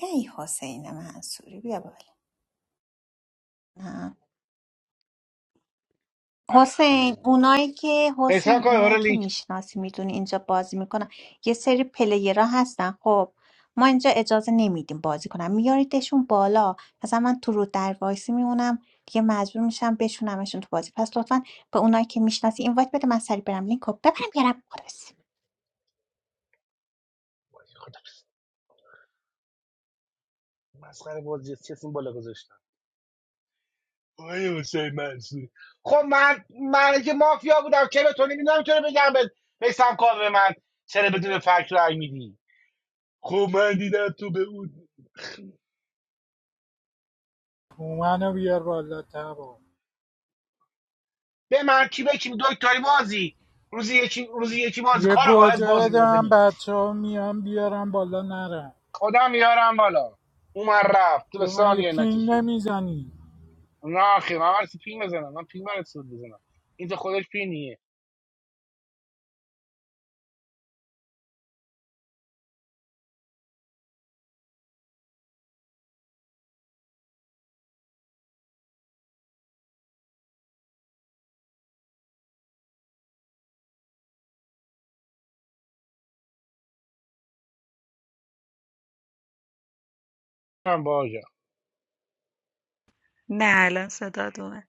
ای حسین منصوری بیا بالا نه. حسین خانم اونایی که احسان حسین کن آره اونایی که لینک میشناسی میدونی اینجا بازی میکنن یه سری پلیرها هستن خب ما اینجا اجازه نمیدیم بازی کنم میاریدشون بالا مثلا من تو رو در وایسی میمونم دیگه مجبور میشم بشونمشون تو بازی پس لطفا به اونایی که میشناسی اینوایت بده من سری برم لینک رو ببرم بیارم خلاص مسخره بازی است. این بالا گذاشتن؟ آقای حسین منصوری خب من من که مافیا بودم چرا تو نمیدونم چرا بگم به میسم کار به من چرا بدون فکر رای میدی خب من دیدم تو به اون منو بیار بالا تبا به من کی به کی دکتری بازی روزی یکی روزی یکی بازی یه کارگاه از گوجه بازی بده میدازه من بیرون بچه ها میان بیارم بالا نرم خدا میارم بالا اومد رفت تو به تو من یه ثانیه پینگ نکشید نمیزنی نه خیلی من برسی پین بزنم من پین برسی بزنم این تو خودش پینیه من باجم نه الان صداد اومد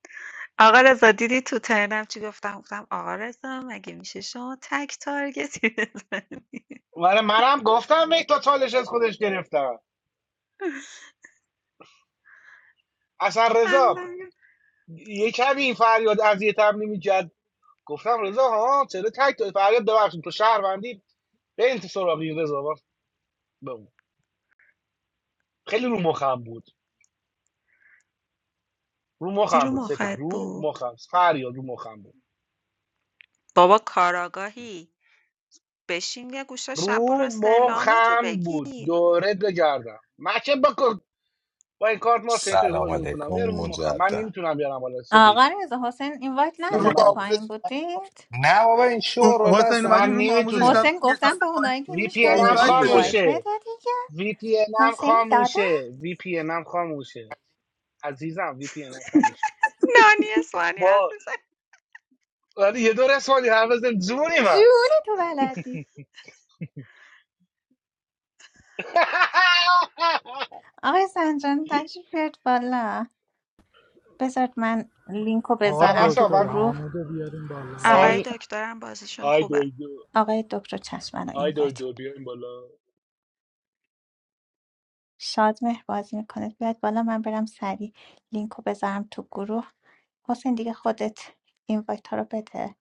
آقا رضا دیدی تو ترنم چی گفتم گفتم آقا رضا مگه میشه شما تک تارگتی بزنی آره منم گفتم یک تا چالش از خودش گرفتم اصلا رضا خندم گرفت. یه کمی این فریاد از یه تبلی میکرد گفتم رضا ها چرا تک داری؟ فریاد ببخشید تو شهروندی به این سراغ این رضا با- بگو. خیلی رو مخم بود رو گیر مخم و بود سپید مخت رو بود مخم فریاد رو مخم بود بابا کاراگاهی بشین یه گوشه شب برو رو استعلام تو مخم بود بگیر دورت بگردم من چه با با این کارت ما تنیتوری سلام باز علیکم میکنم یه رو مخم من مجدد نمیتونم بیارم بالا سپید آقا رضا حسین این اینوایت نه رو به نداده من آموزش پایین بودید نه بابا این اوم- شور حسین من اومدیم اصلا رو به آموزش نمیتونه حسین زبان یه ساعت گفتم به پایین اونایی که وی پی میشناسی هم سرش اینوایت این بده نمیشه اینوایت بده خاموشه دیگه. وی پی هم حسین داد خاموشه وی پی هم خاموشه عزیزم وی پی هم خاموشه نانی اسوانی حرف با میزن ولی یه دور اسمانی حافظم زونی من جون تو بلدی آقای سنجان تشریف بیارید بالا بذارید من لینک رو آقا آ- بذارم تو اصلا دکتر من گروه حامد رو بیاریم بالا آی آقای سریع دکترم بازیشون آی خوبه دوی دو آقای دکتر چشم رو آی دوی اینوایت دو میده بیایم بالا شاد مهر بازی میکنید بیاد بالا من برم سریع لینک رو بذارم تو گروه حسین دیگه خودت اینوایت ها رو بده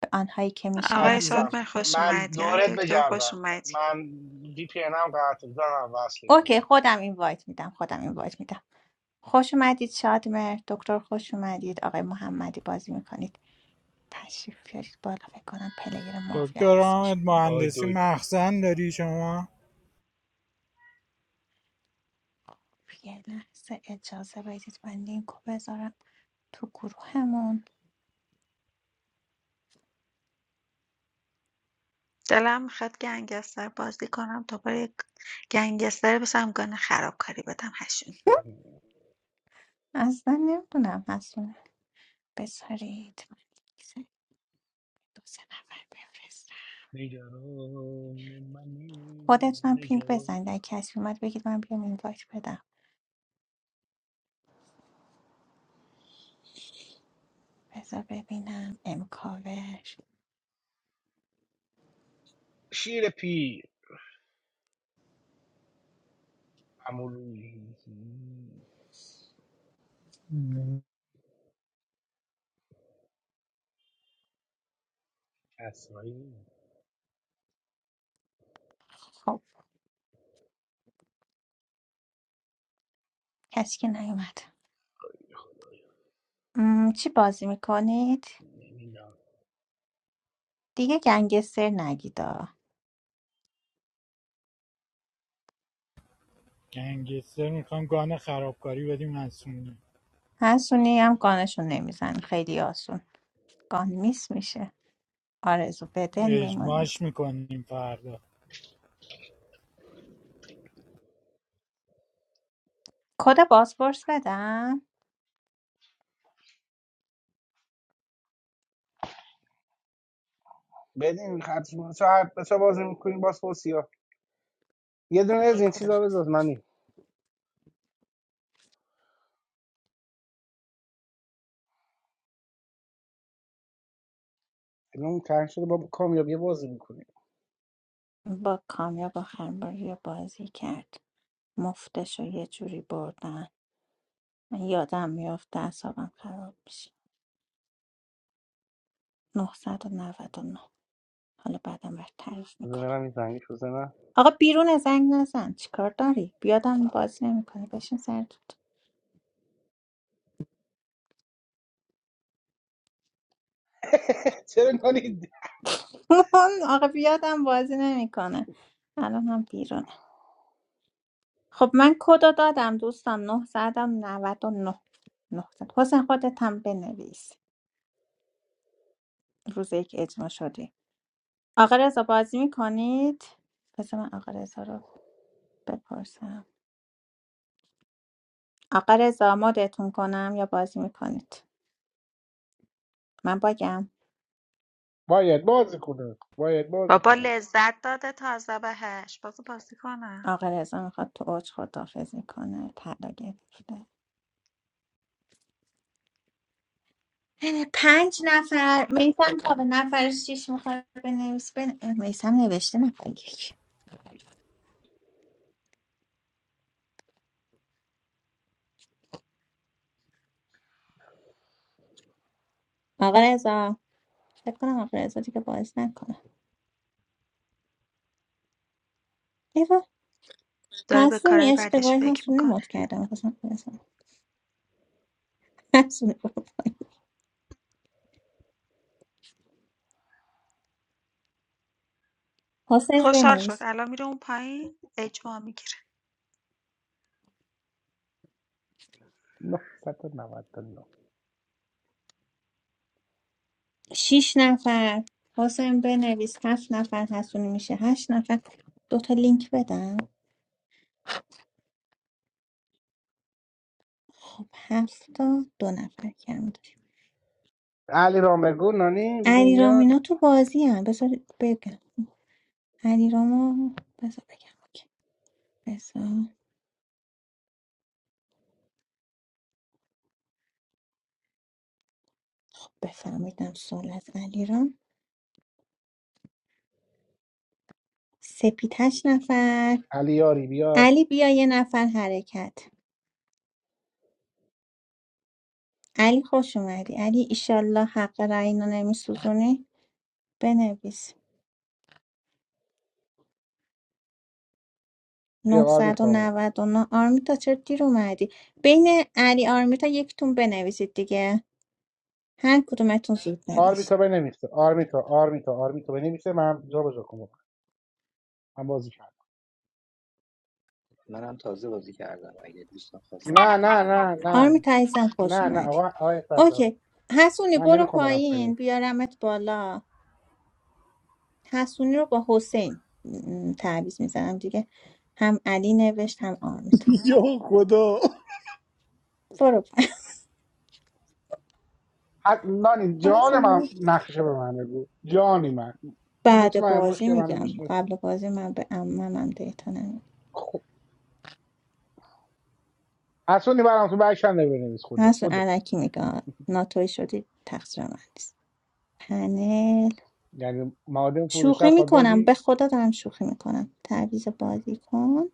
به آنهایی که آقای میشناسی عزیزم شادمر خوش من اومدی آقای دورت دکتر خوش بگردم اومدی من وی پی هم قطع دارم وصلش اوکی میکنم خودم اینوایت میدم خودم اینوایت میدم خوش اومدید شاد مهر دکتر خوش اومدید آقای محمدی بازی میکنید تشریف بیارید بالا فکر کنم پلیر مافیا دکتر هست حامد آی مهندسی دوی دو. مخزن داری شما یه لحظه اجازه بدید من لینک رو بذارم تو گروهمون دلم میخواد گنگستر بازی کنم دوباره یک گنگستر بشم گان خرابکاری بدم هشونی. اصلا نمیدونم مسئول بذارید من یک سری دو سه نفر بفرستم نگران منی خودتونم پینگ نگران بزنید اگه کسی اومد بگید من بیام اینوایت بدم بذار ببینم امکاوش شیر پی عمولوی کسایی خب کسی که نیومد م، چی بازی میکنید؟ نمی‌دونم. دیگه گنگستر نگیدا گنگستر میخوام گان خرابکاری بدیم مسئولی حسونی هم گانشون نمیزن خیلی آسون گان میس میشه آرزو بدل اجماش میمونید میکنیم فردا کد بازپرس بدم بدین حتما چه بازی میکنیم باز پرسیا یه دونه از اوکی این کدوم چیزا بذار منی الان تنگ شده با کامیابی بازی میکنیم با کامیاب آخرین بار یه بازی کرد مفتش رو یه جوری بردن من یادم میافته اعصابم خراب میشه نه صد و نود و نه. حالا بعدم بر تعریف بذار میکنم برم این زنگش بزنم آقا بیرون زنگ نزن چیکار داری بیادم بازی نمیکنه بشین سر دوت. چرا نانی آقا بیادم بازی نمیکنه الان هم بیرونه خب من کدو دادم دوستان نهصد و نود و نه 900 حسین خودت هم بنویس روز یک اجماع شدی آقا رضا بازی میکنید پس من آقا رضا رو بپرسم آقا رضا مدتون کنم یا بازی میکنید من باگم باید بازی کنه باید بازی بابا کنه لذت داده تازه بهش بازو بازی کنه آقا رضا میخواد تو اوج خدافزی کنه طلا گرفته پنج نفر میسم تا به نفر شیش میخواد بنویس بن... میسم نوشته نفر یک آقا رضا فکر کنم آقا رضا دیگه بازی نکنه ایوا داره به حسونی کارهای بعدش اشتباهی فکر حسونی رو میکنه مد کردم میخواستم بنویسم حسونی رو حسین خوشحال بنویس شد الان میره اون پایین اجماع میگیره 999 شیش نفر حسین بنویس هفت نفر حسونی میشه هشت نفر دوتا لینک بدم خب هفتا دو نفر کم داریم علی رامبگو نانی ببین علی میاد رامینا تو بازی هم بذار بگم علیرامو بذار بگم اوکی. بذار خب بفهمیدم سوال از علی سپید هشت نفر علی یاری بیا علی بیا یه نفر حرکت علی خوش اومدی علی ایشالله حق رعینا نمیسوزونی بنویس یه آرمیتا اومد 999 آرمیتا چرا دیر اومدی بین علی آرمیتا یکتون بنویسید دیگه هر کدومتون زود نوشت آرمیتا به نمیشه آرمیتا آرمیتا آرمیتا به نمیشه من جا بجا کنم من بازی کردم منم تازه بازی کردم اگه دوستان خواستم نه میتونه نه جای من نه نه آرمیتا عزیزم خوش نه نه اومدی آقا آقای سردار اوکی حسونی من برو نمیخوام برم پایین پایین بیارمت بالا حسونی رو با حسین م، تعویض میزنم دیگه هم علی نوشت هم آرمیتا یا خدا برو پایین حد نانی جان من حسونی. نقشه به من بگو جانی من بعد مطمئن باش بازی که من میگم میشناسی قبل بازی من به اممم دیتا نمید خب حسونی برام تو برشنده بنویس خوده حسون بدو علکی میگم ناتوی شدی تقصیر من نیست پنل یعنی معادن فروشم شوخی خواهد میکنم به نانی خدا دارم شوخی میکنم تعویض بازی کن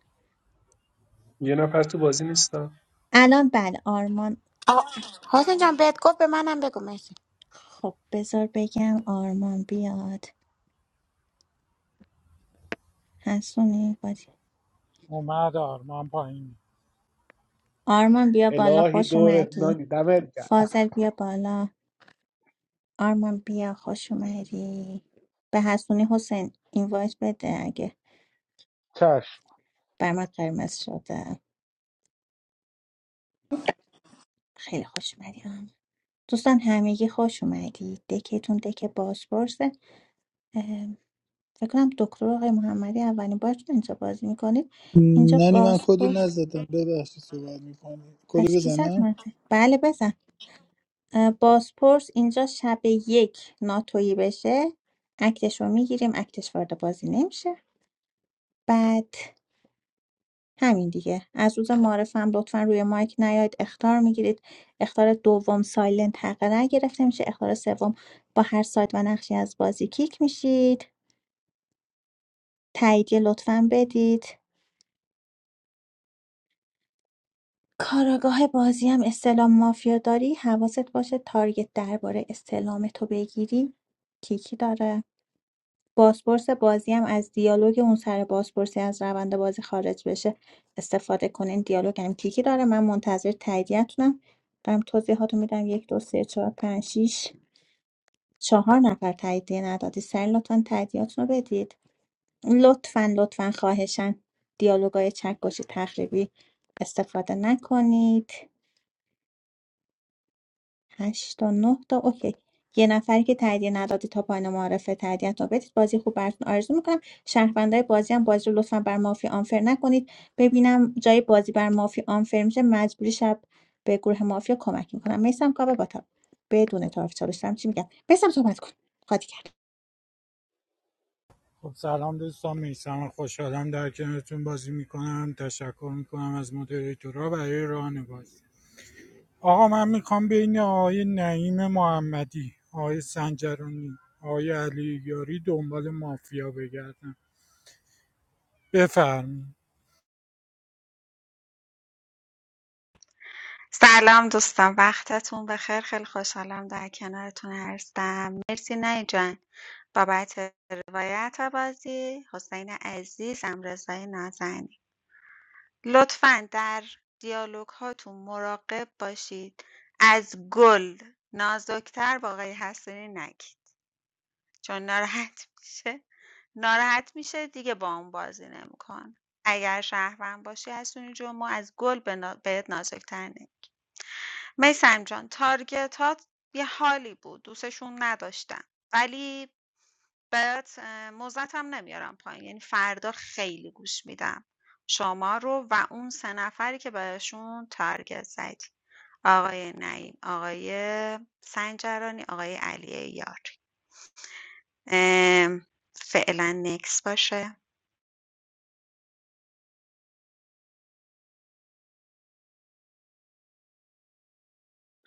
یه نفر تو بازی نیستم الان بله آرمان آقا حسین جان بهت گفت به منم بگو مرسی خب بذار بگم آرمان بیاد حسونی بازی اومد آرمان پایین آرمان بیا بالا الهی خوش دور اومدی نانی دمت کرد فاضل بیا بالا آرمان بیا خوش اومدی به حسونی حسین اینوایت بده اگه چشم برمت قرمز شده خیلی خوش اومدی آرمان دوستان همگی خوش اومدی دکتون دک بازپرسه فکر کنم دکتر آقای محمدی اولین بار که اینجا بازی میکنید اینجا نانی من کدو بازپرس نزدم ببخشید صحبت میکنی کدو پس کی زد بزنم مته بله بزن اه، بازپرس اینجا شب یک ناتویی بشه اکتش رو میگیریم اکتش وارد بازی نمیشه بعد همین دیگه از روز معرفم لطفا روی مایک نیاید اختار میگیرید اختار دوم سایلنت حق رای گرفته میشه اختار سوم با هر سایت و نقشی از بازی کیک میشید تاییدیه لطفا بدید کاراگاه بازیم استلام مافیا داری حواست باشه تارگت درباره استلام تو بگیری کیکی داره بازپرس بازی هم از دیالوگ اون سر بازپرسی از روند بازی خارج بشه استفاده کنین دیالوگ هم کیکی داره من منتظر تاییدیتونم دارم توضیحاتو میدم یک دو سه چهار پنج شیش چهار نفر تاییدیه ندادی سر لطفا تاییدیاتونو بدید لطفا لطفا خواهشن دیالوگای چکگوشی تخریبی استفاده نکنید 8 تا 9 تا اوکی یه نفری که تاییدیه ندادی تا پایان معرفه تاییدیه تا بدید بازی خوب براتون آرزو میکنم شهروندای بازی هم بازی رو لطفا بر مافی آنفر نکنید ببینم جای بازی بر مافی آنفر میشه مجبوری شب به گروه مافیا کمک میکنم میسم کابه با تا بدون طرف چالشتم چی میگم میسم صحبت کن خاطی کرد خب سلام دوستان میسم خوشحالم در کنارتون بازی میکنم تشکر میکنم از مدیریتورها برای راهنمایی آقا من میخوام بین آقای نعیم محمدی آقای سنجرانی آقای علی یاری دنبال مافیا بگردم بفرمایید سلام دوستان وقتتون بخیر خیلی خوشحالم در کنارتون هستم مرسی نه جان بابت روایت بازی حسین عزیزم رضای نازنین لطفا در دیالوگ هاتون مراقب باشید از گل نازکتر با آقای حسنی نگید چون ناراحت میشه ناراحت میشه دیگه باهامون بازی نمیکنه. اگر شهروند باشی از جون ما از گل به نا- بهت نازک‌تریم. میثم جان تارگتات یه حالی بود دوستشون نداشتم ولی بهت اه، موزتم نمیارم پایین یعنی فردا خیلی گوش میدم شما رو و اون سه نفری که بهشون تارگت زدی آقای نعیم آقای سنجرانی آقای علی یار ام، فعلا نکس باشه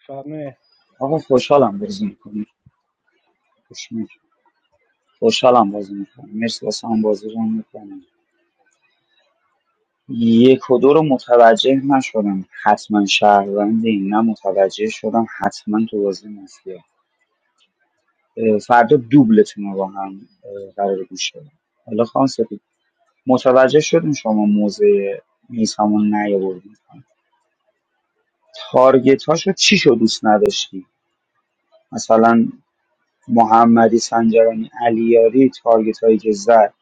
فهمه آقا خوشحالم بازی میکنیم خوشحالم بازی میکنم مرسی واسه هم بازی رو میکنم یک و دو رو متوجه نشدم حتما شهروندی نه متوجه شدم حتما تو بازی مافیا اه، فردا دوبلتون رو با هم اه، قرار گوش بدم حالا خانم سپید متوجه شدیم شما موزه نیز همون نیاوردیم تارگت هاشو چی شد دوست نداشتی مثلا محمدی سنجرانی علیاری تارگت هایی که زد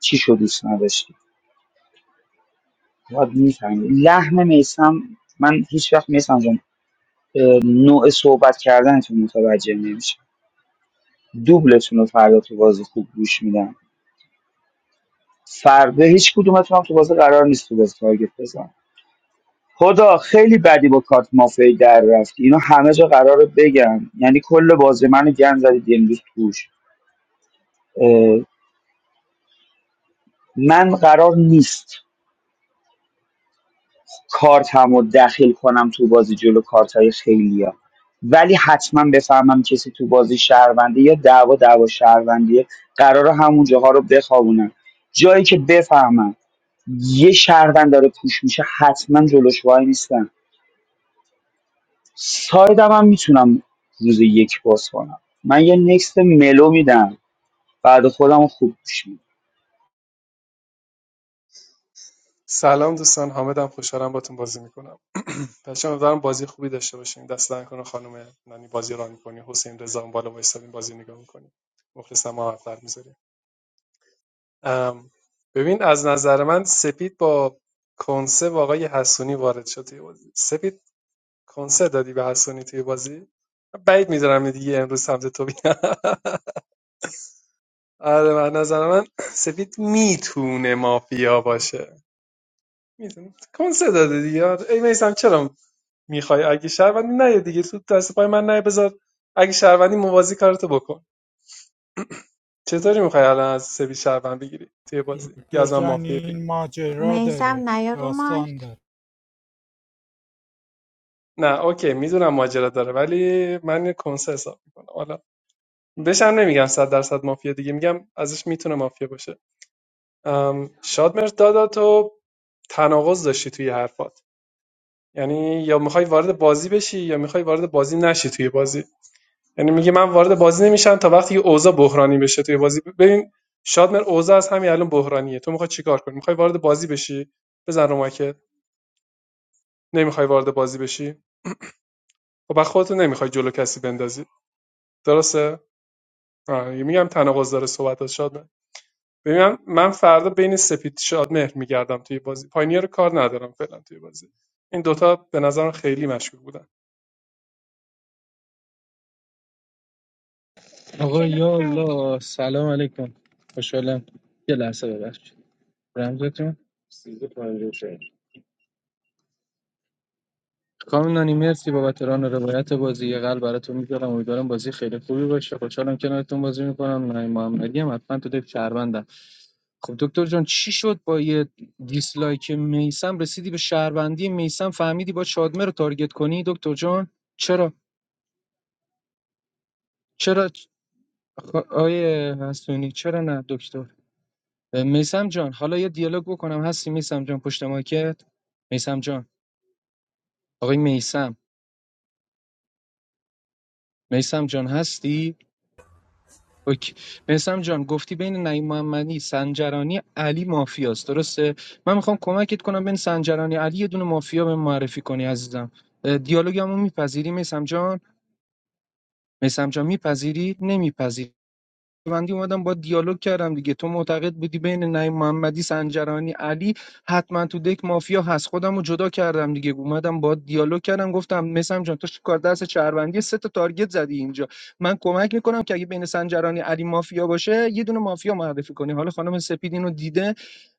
چی شد دوست نداشتی آره، می‌فهمی. لحن میسم من هیچ وقت میسم جان اه، نوع صحبت کردنتون متوجه نمیشه دوبلتون رو فردا تو بازی خوب گوش میدم فردا هیچ کدومتون هم تو بازی قرار نیست تو بازی تارگت بزن خدا خیلی بدی با کارت مافیا در رفتی اینو همه جا قراره بگم یعنی کل بازی منو گن زدید امروز توش اه، من قرار نیست کارتم رو دخیل کنم تو بازی جلو کارتای خیلیا ولی حتما بفهمم کسی تو بازی شهرونده یا دعوا دعوا شهروندیه قرار همون جاها رو بخوابونم جایی که بفهمم یه شهروند داره پوش میشه حتما جلوش وای نیستم سایدم هم میتونم روز یک باز کنم من یه نکست ملو میدم بعد خودم رو خوب گوش میدم سلام دوستان حامدم خوشحالم باتون بازی میکنم بچه‌ها دارم بازی خوبی داشته باشیم دست در کنه خانم نانی بازی ران میکنی حسین رضا اون بالا وایسادیم بازی نگاه میکنی مخلصم ما حرفر میذاریم ببین از نظر من سپید با کنسه با آقای حسونی وارد شد توی بازی سپید کنسه دادی به حسونی توی بازی بعید میدونم دیگه امروز سمت تو بیاد آره من نظر من سپید میتونه مافیا باشه می‌دونم. کنسه داده دیگه آره. ای میسم چرا میخوای اگه شهروندی نه دیگه تو دست پای من نه بذار اگه شهروندی موازی کارتو بکن چطوری میخوای الان از سبی شهروند بگیری توی بازی یا دکتر از من جان مافیا این بگیری ماجرا داره میسم نیا رو داستان مایک داره نه اوکی میدونم ماجرا داره ولی من یه کنسه حساب میکنم حالا بشم نمیگم صد درصد مافیا دیگه میگم ازش میتونه مافیا باشه ام، شادمهر دادا تو تناقض داشتی توی حرفات یعنی یا میخوای وارد بازی بشی یا میخوای وارد بازی نشی توی بازی یعنی میگه من وارد بازی نمیشم تا وقتی که اوضاع بحرانی بشه توی بازی ببین شادمر اوضاع از همین الان بحرانیه تو میخوای چیکار کنی میخوای وارد بازی بشی بزن رو که نمیخوای وارد بازی بشی خب بعد نمیخوای جلو کسی بندازی درسته آه. یه میگم تناقض داره صحبت شادمر ببینم من فردا بین سپید شادمهر میگردم توی بازی پاینیر رو کار ندارم فعلا توی بازی این دوتا به نظرم خیلی مشکوک بودن آقا یا الله سلام علیکم خوشحالم یه لحظه ببخشید رمزتون سیزده پنجاه و شش. کام نانی مرسی بابت ران و روایت بازی یه قلب براتون میذارم امیدوارم بازی خیلی خوبی باشه خوشحالم کنارتون بازی میکنم نانی محمدی هم حتما تو دک شهروندم خب دکتر جان چی شد با یه دیسلایک میسم رسیدی به شهروندی میسم فهمیدی با شادمه رو تارگت کنی دکتر جان چرا چرا آیه حسونی چرا نه دکتر میسم جان حالا یه دیالوگ بکنم هستی میسم جان پشت ماکت میسم جان آقای میسم میسم جان هستی اوکی میسم جان گفتی بین نعیم محمدی سنجرانی علی مافیاست درسته من میخوام کمکت کنم بین سنجرانی علی یه دونه مافیا به معرفی کنی عزیزم دیالوگمو میپذیری میسم جان میسم جان میپذیری نمیپذیری شهروندی اومدم با دیالوگ کردم دیگه تو معتقد بودی بین نعیم محمدی سنجرانی علی حتما تو دک مافیا هست خودم رو جدا کردم دیگه اومدم با دیالوگ کردم گفتم مثلا جان تو کار دست شهروندی سه تا تارگت زدی اینجا من کمک میکنم که اگه بین سنجرانی علی مافیا باشه یه دونه مافیا معرفی کنی حالا خانم سپید اینو دیده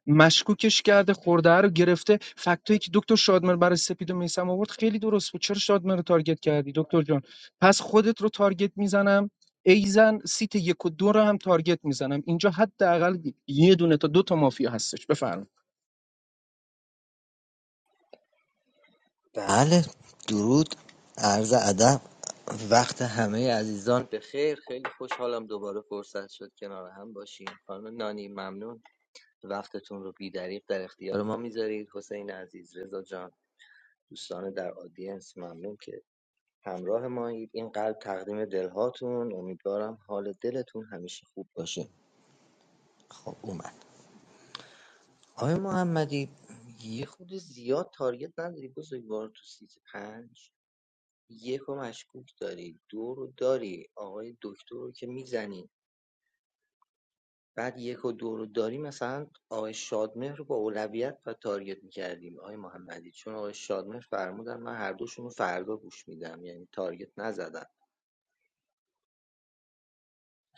مشکوکش کرده خورده رو گرفته فکتایی که دکتر شادمهر برای سپید و میثم آورد خیلی درست بود چرا شادمهر رو تارگت کردی دکتر جان پس خودت رو تارگت میزنم ایزن سیت یک و دو رو هم تارگت میزنم اینجا حداقل یه دونه تا دو تا مافیا هستش بفرمایید بله درود عرض ادب وقت همه عزیزان به خیر خیلی خوشحالم دوباره فرصت شد کنار هم باشیم خانم نانی ممنون وقتتون رو بیدریق در اختیار ما میذارید حسین عزیز رضا جان دوستان در آدینس ممنون که همراه مایید این قلب تقدیم دلهاتون امیدوارم حال دلتون همیشه خوب باشه خب اومد آقای محمدی یه خود زیاد تارگت نداری بزرگوار تو سیت پنج یک رو مشکوک داری دو رو داری آقای دکتر رو که میزنی بعد یک و دو رو داری مثلا آقای شادمهر رو با اولویت و تارگت میکردیم آقای محمدی چون آقای شادمهر فرمودن من هر دوشون رو فردا گوش میدم یعنی تارگت نزدم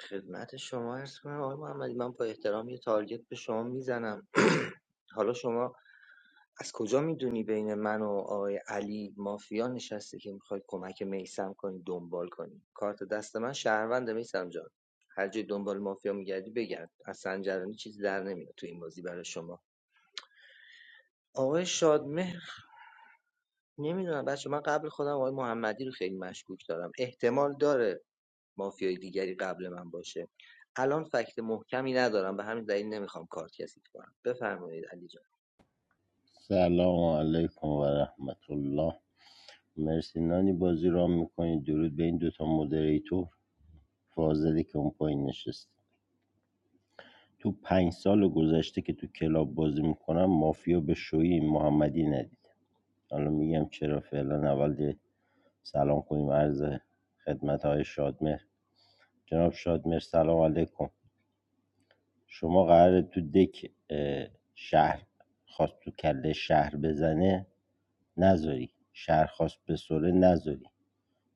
خدمت شما عرض کنم آقای محمدی من با احترام یه تارگت به شما میزنم حالا شما از کجا میدونی بین من و آقای علی مافیا نشسته که میخوای کمک میسم کنی دنبال کنی کارت دست من شهروند میسم جان هر جای دنبال مافیا میگردی بگرد از سنجرانی چیزی در نمیاد تو این بازی برای شما آقای شادمهر نمیدونم بچه من قبل خودم آقای محمدی رو خیلی مشکوک دارم احتمال داره مافیای دیگری قبل من باشه الان فکت محکمی ندارم به همین دلیل نمیخوام کارت کسی کنم بفرمایید علی جان سلام علیکم و رحمت الله مرسی نانی بازی را میکنید درود به این دوتا مدریتور فاضلی که اون پایین نشست تو پنج سال گذشته که تو کلاب بازی میکنم مافیا به شوی این محمدی ندید حالا میگم چرا فعلا اول یه سلام کنیم عرض خدمت های شادمهر جناب شادمهر سلام علیکم شما قراره تو دک اه، شهر خواست تو کله شهر بزنه نذاری شهر خواست بسره نذاری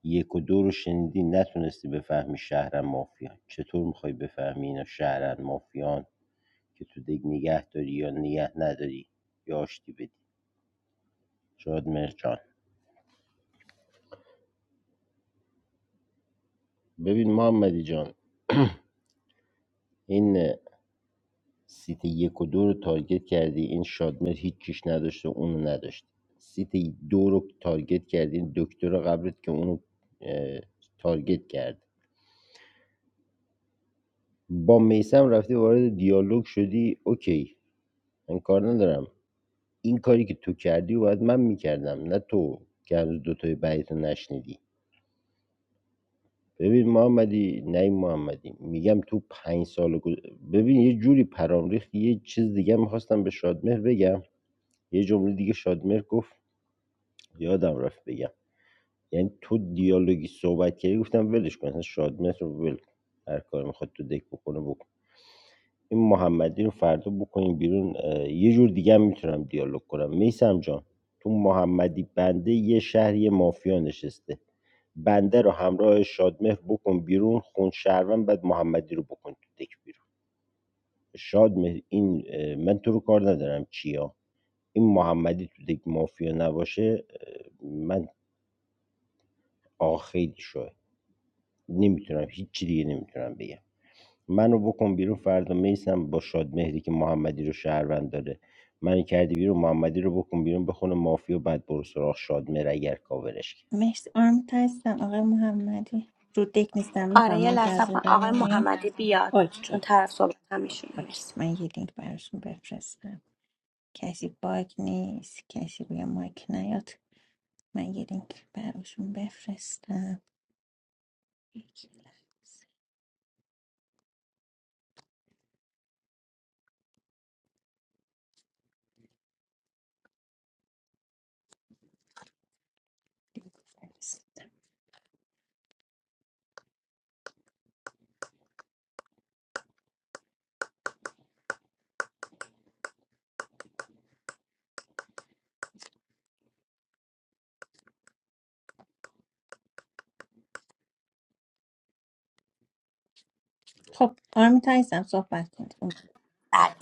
یک و دو رو شنیدی نتونستی بفهمی شهرن مافیان چطور میخوای بفهمی اینا شهرن مافیان که تو دیگ نگه داری یا نگه نداری یا آشتی بدی شاد مرجان ببین محمدی جان این سیت یک و دو رو تارگت کردی این شادمر هیچ چیش نداشته اونو نداشت سیت دو رو تارگت کردی این دکتر قبرت که اونو اه، تارگت کرد با میسم رفتی وارد دیالوگ شدی اوکی من کار ندارم این کاری که تو کردی و باید من میکردم نه تو که هنوز دوتای بعدی نشنیدی ببین محمدی نه این محمدی میگم تو پنج سال گذ- ببین یه جوری پرام ریخت یه چیز دیگه میخواستم به شادمهر بگم یه جمله دیگه شادمهر گفت یادم رفت بگم یعنی تو دیالوگی صحبت کردی گفتم ولش کن اصلا شادمهر رو ول کن. هر کار میخواد تو دک بکنه بکنه. این محمدی رو فردا بکنیم بیرون اه، یه جور دیگه هم میتونم دیالوگ کنم میسم جان تو محمدی بنده یه شهر یه مافیا نشسته بنده رو همراه شادمهر بکن بیرون خون شهروند بعد محمدی رو بکن تو دک بیرون شادمهر این اه، من تو رو کار ندارم چیا این محمدی تو دک مافیا نباشه اه، من آقا خیلی شوه نمیتونم هیچ چی دیگه نمیتونم بگم منو بکن بیرون فردا میسم با شادمهری که محمدی رو شهروند داره منو کردی بیرون محمدی رو بکن بیرون بخونه مافی و بعد برو سراغ شادمهر اگر کاورش کرد مرسی آرم هستم آقای محمدی رو دک نیستم آره میفهم یه لحظه منتظر کن. آقای بمونی محمدی بیاد اوکی چون اوکی طرف صحبت هم ایشونه اوکی. مرسی من یه لینک براشون بفرستم کسی باگ نیست کسی روی مایک نیاد من یه لینک براشون بفرستم یک لحظه فرست. خب آرمیتا عزیزم صحبت کنید بله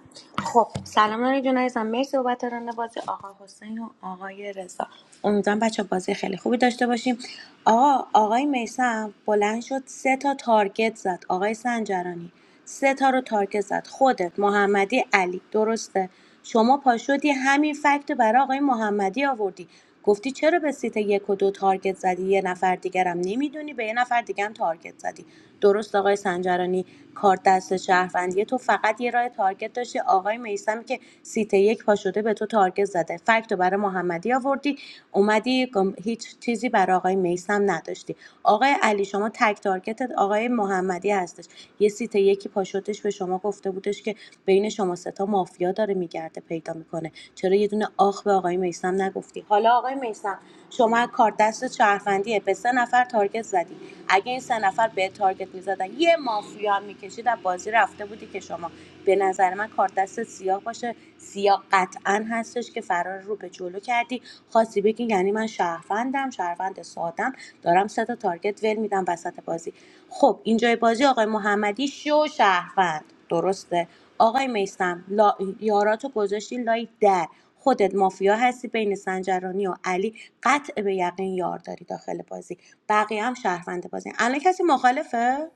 خب سلام علی جون عزیزم مرسی بابت ران بازی آقا حسین و آقای رضا امیدوارم بچه بازی خیلی خوبی داشته باشیم آقا آقای میسم بلند شد سه تا تارگت زد آقای سنجرانی سه تا رو تارگت زد خودت محمدی علی درسته شما پاشدی همین فکت برای آقای محمدی آوردی گفتی چرا به سیت یک و دو تارگت زدی یه نفر دیگرم نمیدونی به یه نفر دیگرم تارگت زدی درست آقای سنجرانی کار دست شهروندی تو فقط یه راه تارگت داشتی آقای میسم که سیت یک پاشده به تو تارگت زده فکت رو برای محمدی آوردی اومدی گم- هیچ چیزی برای آقای میسم نداشتی آقای علی شما تک تارگتت آقای محمدی هستش یه سیت یکی پاشوتش به شما گفته بودش که بین شما ستا مافیا داره میگرده پیدا میکنه چرا یه دونه آخ به آقای میسم نگفتی حالا آقای میسم شما از کار دست شهروندیه به سه نفر تارگت زدی اگه این سه نفر به تارگت میزدن یه مافیا میکشید از بازی رفته بودی که شما به نظر من کار دست سیاه باشه سیاه قطعا هست نیستش که فرار رو به جلو کردی خواستی بگی یعنی من شهروندم شهروند سادم دارم سه تا تارگت ول میدم وسط بازی خب اینجای بازی آقای محمدی شو شهروند درسته آقای میسم لا... یاراتو گذاشتی لای در خودت مافیا هستی بین سنجرانی و علی قطع به یقین یار داری داخل بازی بقیه هم شهروند بازی الان کسی مخالفه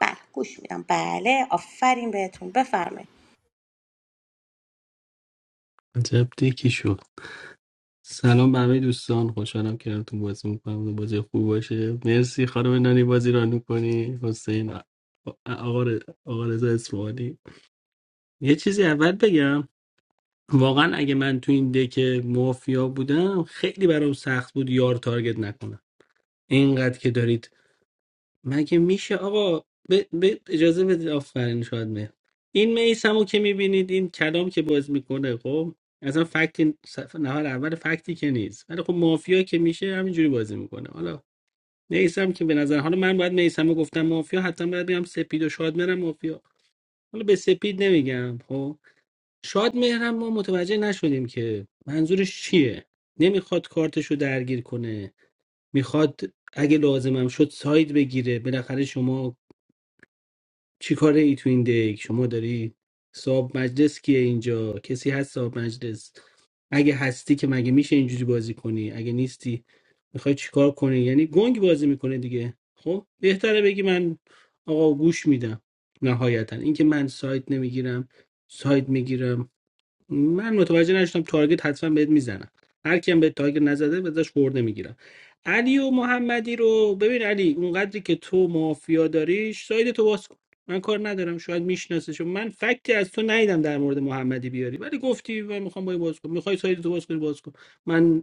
بله گوش میدم بله آفرین بهتون بفرمایید عجب دکی شد سلام به همه دوستان خوشحالم که تو بازی میکنم بازی خوب باشه مرسی خانم نانی بازی را میکنی حسین آ- آقا ر- آقا رضا اسماعیلی یه چیزی اول بگم واقعا اگه من تو این دک مافیا بودم خیلی برام سخت بود یار تارگت نکنم اینقدر که دارید مگه میشه آقا ب... ب... اجازه بدید آفرین شاید مهر این میسمو که میبینید این کلام که باز میکنه خب اصلا فکت این صف- نفر اول فکتی که نیست ولی خب مافیا که میشه همینجوری بازی میکنه حالا میسم که به نظر حالا من باید میسمو گفتم مافیا حتی باید بگم سپید و شاد مهرم مافیا حالا به سپید نمیگم خب شاد مهرم ما متوجه نشدیم که منظورش چیه نمیخواد کارتشو درگیر کنه میخواد اگه لازمم شد ساید بگیره بالاخره شما چی کاره ای تو این دیگ شما داری صاحب مجلس کیه اینجا کسی هست صاحب مجلس اگه هستی که مگه میشه اینجوری بازی کنی اگه نیستی میخوای چیکار کنی یعنی گنگ بازی میکنه دیگه خب بهتره بگی من آقا گوش میدم نهایتا اینکه من سایت نمیگیرم سایت میگیرم من متوجه نشدم تارگت حتما بهت میزنم هر کیم به تارگت نزده بذارش خورده میگیرم علی و محمدی رو ببین علی اونقدری که تو مافیا داریش ساید تو باز کن من کار ندارم شاید میشناسش من فکتی از تو ندیدم در مورد محمدی بیاری ولی گفتی من میخوام با این باز کنم میخوای ساید تو باز کنی باز کن من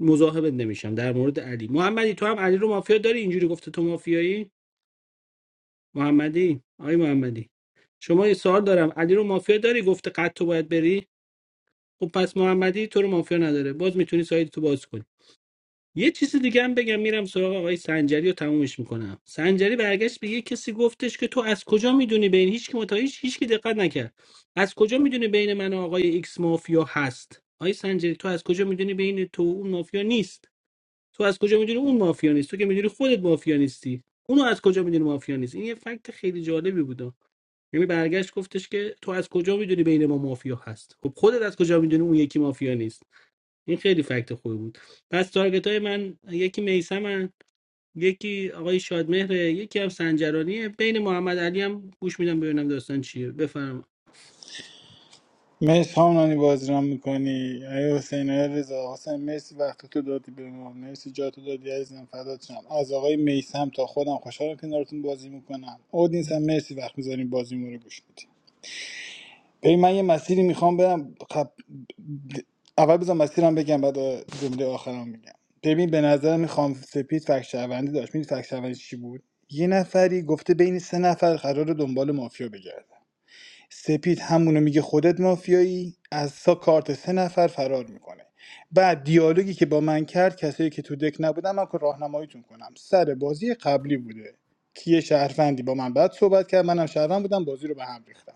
مزاحمت نمیشم در مورد علی محمدی تو هم علی رو مافیا داری اینجوری گفته تو مافیایی محمدی آی محمدی شما یه سوال دارم علی رو مافیا داری گفته قد تو باید بری خب پس محمدی تو رو مافیا نداره باز میتونی سایت تو باز کنی یه چیز دیگه هم بگم میرم سراغ آقای سنجری و تمومش میکنم سنجری برگشت به یه کسی گفتش که تو از کجا میدونی بین هیچ کی متا هیچ هیچ کی دقت نکرد از کجا میدونی بین من و آقای ایکس مافیا هست آقای سنجری تو از کجا میدونی بین تو و اون مافیا نیست تو از کجا میدونی اون مافیا نیست تو که میدونی خودت مافیا نیستی اونو از کجا میدونی مافیا نیست این یه فکت خیلی جالبی بود یعنی برگشت گفتش که تو از کجا میدونی بین ما مافیا هست خب خودت از کجا میدونی اون یکی مافیا نیست این خیلی فکت خوبی بود پس تارگت های من یکی میسمن یکی آقای شادمهره یکی هم سنجرانیه بین محمد علی هم گوش میدم ببینم داستان چیه بفرما مرسی خانم نانی بازی رام میکنی ای حسین ای رضا حسین مرسی وقت تو دادی به ما مرسی جا تو دادی عزیزم فدات شم از آقای میسم تا خودم خوشحالم کنارتون بازی میکنم اودینس هم مرسی وقت میزنیم بازی ما رو گوش میدی ببین من یه مسیری میخوام برم خب... اول بذار مسیرم بگم بعد جمله آخرم میگم ببین به نظر میخوام سپید فکر شهروندی داشت میدید فکر شهروندی چی بود یه نفری گفته بین سه نفر قرار دنبال مافیا بگردن سپید همونو میگه خودت مافیایی از سا کارت سه نفر فرار میکنه بعد دیالوگی که با من کرد کسایی که تو دک نبودن من که راهنماییتون کنم سر بازی قبلی بوده که یه شهروندی با من بعد صحبت کرد منم شهروند بودم بازی رو به هم ریختم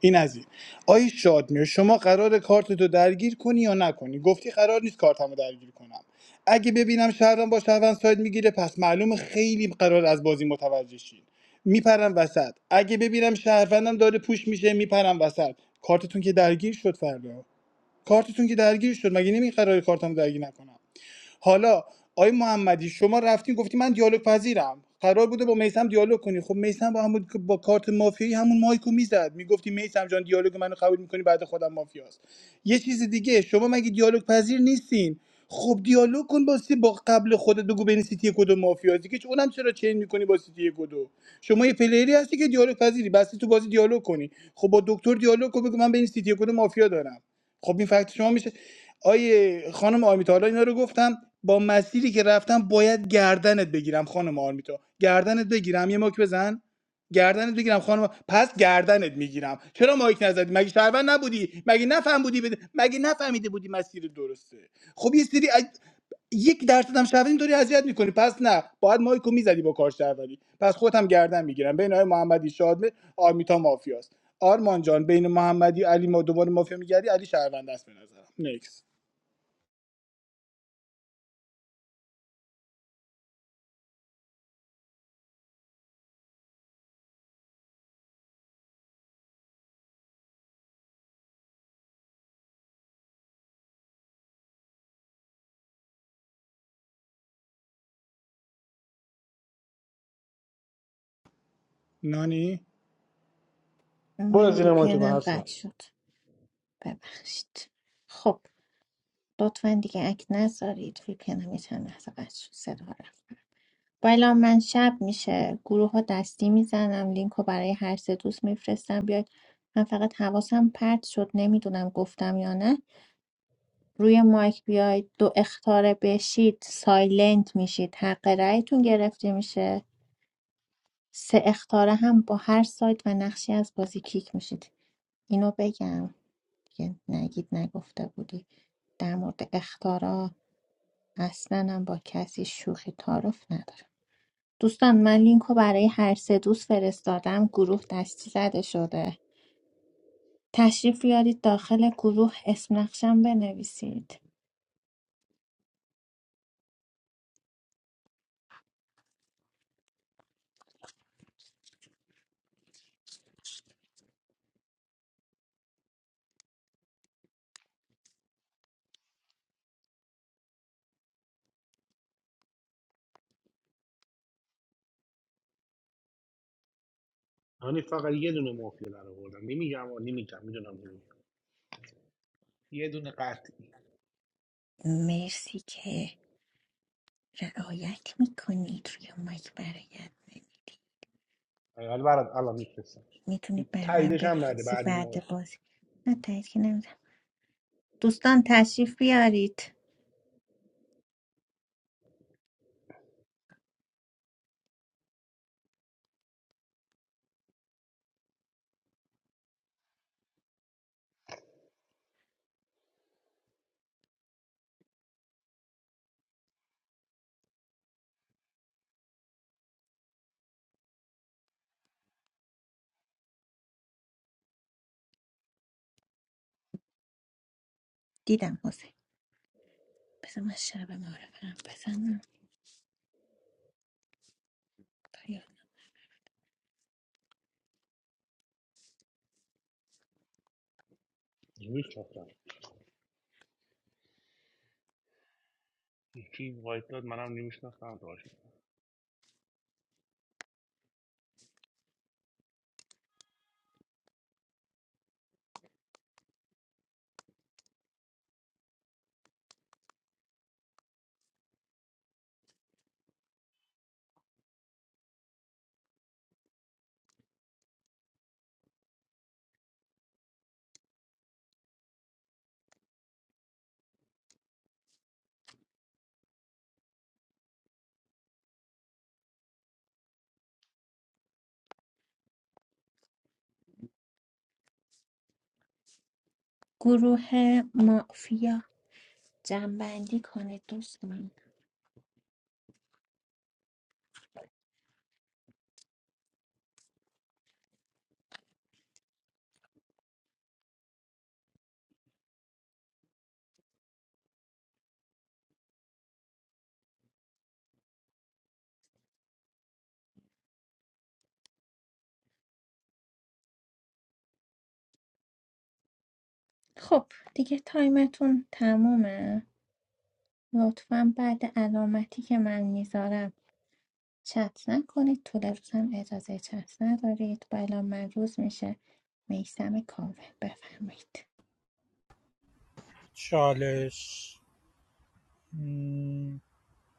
این از این آی شادمیر شما قرار کارتتو درگیر کنی یا نکنی گفتی قرار نیست کارتمو درگیر کنم اگه ببینم شهرم با شهروند ساید میگیره پس معلومه خیلی قرار از بازی متوجه شین میپرم وسط اگه ببینم شهروندم داره پوش میشه میپرم وسط کارتتون که درگیر شد فردا کارتتون که درگیر شد مگه نمی قرار کارتمو درگیر نکنم حالا آقای محمدی شما رفتین گفتی من دیالوگ پذیرم قرار بوده با میسم دیالوگ کنی خب میسم با همون با کارت مافیایی همون مایکو میزد میگفتی میسم جان دیالوگ منو قبول میکنی بعد خودم مافیاست یه چیز دیگه شما مگه دیالوگ پذیر نیستین خب دیالوگ کن با سی با قبل خودت بگو بین سیتی کدو مافیا دیگه چه- اونم چرا چین میکنی با سیتی کدو شما یه پلیری هستی که دیالوگ پذیری بسی تو بازی دیالوگ کنی خب با دکتر دیالوگ کن بگو من بین سیتی کدو مافیا دارم خب این فکت شما میشه آیه خانم آرمیتا حالا اینا رو گفتم با مسیری که رفتم باید گردنت بگیرم خانم آرمیتا گردنت بگیرم یه ماک بزن گردنت بگیرم خانم پس گردنت میگیرم چرا مایک نزدی مگه شهروند نبودی مگه نفهم بودی بده؟ مگه نفهمیده بودی مسیر درسته خب یه سری از... یک درصد هم شهروندی داری اذیت میکنی پس نه باید مایکو میزدی با کار شهروندی پس خودم گردن میگیرم بین آقای محمدی شادمه آرمیتا مافیاست آرمان جان بین محمدی علی ما دوباره مافیا میگردی علی شهروند است به نظرم نیکس نانی من برو وی زیر پی ما شده هم قطع هستم شد ببخشید خب لطفا دیگه اک نذارید وی پی هم یه چند لحظه قطع شد صدا رفت بالا من شب میشه گروه ها دستی میزنم لینک رو برای هر سه دوست میفرستم بیاید من فقط حواسم پرت شد نمیدونم گفتم یا نه روی مایک بیاید دو اختاره بشید سایلنت میشید حق رأیتون گرفته میشه سه اختاره هم با هر سایت و نقشی از بازی کیک میشید اینو بگم دیگه نگید نگفته بودی در مورد اختارا اصلا هم با کسی شوخی تعارف ندارم دوستان من لینک رو برای هر سه دوست فرستادم گروه دستی زده شده تشریف بیارید داخل گروه اسم نقشم بنویسید یعنی فقط یه دونه مافیا در آوردم نمیگم و نمیگم میدونم نمیگم یه دونه قطعی مرسی که رعایت میکنید روی مایک برایت نمیدی حالا برات الان میفرستم میتونید بر من تاییدش هم نده بپرسی بعد این مورد بعد بازی نه تایید که نمیدم دوستان تشریف بیارید دیدم حسین بذار من شب معرفم بزنم پیام. نمیشناختم یکی وایت داد منم نمیشناختم گروه مافیا جنبندی کنید دوستان خب دیگه تایمتون تمومه لطفا بعد علامتی که من میذارم چت نکنید طول روز هم اجازه چت ندارید بلا من روز میشه میسم کاوه بفرمایید چالش م،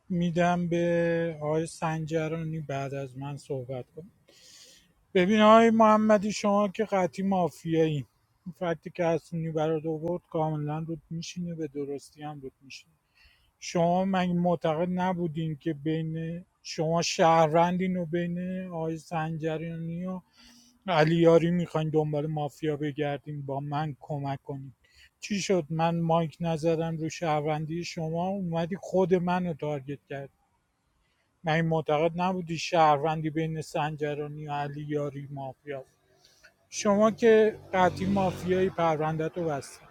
میدم به آقای سنجرانی بعد از من صحبت کنم. ببین آقای محمدی شما که قطعی مافیایی این فکتی که حسونی برات آورد کاملا رود میشینه به درستی هم رود میشینه شما من معتقد نبودین که بین شما شهروندین و بین آقای سنجرانی و علیاری میخواین دنبال مافیا بگردین با من کمک کنین چی شد من مایک نزدم رو شهروندی شما اومدی خود منو تارگت کرد من معتقد نبودی شهروندی بین سنجرانی و علیاری مافیا شما که قطعی مافیایی پرونده تو بستن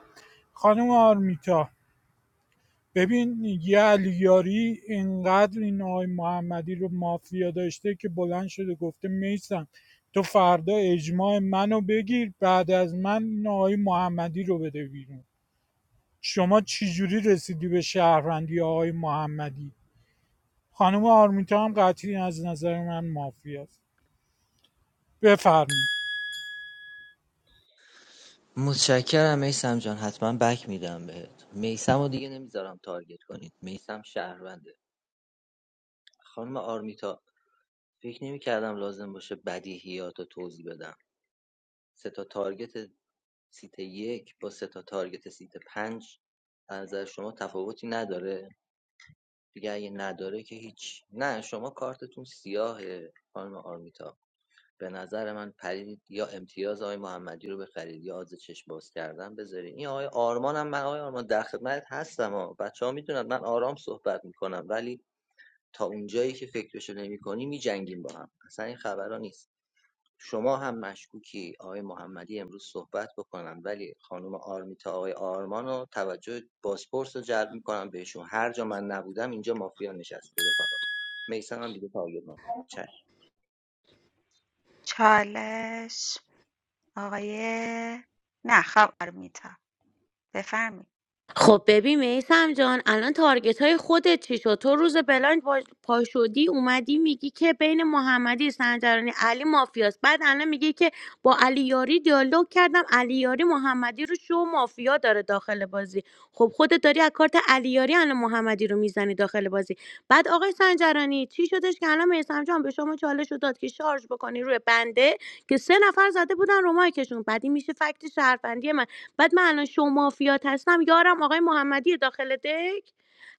خانم آرمیتا ببین یه علیاری اینقدر این آقای محمدی رو مافیا داشته که بلند شده گفته میسم تو فردا اجماع منو بگیر بعد از من این آقای محمدی رو بده بیرون شما چجوری رسیدی به شهروندی آقای محمدی خانم آرمیتا هم قطعی از نظر من مافیاست بفرمایید متشکرم میسم جان حتما بک میدم بهت میسم رو دیگه نمیذارم تارگت کنید میسم شهرونده خانم آرمیتا فکر نمیکردم لازم باشه بدیهیات رو توضیح بدم سه تا تارگت سیت یک با سه تا تارگت سیت پنج از نظر شما تفاوتی نداره دیگه اگه نداره که هیچ نه شما کارتتون سیاهه خانم آرمیتا به نظر من پرید یا امتیاز آقای محمدی رو بخرید یا آز چشم باز کردن بذارید این آقای آرمان هم من آقای آرمان در خدمت هستم ها بچه ها میدونن من آرام صحبت میکنم ولی تا اونجایی که فکرشو نمیکنی میجنگیم با هم اصلا این خبرها نیست شما هم مشکوکی آقای محمدی امروز صحبت بکنن ولی خانم آرمیتا آقای آرمان رو توجه بازپرس رو جلب میکنم بهشون هر جا من نبودم اینجا مافیا نشسته رفقا میسم هم دیگه تاگیر نکنید چالش آقای نه خبر میتا بفرمایید خب ببین میسم جان الان تارگت های خودت چی شد تو روز بلاند با- پاشدی اومدی میگی که بین محمدی سنجرانی علی مافیاست بعد الان میگی که با علی یاری دیالوگ کردم علی یاری محمدی رو شو مافیا داره داخل بازی خب خودت داری از کارت علی یاری الان محمدی رو میزنی داخل بازی بعد آقای سنجرانی چی شدش که الان میسم جان به شما چالش رو داد که شارژ بکنی روی بنده که سه نفر زده بودن رو مایکشون بعد این میشه فکت شهروندی من بعد من الان شو مافیات هستم یارم آقای محمدی داخل دک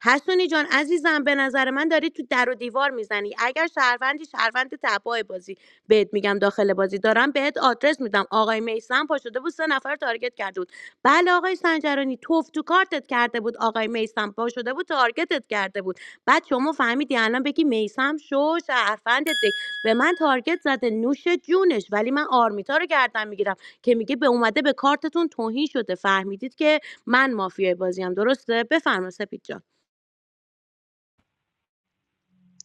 حسونی جان عزیزم به نظر من داری تو در و دیوار میزنی اگر شهروندی شهروند تباه بازی بهت میگم داخل بازی دارم بهت آدرس میدم آقای میسم پا شده بود سه نفر رو تارگت کرده بود بله آقای سنجرانی توف تو کارتت کرده بود آقای میسم پا شده بود تارگتت کرده بود بعد شما فهمیدی الان بگی میسم شو شهروند دک به من تارگت زده نوش جونش ولی من آرمیتا رو گردن میگیرم که میگه به اومده به کارتتون توهین شده فهمیدید که من مافیای بازیم درسته بفرما سپید جان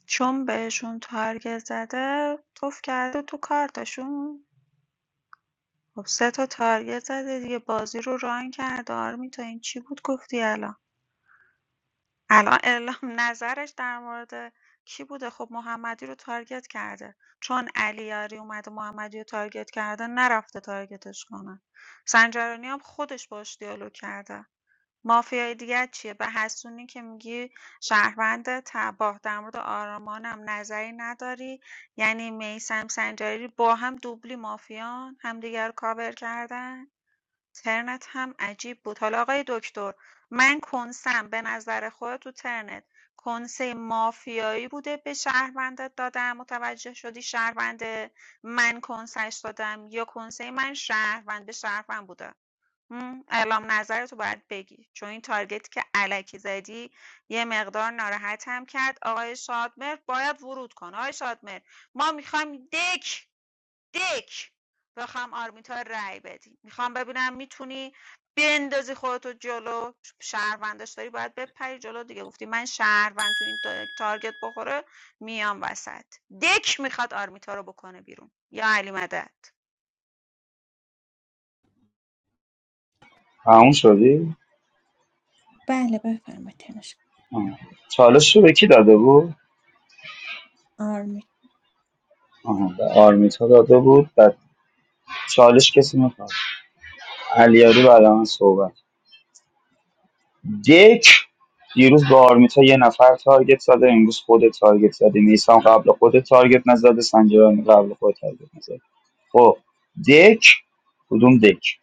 چون بهشون تارگت زده توف کرده تو کارتشون خب سه تا تارگت زده دیگه بازی رو ران کرده آرمیتا این چی بود گفتی الان الان اعلام نظرش در مورد کی بوده خب محمدی رو تارگت کرده چون علیاری اومده محمدی رو تارگت کرده نرفته تارگتش کنه سنجرانی هم خودش باش دیالوگ کرده مافیای دیگه چیه؟ به حسونی که میگی شهروند تباه، در مورد آرمان هم نظری نداری، یعنی میثم سنجاری با هم دوبلی مافیان، همدیگه رو کاور کردن. ترنت هم عجیب بود. حالا آقای دکتر، من کنسم به نظر خود تو ترنت کنسه مافیایی بوده به شهروندت دادم متوجه شدی شهروند من کنسش دادم یا کنسه من شهروند به شهروند بوده امم، اعلام نظرتو باید بگی چون این تارگتی که الکی زدی یه مقدار ناراحتم کرد آقای شادمهر باید ورود کنه آقای شادمهر ما میخوایم دک دک بخوام آرمیتا رأی بدی میخوام ببینم میتونی بندازی خودتو جلو شهروندش داری باید بپری جلو دیگه گفتی من شهروند تو این تا- تارگت بخوره میام وسط دک میخواد آرمیتا رو بکنه بیرون یا علی مدد تموم شدی؟ بله بفرمایید تنش آه. چالش رو به کی داده بود؟ آرمی آها به آرمیتا داده بود بعد چالش کسی میخواد علیاری بعد من صحبت دک دیروز با آرمیتا یه نفر تارگت زده امروز خود تارگت زده نیسان قبل خود تارگت نزده سنجرانی قبل خود تارگت نزده خب دک کدوم دک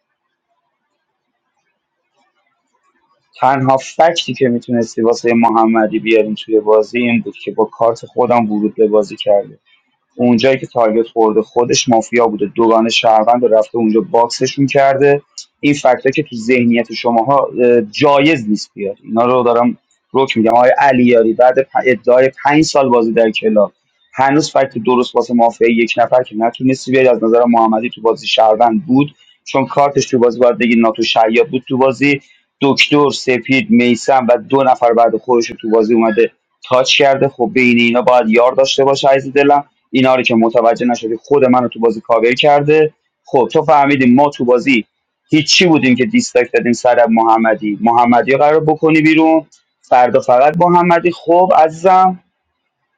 تنها فکتی که میتونستی واسه محمدی بیاریم توی بازی این بود که با کارت خودم ورود به بازی کرده اونجایی که تارگت خورده خودش مافیا بوده دوگان شهروند رو رفته اونجا باکسشون کرده این فکتا که تو ذهنیت شماها اه، جایز نیست بیاد اینا رو دارم روک میگم آقای علیاری بعد پ- ادعای پنج سال بازی در کلاب هنوز فکت درست واسه مافیا یک نفر که نتونستی بیاری از نظر محمدی تو بازی شهروند بود چون کارتش تو بازی باید بگی ناتو شیاد بود تو بازی دکتر سپید میسم و دو نفر بعد خودش رو تو بازی اومده تاچ کرده خب بین اینا باید یار داشته باشه عزیز دلم اینا رو که متوجه نشدی خود منو تو بازی کاور کرده خب تو فهمیدیم ما تو بازی هیچی بودیم که دیستاک دادیم سر محمدی محمدی رو قرار بکنی بیرون فردا فقط محمدی خب عزیزم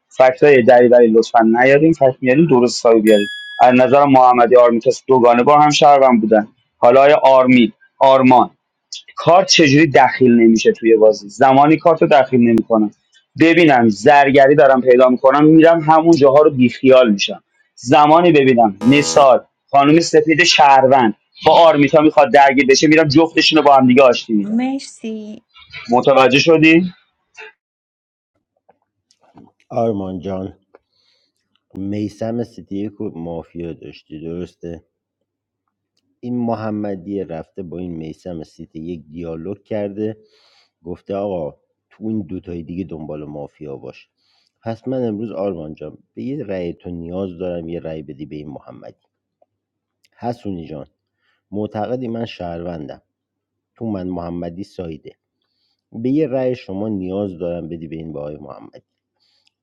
فکت های دریوری لطفا نیارین فکت میارین درست سایه بیارین از نظر محمدی آرمیتاس دوگانه با هم شهروند بودن حالا آیا آرمی آرمان کارت چجوری دخیل نمیشه توی بازی زمانی کارت رو دخیل نمیکنم ببینم زرگری دارم پیدا میکنم میرم همون جاها رو بیخیال میشم زمانی ببینم مثال خانم سپید شهروند با آرمیتا میخواد درگیر بشه میرم جفتشون رو با هم دیگه آشتی میدم مرسی متوجه شدی آرمان جان میسم سیتی یک رو مافیا داشتی درسته این محمدی رفته با این میسم سیتی یک دیالوگ کرده گفته آقا تو این دوتای دیگه دنبال مافیا باش پس من امروز آرمان جان به یه رأی تو نیاز دارم یه رأی بدی به این محمدی حسونی جان معتقدی من شهروندم تو من محمدی سایده به یه رأی شما نیاز دارم بدی به این به آقای محمدی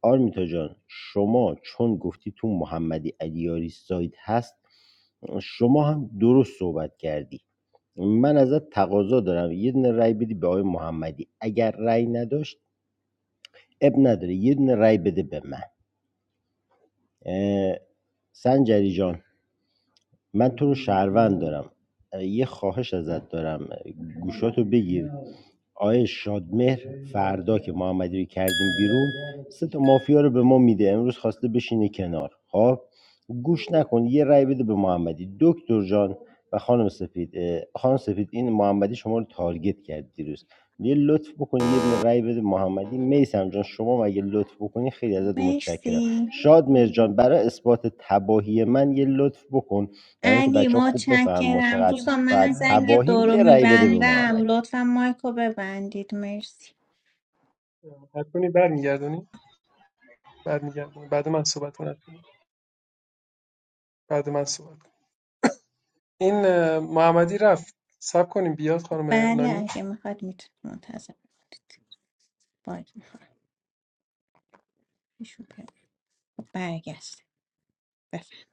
آرمیتا جان شما چون گفتی تو محمدی علیاری ساید هست شما هم درست صحبت کردی من ازت تقاضا دارم یه دونه رأی بدی به آقای محمدی اگر رأی نداشت اب نداره یه دونه رأی بده به من اه، سنجری جان من تو رو شهروند دارم یه خواهش ازت دارم گوشاتو بگیر آقای شادمهر فردا که محمدی رو کردیم بیرون سه تا مافیا رو به ما میده امروز خواسته بشینه کنار خب گوش نکن یه رأی بده به محمدی دکتر جان و خانم سفید خانم سفید این محمدی شما رو تارگت کرد دیروز یه لطف بکنی یه دونه رأی بده محمدی میسم جان شما مگه لطف بکنی خیلی ازت متشکرم مرسی شادمهر جان برای اثبات تباهی من یه لطف بکن برای اینکه علی بچه‌ها خوب بفهمن ما متشکرم چقدر دوستان فر من زنگ تباهیم دورو یه رأی بده به میبندم محمدی لطفا مایکو ببندید مرسی حتونی برمیگردونی برمیگردونی بعد من صحبت کنم بعد من صحبت این اه، محمدی رفت سب کنیم بیاد خانم بله نانی اگه میخواد میتونید منتظر بمونید باید میخوام ایشون بیاد. برگشت بفهم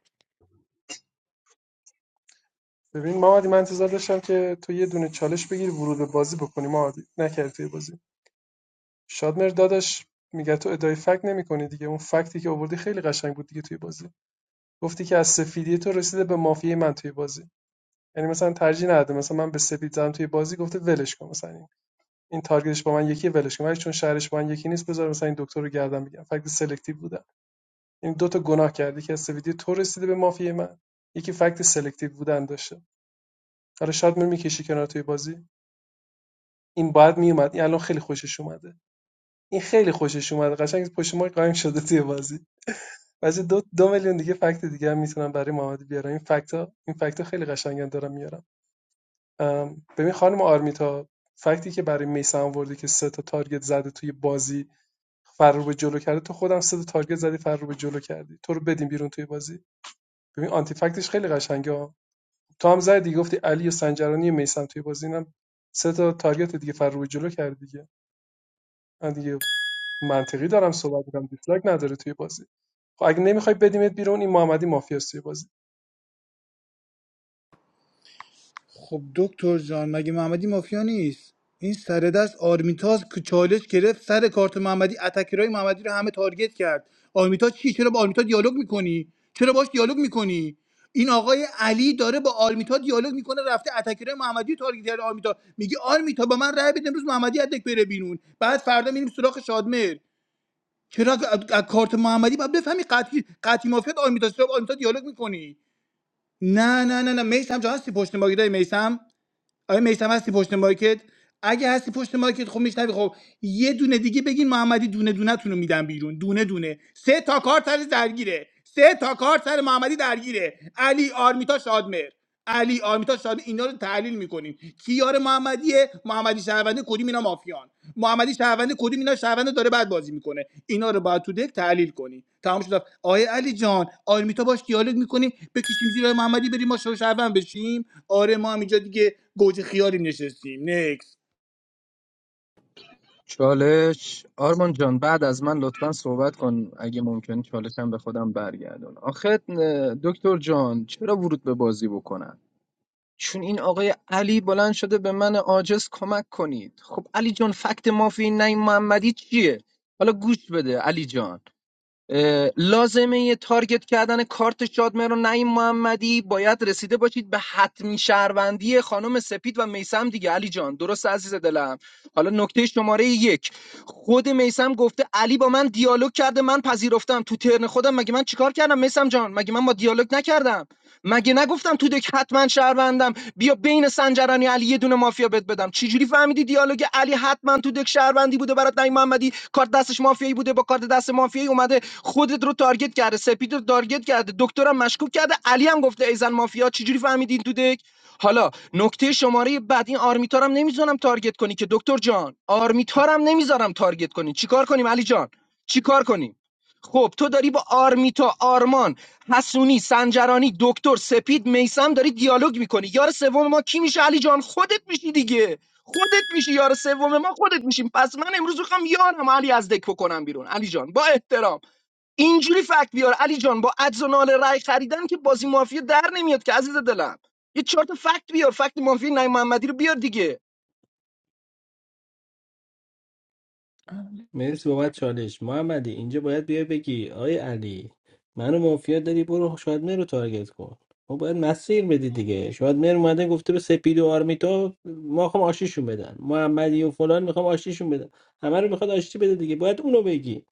ببین محمدی من انتظار داشتم که تو یه دونه چالش بگیری ورود به بازی بکنی محمدی نکردی توی بازی شادمر داداش میگه تو ادای فکت نمیکنی دیگه اون فکتی که آوردی خیلی قشنگ بود دیگه توی بازی گفتی که از سفیدی تو رسیده به مافیای من توی بازی یعنی مثلا ترجیح نداده مثلا من به سفید زدم توی بازی گفته ولش کن مثلا این, این تارگتش با من یکی ولش کن ولی چون شهرش با من یکی نیست بذار مثلا این دکتر رو گردن بگیرم فکت سلکتیو بوده این دو تا گناه کردی که از ویدیو تو رسیده به مافیای من یکی فکت سلکتیو بودن داشته حالا شاید من میکشی کنار توی بازی این باید میومد این الان خیلی خوشش اومده این خیلی خوشش اومده قشنگ پشت ما قایم شده توی بازی واسه دو دو میلیون دیگه فکت دیگه هم میتونم برای محمد بیارم این فکت این فکت خیلی قشنگن دارم میارم ببین خانم آرمیتا فکتی که برای میسان آوردی که سه تا تارگت زده توی بازی فرار به جلو کرده تو خودم سه تا تارگت زدی فرار به جلو کردی تو رو بدیم بیرون توی بازی ببین آنتی فکتش خیلی قشنگه تو هم زدی گفتی علی و سنجرانی و توی بازی اینم سه تا تارگت دیگه فر روی جلو کردی دیگه من دیگه منطقی دارم صحبت میکنم دیسلایک نداره توی بازی خب اگه نمیخوای بدیمت بیرون این محمدی مافیاست توی بازی خب دکتر جان مگه محمدی مافیا نیست این سر دست آرمیتاز که چالش گرفت سر کارت محمدی اتکرای محمدی رو همه تارگت کرد آرمیتاز چی چرا با آرمیتا دیالوگ میکنی چرا باش دیالوگ میکنی این آقای علی داره با آرمیتا دیالوگ میکنه رفته اتکرای محمدی رو تارگت کرده آرمیتا میگه آرمیتا با من رأی بده امروز محمدی ادک بره بیرون بعد فردا میریم سراغ شادمر چرا از از کارت محمدی باید بفهمی قطعی قطعی مافیات آرمیتا چرا با آرمیتا دیالوگ میکنی نه نه نه نه میسم جان هستی پشت ما میسم آیا میثم هستی پشت مایکت اگه هستی پشت مایکت خب میشنوی خب یه دونه دیگه بگین محمدی دونه دونه تونو میدم بیرون دونه دونه سه تا کار سر درگیره سه تا کار سر محمدی درگیره علی آرمیتا شادمر علی آرمیتا شادمر اینا رو تحلیل میکنیم کیار محمدیه محمدی شهرونده کدوم اینا مافیان محمدی شهرونده کدوم اینا شهرونده داره بعد بازی میکنه اینا رو باید تو دک تحلیل کنی تمام شد آیه علی جان آرمیتا باش دیالوگ میکنی بکشیم زیرا محمدی بریم ما شهروند بشیم آره ما هم اینجا دیگه گوجه خیاریم نشستیم نکس چالش آرمان جان بعد از من لطفا صحبت کن اگه ممکن چالشم به خودم برگردون آخه اه، دکتر جان چرا ورود به بازی بکنن چون این آقای علی بلند شده به من عاجز کمک کنید خب علی جان فکت مافی نعیم محمدی چیه حالا گوش بده علی جان لازمه یه تارگت کردن کارت شادمهر و نعیم محمدی باید رسیده باشید به حتمی شهروندی خانم سپید و میسم دیگه علی جان درست عزیز دلم حالا نکته شماره یک خود میسم گفته علی با من دیالوگ کرده من پذیرفتم تو ترن خودم مگه من چیکار کردم میسم جان مگه من با دیالوگ نکردم مگه نگفتم تو دک حتما شهروندم بیا بین سنجرانی علی یه دونه مافیا بد بدم چجوری فهمیدی دیالوگ علی حتما تو دک شهروندی بوده برات نعیم محمدی کارت دستش مافیایی بوده با کارت دست مافیایی اومده خودت رو تارگت کرده سپید رو تارگت کرده دکترم مشکوک کرده علی هم گفته ایزن مافیا چجوری فهمیدین تو دک حالا نکته شماره بعد این آرمیتارم نمیذارم تارگت کنی که دکتر جان آرمیتارم نمیذارم تارگت کنی چیکار کنیم علی جان چیکار کنیم خب تو داری با آرمیتا آرمان حسونی سنجرانی دکتر سپید میسم داری دیالوگ میکنی یار سوم ما کی میشه علی جان خودت میشی دیگه خودت میشی یار سوم ما خودت میشیم پس من امروز میخوام یارم علی از دک بکنم بیرون علی جان با احترام اینجوری فکت بیار علی جان با عجز و نال رای خریدن که بازی مافیا در نمیاد که عزیز دلم یه چهار تا فکت بیار فکت مافیا نای محمدی رو بیار دیگه آرمی مرسی بابت چالش محمدی اینجا باید بیای بگی آقای علی منو مافیا داری برو شادمهر رو تارگت کن ما باید مسیر بدی دیگه شاید اومده گفته به سپید و آرمیتا ما خوام آشیشون بدن محمدی و فلان میخوام آشتیشون بدن همه رو میخواد آشتی بده دیگه باید اونو بگی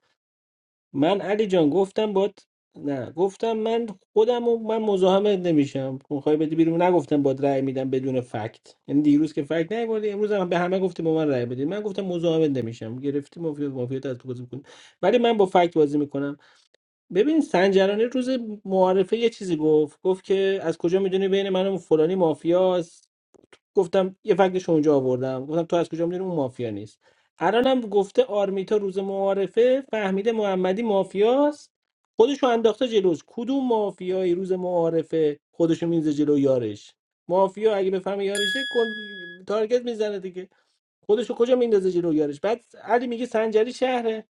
من علی جان گفتم باد نه گفتم من خودم و من مزاحمت نمیشم میخوای بدی بیرون نگفتم باد رأی میدم بدون فکت یعنی دیروز که فکت نیوردی امروز هم به همه گفتی با من رأی بدید من گفتم مزاحمت نمیشم گرفتی مافیات مافیات از تو بازی میکنی ولی من با فکت بازی میکنم ببین سنجرانی روز معارفه یه چیزی گفت گفت که از کجا میدونی بین من و فلانی مافیاست گفتم یه فکتش اونجا آوردم گفتم تو از کجا میدونی اون مافیا نیست الانم گفته آرمیتا روز معارفه فهمیده محمدی مافیاست خودشو انداخته جلوش کدوم مافیایی روز معارفه خودشو میزه جلو یارش مافیا اگه بفهمه یارشه کن... تارگت میزنه دیگه خودشو کجا میندازه جلو یارش بعد علی میگه سنجری شهره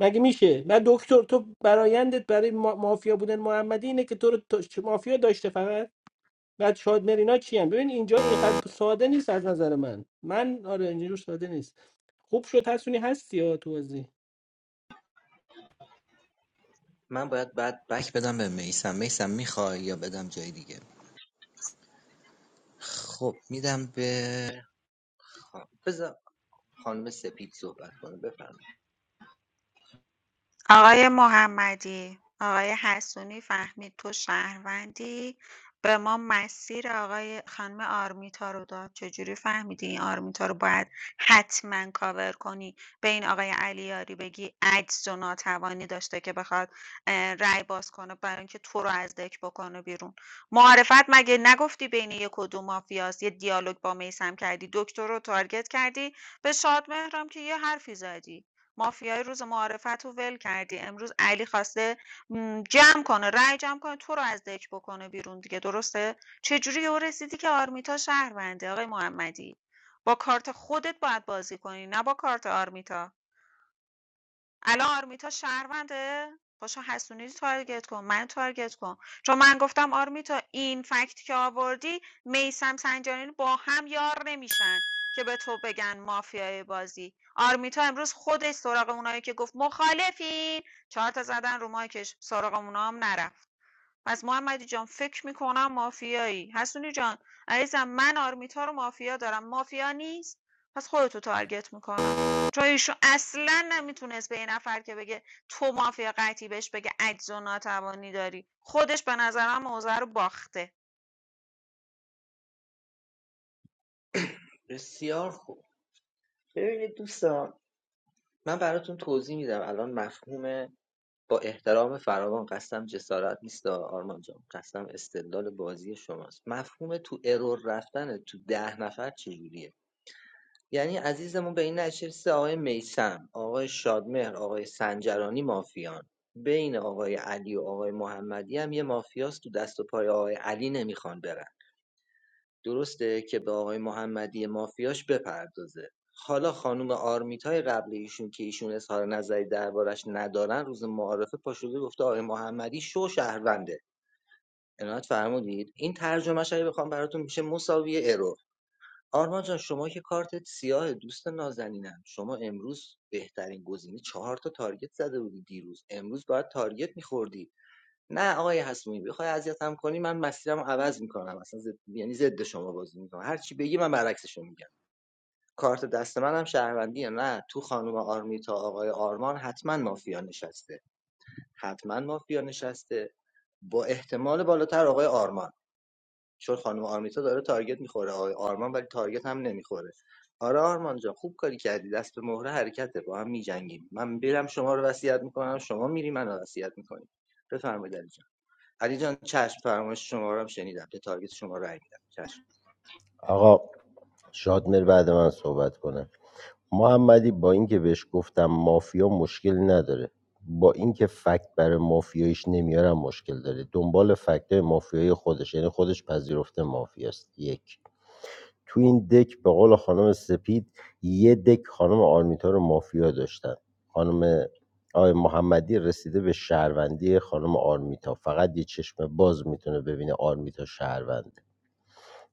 مگه میشه نه دکتر تو برایندت برای ما- مافیا بودن محمدی اینه که تو رو تا- مافیا داشته فقط بعد شاد مرینا کیان ببین اینجا اینقدر ساده نیست از نظر من من آره اینجوری ساده نیست خوب شد حسونی هستی یا تو بازی من باید بعد بک بدم به میسم میسم میخوای یا بدم جای دیگه خب میدم به خان... بذار خانم سپید صحبت کنه بفرمایید آقای محمدی، آقای حسونی فهمید تو شهروندی به ما مسیر آقای خانم آرمیتا رو داد چجوری فهمیدی این آرمیتا رو باید حتما کاور کنی به این آقای علیاری بگی عجز و ناتوانی داشته که بخواد اه، رأی باز کنه برای اینکه تو رو از دک بکنه بیرون معرفت مگه نگفتی بین یک و دو مافیاست یه دیالوگ با میسم کردی دکتر رو تارگت کردی به شادمهرم که یه حرفی زدی مافیای روز معارفت رو ول کردی امروز علی خواسته جمع کنه رأی جمع کنه تو رو از دک بکنه بیرون دیگه درسته چجوری یهو رسیدی که آرمیتا شهرونده آقای محمدی با کارت خودت باید بازی کنی نه با کارت آرمیتا الان آرمیتا شهرونده پاشو حسونی رو تارگت کن من تارگت کن چون من گفتم آرمیتا این فکت که آوردی میسم سنجانی با هم یار نمیشن که به تو بگن مافیای بازی آرمیتا امروز خودش سراغ اونایی که گفت مخالفین چهار تا زدن رو مایکش سراغ اونا هم نرفت پس محمدی جان فکر میکنم مافیایی حسونی جان عزیزم من آرمیتا رو مافیا دارم مافیا نیست پس خودتو تارگت میکنم چون ایشون اصلا نمیتونست به یه نفر که بگه تو مافیا قطعی بهش بگه عجز و ناتوانی داری خودش به نظرم موضع رو باخته بسیار خوب ببینید دوستان من براتون توضیح میدم الان مفهوم با احترام فراوان قسم جسارت نیست آرمان جان قسم استدلال بازی شماست مفهوم تو ارور رفتن تو ده نفر چجوریه یعنی عزیزمون به این نشسته آقای میسم آقای شادمهر آقای سنجرانی مافیان بین آقای علی و آقای محمدی هم یه مافیاست تو دست و پای آقای علی نمیخوان برن درسته که به آقای محمدی مافیاش بپردازه حالا خانم آرمیتای قبل ایشون که ایشون اظهار نظری دربارش ندارن روز معارفه پاشوده گفته آقای محمدی شو شهرونده عنایت فرمودید این ترجمهش اگه بخوام براتون میشه مساوی ارور آرمان جان شما که کارتت سیاه دوست نازنینم شما امروز بهترین گزینه چهار تا تارگت زده بودی دیروز امروز باید تارگت میخوردی نه آقای حسونی بخوای اذیتم کنی من مسیرم عوض میکنم اصلا زد یعنی ضد شما بازی میکنم هر چی بگی من برعکسشو میگم کارت دست منم شهروندیه نه تو خانم آرمی تا آقای آرمان حتما مافیا نشسته حتما مافیا نشسته با احتمال بالاتر آقای آرمان چون خانم آرمیتا داره تارگت میخوره آقای آرمان ولی تارگت هم نمیخوره آره آرمان جان خوب کاری کردی دست به مهره حرکته با هم میجنگیم من میرم شما رو وصیت میکنم شما میری منو وصیت میکنی بفرمایید علی جان علی جان چشم فرمایش شما رو هم شنیدم به تارگت شما رای میدم چشم آقا شادمر بعد من صحبت کنه محمدی با اینکه بهش گفتم مافیا مشکل نداره با اینکه فکت برای مافیایش نمیارم مشکل داره دنبال فکت مافیایی خودش یعنی خودش پذیرفته مافیاست یک تو این دک به قول خانم سپید یه دک خانم آرمیتا رو مافیا داشتن خانم آقای محمدی رسیده به شهروندی خانم آرمیتا فقط یه چشم باز میتونه ببینه آرمیتا شهروند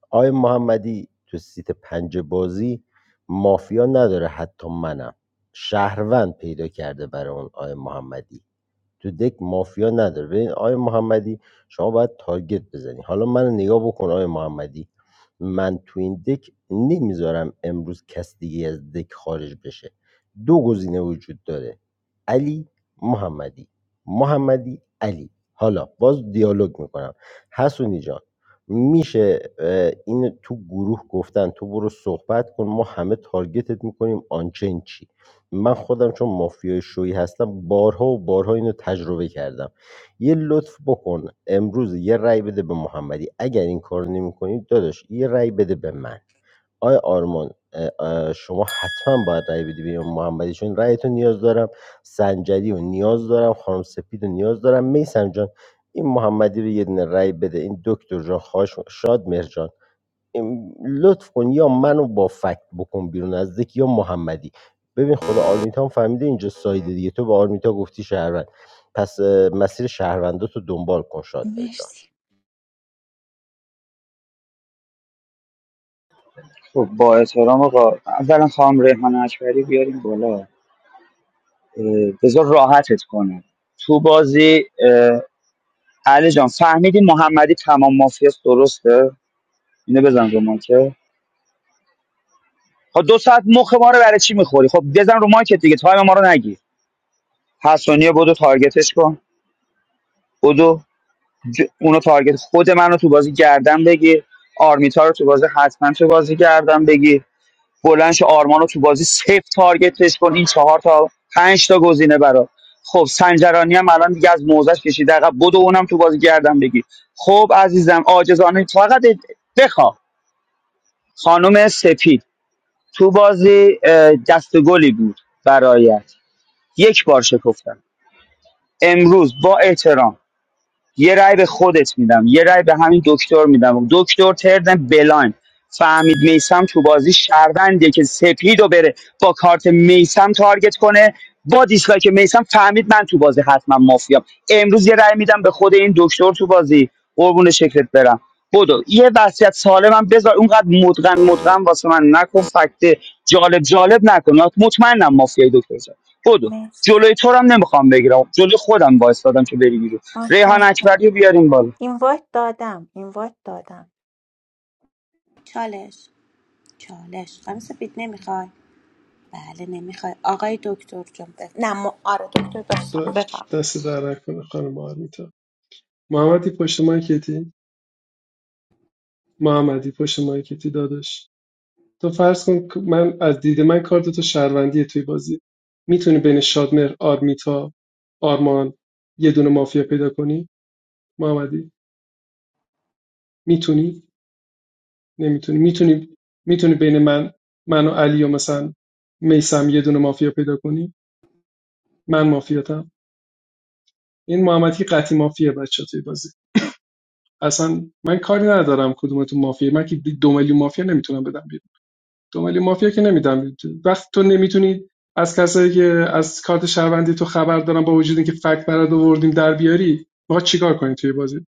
آقای محمدی تو سیت پنج بازی مافیا نداره حتی منم شهروند پیدا کرده برای اون آقای محمدی تو دک مافیا نداره ببین آقای محمدی شما باید تارگت بزنی حالا من نگاه بکن آقای محمدی من تو این دک نمیذارم امروز کس دیگه از دک خارج بشه دو گزینه وجود داره علی محمدی محمدی علی حالا باز دیالوگ میکنم حسونی جان میشه این تو گروه گفتن تو برو صحبت کن ما همه تارگتت میکنیم آنچین چی من خودم چون مافیای شویی هستم بارها و بارها اینو تجربه کردم یه لطف بکن امروز یه رأی بده به محمدی اگر این کار نمیکنی داداش یه رأی بده به من آقای آرمان اه، اه، شما حتما باید رأی بدی به امام محمدی چون رأیتو نیاز دارم سنجدی رو نیاز دارم خانم سپید رو نیاز دارم میسم جان این محمدی رو یه دونه رأی بده این دکتر جان خواهش می- شاد مرجان لطف کن یا منو با فکت بکن بیرون از دک یا محمدی ببین خدا آرمیتا هم فهمیده اینجا سایده دیگه تو به آرمیتا گفتی شهروند پس اه، مسیر شهروندات رو دنبال کن شاد مرجان مرسی خب با احترام آقا اولا خواهم ریحان اکبری بیاریم بالا اه، بذار راحتت کنم تو بازی اه، علی جان فهمیدی محمدی تمام مافیاست درسته اینو بزن رو مایکه خب دو ساعت مخ ما رو برای چی میخوری خب بزن رو مایکت دیگه تایم ما رو نگیر حسونیه بودو تارگتش کن بودو ج... اونو تارگت خود من رو تو بازی گردن بگیر آرمیتا رو تو بازی حتما تو بازی گردن بگیر بلند شو آرمان تو بازی سیف تارگتش کن این چهار تا پنج تا گزینه برات خب سنجرانی هم الان دیگه از موزش کشید عقب بدو اونم تو بازی گردم بگیر خب عزیزم عاجزانه فقط بخواه خانم سپید تو بازی اه، بود برایت یک بار شکفتم امروز با احترام یه رأی به خودت میدم یه رأی به همین دکتر میدم دکتر تردن بلاین فهمید میسم تو بازی شهروندیه که سپید رو بره با کارت میسم تارگت کنه با دیسلایک میسم فهمید من تو بازی حتما مافیام امروز یه رأی میدم به خود این دکتر تو بازی قربون شکلت برم بدو یه وصیت سالمم بذار اونقدر مدغن مدغن واسه من نکن فکت جالب جالب نکن مطمئنم مافیای دکتر جان. بدو مرسی جلوی تو رو هم نمیخوام بگیرم جلوی خودم وایس دادم که بری بیرون ریحان متشکرم اکبری رو بیاریم بالا اینوایت دادم اینوایت دادم چالش چالش خانم سپید نمیخوای بله نمیخوای آقای دکتر جان بف... نه م... آره دکتر باش بفرم دست در نکنه خانم آرمیتا محمدی پشت مایکتی محمدی پشت مایکتی داداش تو فرض کن که من از دید من کار دوتا شهروندیه توی بازی میتونی بین شادمر آرمیتا آرمان یه دونه مافیا پیدا کنی محمدی میتونی نمیتونی میتونی میتونی بین من من و علی و مثلا میسم یه دونه مافیا پیدا کنی من مافیاتم این محمدی که قطعی مافیا بچه توی بازی اصلا من کاری ندارم کدومتون مافیا من که دو میلیون مافیا نمیتونم بدم بیرون دو میلیون مافیا که نمیدم وقتی تو نمیتونی از کسایی که از کارت شهروندی تو خبر دارن با وجود اینکه فکت برات آوردیم در بیاری ما چیکار کنی توی بازی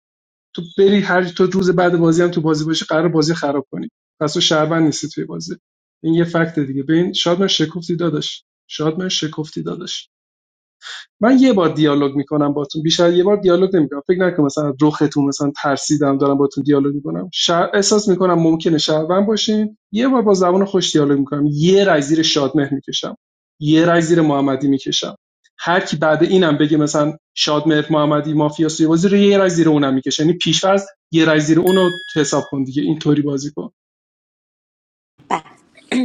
تو بری هر تو روز بعد بازی هم تو بازی باشی قرار بازی خراب کنی پس تو شهروند نیستی توی بازی این یه فکت دیگه ببین شادمن شکفتی داداش شادمن شکفتی داداش من یه بار دیالوگ میکنم باتون بیشتر یه بار دیالوگ نمیکنم فکر نکن مثلا از رختون مثلا ترسیدم دارم باتون دیالوگ میکنم شر... احساس میکنم ممکنه شهروند باشین یه بار با زبان خوش دیالوگ میکنم یه رای زیر شادمهر میکشم یه رای زیر محمدی میکشم هر کی بعد اینم بگه مثلا شادمهر محمدی مافیا سوی بازی رو یه رای زیر اونم میکشه یعنی پیشفرض یه رای زیر اونو حساب کن دیگه اینطوری بازی کن بله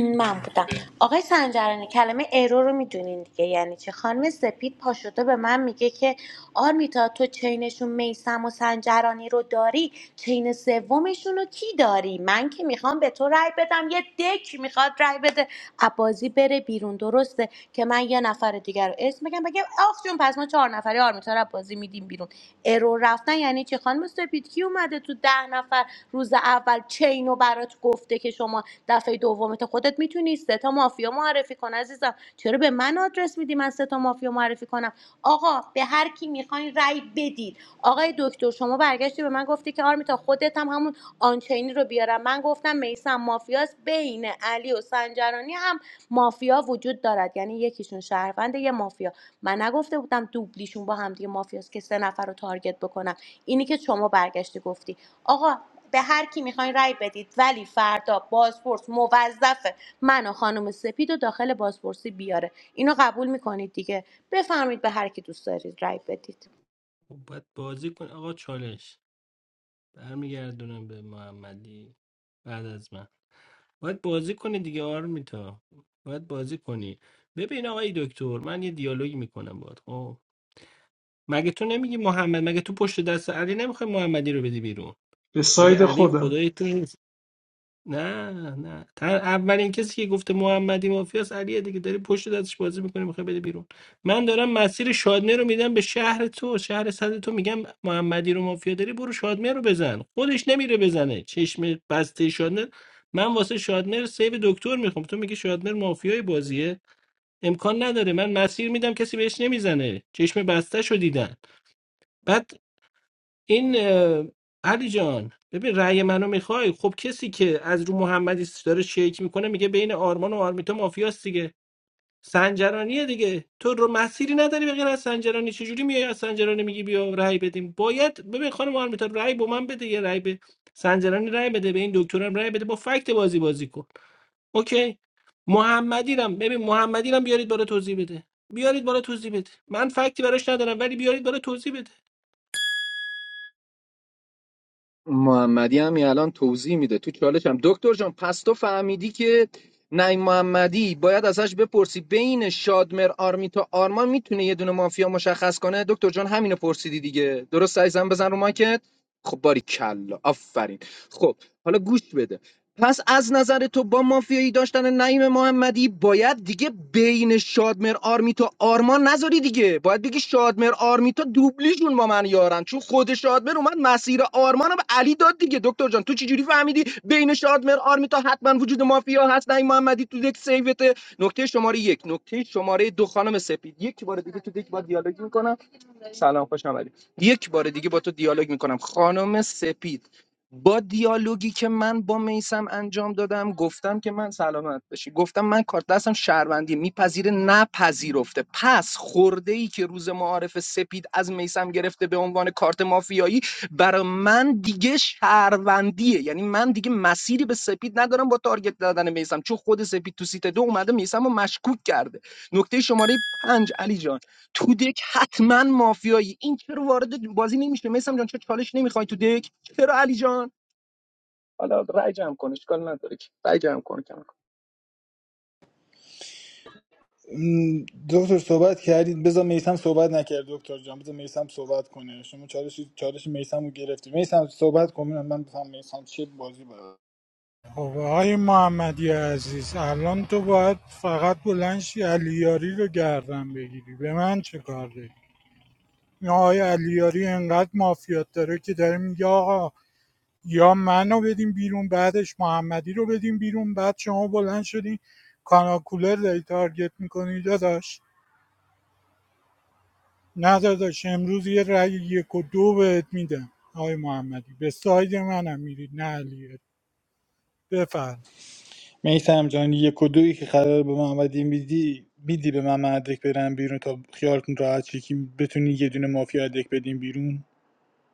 من آره. بودم آقای سنجرانی کلمه ارو رو میدونین دیگه یعنی چه خانم سپید پاشده به من میگه که آرمیتا تو چینشون میسم و سنجرانی رو داری چین سومشون رو کی داری من که میخوام به تو رأی بدم یه دک میخواد رأی بده عبازی بره بیرون درسته که من یه نفر دیگر رو اسم بگم بگم آخ جون پس ما چهار نفری آرمیتا رو عبازی میدیم بیرون ارو رفتن یعنی چه خانم سپید کی اومده تو ده نفر روز اول چین رو برات گفته که شما دفعه دومت خودت میتونی سه تا مافیا معرفی کن عزیزم چرا به من آدرس میدی من سه تا مافیا معرفی کنم آقا به هر کی میخواین رأی بدید آقای دکتر شما برگشتی به من گفتی که آرمیتا خودت هم همون آنچینی رو بیارم من گفتم میسم مافیاست بین علی و سنجرانی هم مافیا وجود دارد یعنی یکیشون شهروند یه مافیا من نگفته بودم دوبلیشون با هم دیگه مافیاست که سه نفر رو تارگت بکنم اینی که شما برگشتی گفتی آقا به هر کی میخواین رأی بدید ولی فردا بازپرس موظفه من و خانم سپید و داخل بازپرسی بیاره اینو قبول میکنید دیگه بفرمید به هر کی دوست دارید رأی بدید خب باید بازی کن آقا چالش برمیگردونم به محمدی بعد از من باید بازی کنی دیگه آرمیتا باید بازی کنی ببین آقای دکتر من یه دیالوگی میکنم باهات خب مگه تو نمیگی محمد مگه تو پشت دست علی نمیخوای محمدی رو بدی بیرون به مگه ساید علی خودم خدای تو نه نه تن اولین کسی که گفته محمدی مافیاس علیه دیگه داری پشت دستش بازی میکنی میخوای بده بیرون من دارم مسیر شادمه رو میدم به شهر تو شهر صد تو میگم محمدی رو مافیا داری برو شادمه رو بزن خودش نمیره بزنه چشم بسته شادمه من واسه شادمر سیو دکتر میخوام تو میگی شادمر مافیای بازیه امکان نداره من مسیر میدم کسی بهش نمیزنه چشم بسته شو دیدن بعد این اه، علی جان ببین رأی منو میخوای خب کسی که از رو محمدی داره شیک میکنه میگه بین آرمان و آرمیتا مافیاست دیگه سنجرانیه دیگه تو رو مسیری نداری به غیر از سنجرانی چجوری میای از سنجرانی میگی بیا رأی بدیم باید ببین خانم آرمیتا رأی با من بده یه رأی به سنجرانی رأی بده به این دکترم رأی بده با فکت بازی بازی کن اوکی محمدی رم ببین محمدی رم بیارید بالا توضیح بده بیارید بالا توضیح بده من فکتی براش ندارم ولی بیارید بالا توضیح بده محمدی هم یه الان توضیح میده تو چالش هم دکتر جان پس تو فهمیدی که نعیم محمدی باید ازش بپرسی بین شادمر آرمیتا آرمان میتونه یه دونه مافیا مشخص کنه دکتر جان همینو پرسیدی دیگه درست عزیزم بزن رو ماکت خب باری کلا آفرین خب حالا گوش بده پس از نظر تو با مافیایی داشتن نعیم محمدی باید دیگه بین شادمر آرمیتا آرمان نذاری دیگه باید بگی شادمر آرمیتا دوبلیشون با من یارن چون خود شادمر اومد مسیر آرمانم به علی داد دیگه دکتر جان تو چجوری فهمیدی بین شادمر آرمیتا حتما وجود مافیا هست نعیم محمدی تو دک سیوته نکته شماره یک نکته شماره دو خانم سپید یک بار دیگه تو دک با دیالوگ میکنم سلام خوش آمدید یک بار دیگه با تو دیالوگ میکنم خانم سپید با دیالوگی که من با میسم انجام دادم گفتم که من سلامت باشی گفتم من کارت دستم شهروندی میپذیره نپذیرفته پس خورده ای که روز معارف سپید از میسم گرفته به عنوان کارت مافیایی برای من دیگه شهروندیه یعنی من دیگه مسیری به سپید ندارم با تارگت دادن میسم چون خود سپید تو سیت دو اومده میسم رو مشکوک کرده نکته شماره پنج علی جان تو دک حتما مافیایی این چرا وارد بازی نمیشه میسم جان چه چالش نمیخوای تو دک چرا علی جان حالا رای جمع کن اشکال نداره که رای جمع کن کم کن م، دکتر صحبت کردید بذار میسم صحبت نکرد دکتر جان بذار میسم صحبت کنه شما چالش چالش میسم رو گرفتی میسم صحبت کن من من بفهم میسم چه بازی برای خب آقای محمدی عزیز الان تو باید فقط بلند شی علیاری رو گردن بگیری به من چه کار داری این آقای علیاری انقدر مافیات داره که داره میگه آقا یا منو بدیم بیرون بعدش محمدی رو بدیم بیرون بعد شما بلند شدی کاناکولر داری تارگت میکنی داداش نه داداش امروز یه رأی یک و دو بهت میدم آقای محمدی به ساید منم میرید نه علیاری بفرم میسم جان یک و دویی که قرار به محمدی میدی میدی به من مدرک برن بیرون تا خیالتون راحت شه که بتونی یه دونه مافیا ادک بدین بیرون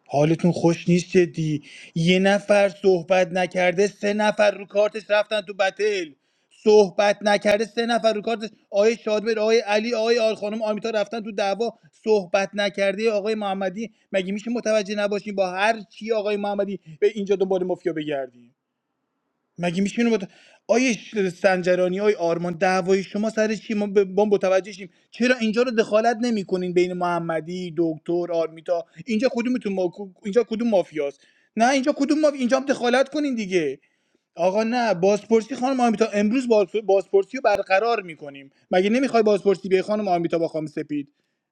حالتون خوش نیست جدی یه نفر صحبت نکرده سه نفر رو کارتش رفتن تو بتل صحبت نکرده سه نفر رو کارتش آقای شادمر آقای علی آقای آل خانم آمیتا رفتن تو دعوا صحبت نکرده آقای محمدی مگه میشه متوجه نباشیم با هر چی آقای محمدی به اینجا دنبال مافیا بگردیم مگه میشه اینو مت... آیه ش- سنجرانی آیه آرمان دعوای شما سر چی ما به ما متوجه شیم چرا اینجا رو دخالت نمیکنین بین محمدی دکتر آرمیتا اینجا کدومتون ما... اینجا کدوم مافیاست نه اینجا کدوم مافیا اینجا هم دخالت کنین دیگه آقا نه بازپرسی خانم آرمیتا امروز باز- بازپرسی رو برقرار میکنیم مگه نمیخوای بازپرسی بیای خانم آرمیتا با خانم سپید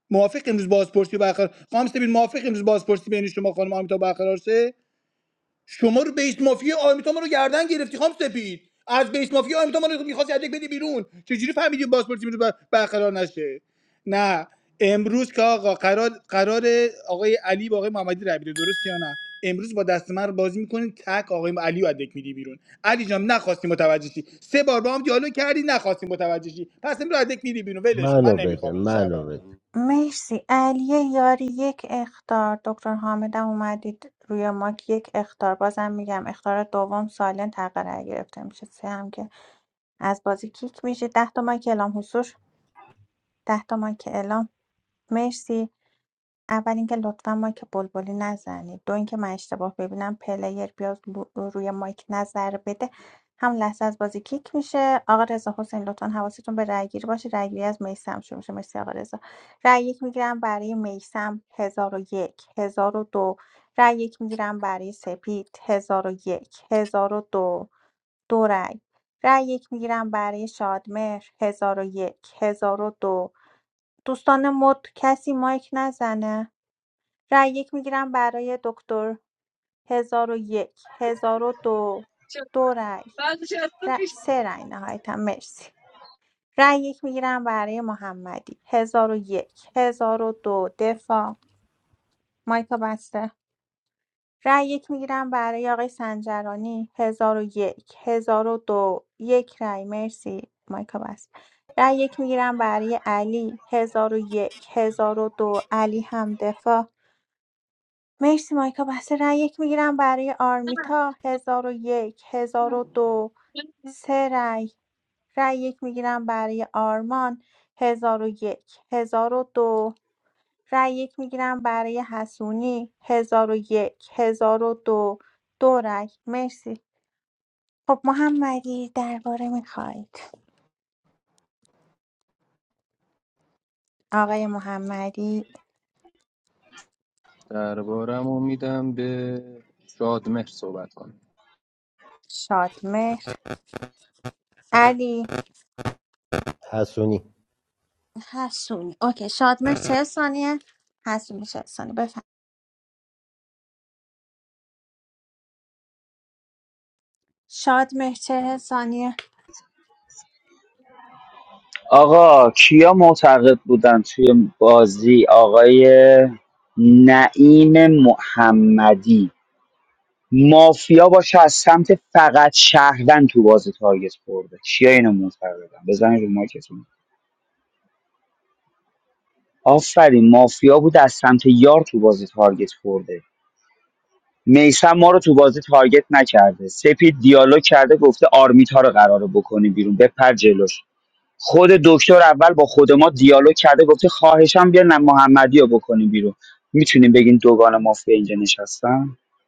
موافق امروز بازپرسی برقرار خانم سپید موافق امروز بازپرسی بین شما خانم آرمیتا برقرار شه شما رو بیس مافیا آرمیتا ما رو گردن گرفتی خام سپید از بیس مافیا آرمیتا ما رو میخواست یک بدی بیرون چجوری فهمیدی پاسپورتی میتونه برقرار نشه نه امروز که آقا قرار قرار آقای علی با آقای محمدی رای بده درست یا نه امروز با دست من رو بازی میکنین تک آقای علی رو ادک میدی بیرون علی جان نخواستی متوجه شی سه بار با هم دیالوگ کردی نخواستی متوجه شی پس امروز ادک میدی بیرون ولش کن من منو بده نمیخوام منو نمیخوامش بده مرسی علی یاری یک اختار دکتر حامدم اومدید روی ماک یک اختار بازم میگم اختار دوم سالن تقرار گرفته میشه سه هم که از بازی کیک میشه ده تا مایک اعلام حضور ده تا مایک اعلام مرسی اول اینکه لطفا مایک بلبلی نزنید دو اینکه من اشتباه ببینم پلیر بیاد رو- روی مایک نظر بده هم لحظه از بازی کیک میشه آقا رضا حسین لطفا حواستون به رای گیری باشه رای گیری از میسم شروع میشه مرسی آقا رضا رای یک میگیرم برای میسم هزار و یک هزار و دو رای یک میگیرم برای سپید هزار و یک هزار و دو دو رای رای یک میگیرم برای شادمهر هزار و یک هزار و دو دوستان مد کسی مایک نزنه رای یک میگیرم برای دکتر هزار و یک هزار و دو دو رای ر- سه رای نهایتا مرسی رای یک میگیرم برای محمدی هزار و یک هزار و دو دفاع مایکا بسته رای یک میگیرم برای آقای سنجرانی هزار و یک هزار و دو یک رای مرسی مایکا بسته رای یک میگیرم برای علی هزار و یک هزار و دو علی هم دفاع مرسی مایکا بحث رای یک میگیرم برای آرمیتا هزار و یک هزار و دو سه رای رای یک میگیرم برای آرمان هزار و یک هزار و دو رای یک میگیرم برای حسونی هزار و یک هزار و دو دو رای مرسی خب محمدی درباره میخواید آقای محمدی دربارم رو میدم به شادمهر صحبت کنم شادمهر علی حسونی حسونی اوکی شادمهر چه ثانیه حسونی چه ثانیه شاد مهر چهل ثانیه آقا کیا معتقد بودن توی بازی آقای نعیم محمدی مافیا باشه از سمت فقط شهروند تو بازی تارگت خورده کیا اینو معتقدن بزنید رو مایکتون آفرین مافیا بود از سمت یار تو بازی تارگت خورده میسم ما رو تو بازی تارگت نکرده سپید دیالوگ کرده گفته آرمیتا رو قراره بکنی بیرون بپر جلوش خود دکتر اول با خود ما دیالوگ کرده گفته خواهشم بیا نه محمدی رو بکنیم بیرون میتونیم بگین دوگان مافیا اینجا نشستن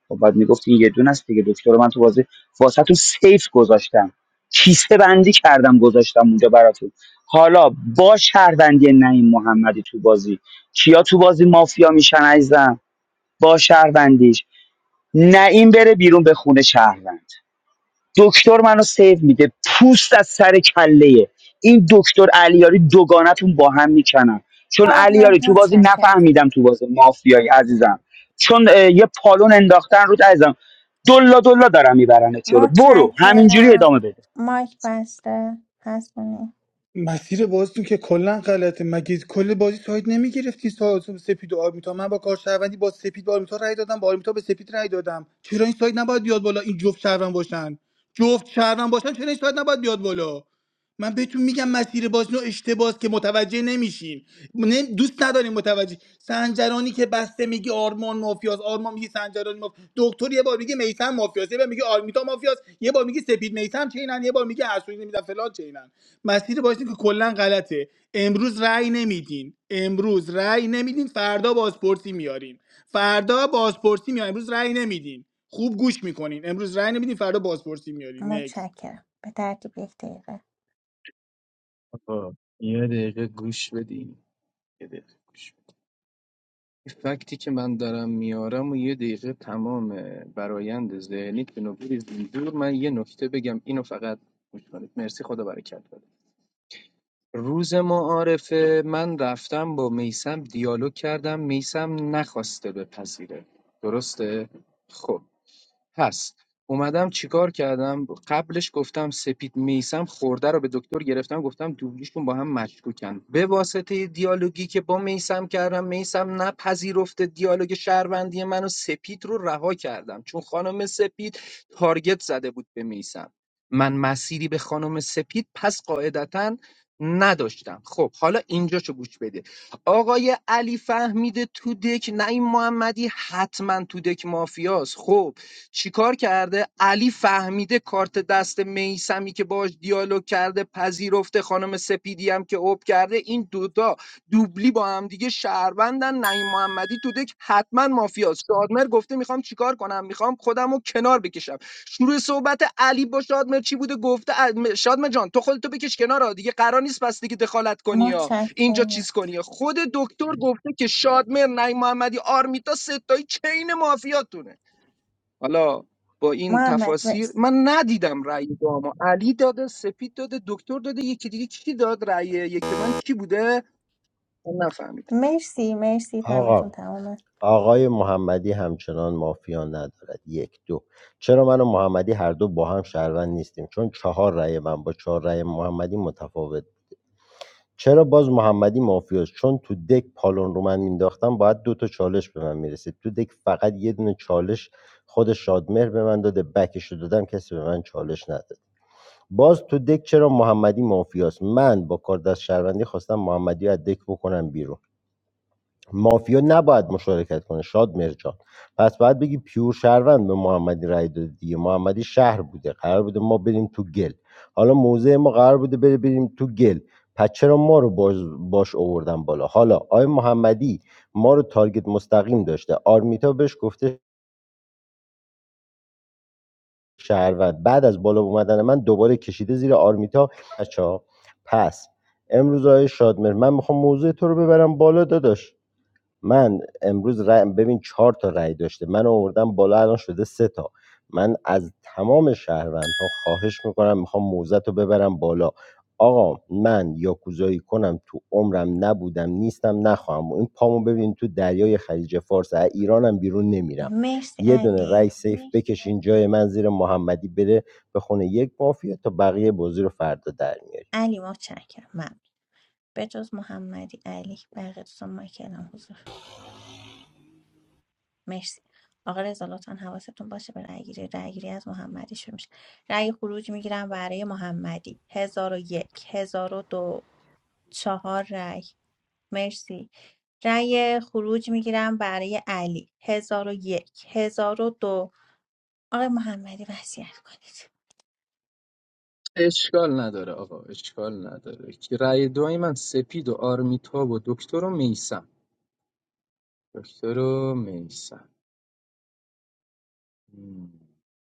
خب بعد میگفت این یه دونه است دیگه دکتر رو من تو بازی واسهتون سیف گذاشتم کیسه بندی کردم گذاشتم اونجا براتون حالا با شهروندی نعیم محمدی تو بازی کیا تو بازی مافیا میشن عزیزم با شهروندیش نعیم بره بیرون به خونه شهروند دکتر منو سیو میده پوست از سر کله این دکتر علیاری دوگانتون با هم میکنن چون شاد علیاری مهر تو بازی متشکرم نفهمیدم تو بازی مافیایی عزیزم چون اه، یه پالون انداختن رود عزیزم دلا دلا دارم میبرن جلو برو همینجوری متشکرم ادامه بده مایک بسته هستونی مسیر بازیتون که کلا غلطه مگه کل بازی ساید نمیگرفتی ساید سپید و آرمیتا من با کار شهروندی با سپید به آرمیتا رای دادم با آرمیتا به سپید رای دادم چرا این ساید نباید بیاد بالا این جفت شهروند باشن جفت شهروند باشن چرا این ساید نباید بیاد بالا من بهتون میگم مسیر بازنو اشتباس که متوجه نمیشین نه- دوست نداریم متوجه سنجرانی که بسته میگی آرمان مافیاس آرمان میگی سنجرانی مافیاس دکتر یه بار میگه میثم مافیاس یه بار میگه آرمیتا مافیاس یه بار میگه سپید میثم چینن یه بار میگه حسونی نمیدونم فلان چینن مسیر بازی که کلا غلطه امروز رأی نمیدین امروز رأی نمیدین فردا بازپرسی میارین فردا بازپرسی میارین امروز رأی نمیدین خوب گوش میکنین امروز رأی نمیدین فردا بازپرسی میارین نکس متشکرم به ترتیب یک دقیقه آقا یه دقیقه گوش بدیم یه دقیقه گوش بدیم این فکتی که من دارم میارم و یه دقیقه تمام برایند ذهنیت به نوبری زندور من یه نکته بگم اینو فقط گوش کنید مرسی خدا برکت بده روز معارفه من رفتم با میسم دیالوگ کردم میسم نخواسته بپذیره درسته؟ خب هست اومدم چیکار کردم قبلش گفتم سپید میسم خورده رو به دکتر گرفتم گفتم دوبلیشون با هم مشکوکن به واسطه دیالوگی که با میسم کردم میسم نپذیرفته دیالوگ شهروندی منو سپید رو رها کردم چون خانم سپید تارگت زده بود به میسم من مسیری به خانم سپید پس قاعدتا نداشتم خب حالا اینجاشو گوش بده آقای علی فهمیده تو دک نعیم محمدی حتما تو دک مافیاست خب چیکار کرده علی فهمیده کارت دست میسمی که باش دیالوگ کرده پذیرفته خانم سپیدی هم که اوب کرده این دوتا دوبلی با هم دیگه شهروندن نعیم محمدی تو دک حتما مافیاست شادمر گفته میخوام چیکار کنم میخوام خودم رو کنار بکشم شروع صحبت علی با شادمر چی بوده گفته ال- شادمر جان تو خودتو بکش کنار ها. دیگه قرار نیست پس دیگه دخالت کنی یا اینجا متشکرم چیز کنی ها. خود دکتر گفته که شادمر نعیم محمدی آرمیتا ستایی چین مافیاتونه حالا با این محمد تفاسیر مرسی من ندیدم رأی داما علی داده سپید داده دکتر داده یکی دیگه کی داد رأی یک من کی بوده من نفهمیدم مرسی مرسی آقا تایمتون تمامه آقای محمدی همچنان مافیا ندارد یک دو چرا من و محمدی هر دو با هم شهروند نیستیم چون چهار رأی من با چهار رأی محمدی متفاوت چرا باز محمدی مافیاست چون تو دک پالون رو من مینداختم باید دو تا چالش به من میرسید تو دک فقط یه دونه چالش خود شادمهر به من داده بکش رو دادم کسی به من چالش نداد باز تو دک چرا محمدی مافیاست من با کار دست شهروندی خواستم محمدی رو از دک بکنم بیرون مافیا نباید مشارکت کنه شاد مرجان پس باید بگی پیور شهروند به محمدی رای داده دیگه محمدی شهر بوده قرار بوده ما بریم تو گل حالا موضع ما قرار بوده بره بریم تو گل پس چرا ما رو باز باش آوردن بالا حالا آقای محمدی ما رو تارگت مستقیم داشته آرمیتا بهش گفته شهروند بعد از بالا اومدن من دوباره کشیده زیر آرمیتا بچه‌ها، پس امروز آقای شادمر من میخوام موضوع تو رو ببرم بالا داداش من امروز رأی ببین چهار تا رأی داشته من آوردم بالا الان شده سه تا من از تمام شهروندها خواهش میکنم میخوام موزت رو ببرم بالا آقا من یاکوزایی کنم تو عمرم نبودم نیستم نخواهم این پامو ببین تو دریای خلیج فارس از ایرانم بیرون نمیرم مرسی یه دونه رای علی سیف بکشین جای من زیر محمدی بره به خونه یک مافیا تا بقیه بازی رو فردا در علی متشکرم ممنون به جز محمدی علی بقیه دوستان مایک الان حضور مرسی آقا رضا لطفا حواستون باشه به رأی گیری رأی گیری از محمدی شروع میشه رای خروج میگیرم برای محمدی هزار و یک هزار و دو چهار رای مرسی رای خروج میگیرم برای علی هزار و یک هزار و دو آقای محمدی وصیت کنید اشکال نداره آقا اشکال نداره که رأی دوای من سپید و آرمیتا و دکتر و میسم دکتر و میسم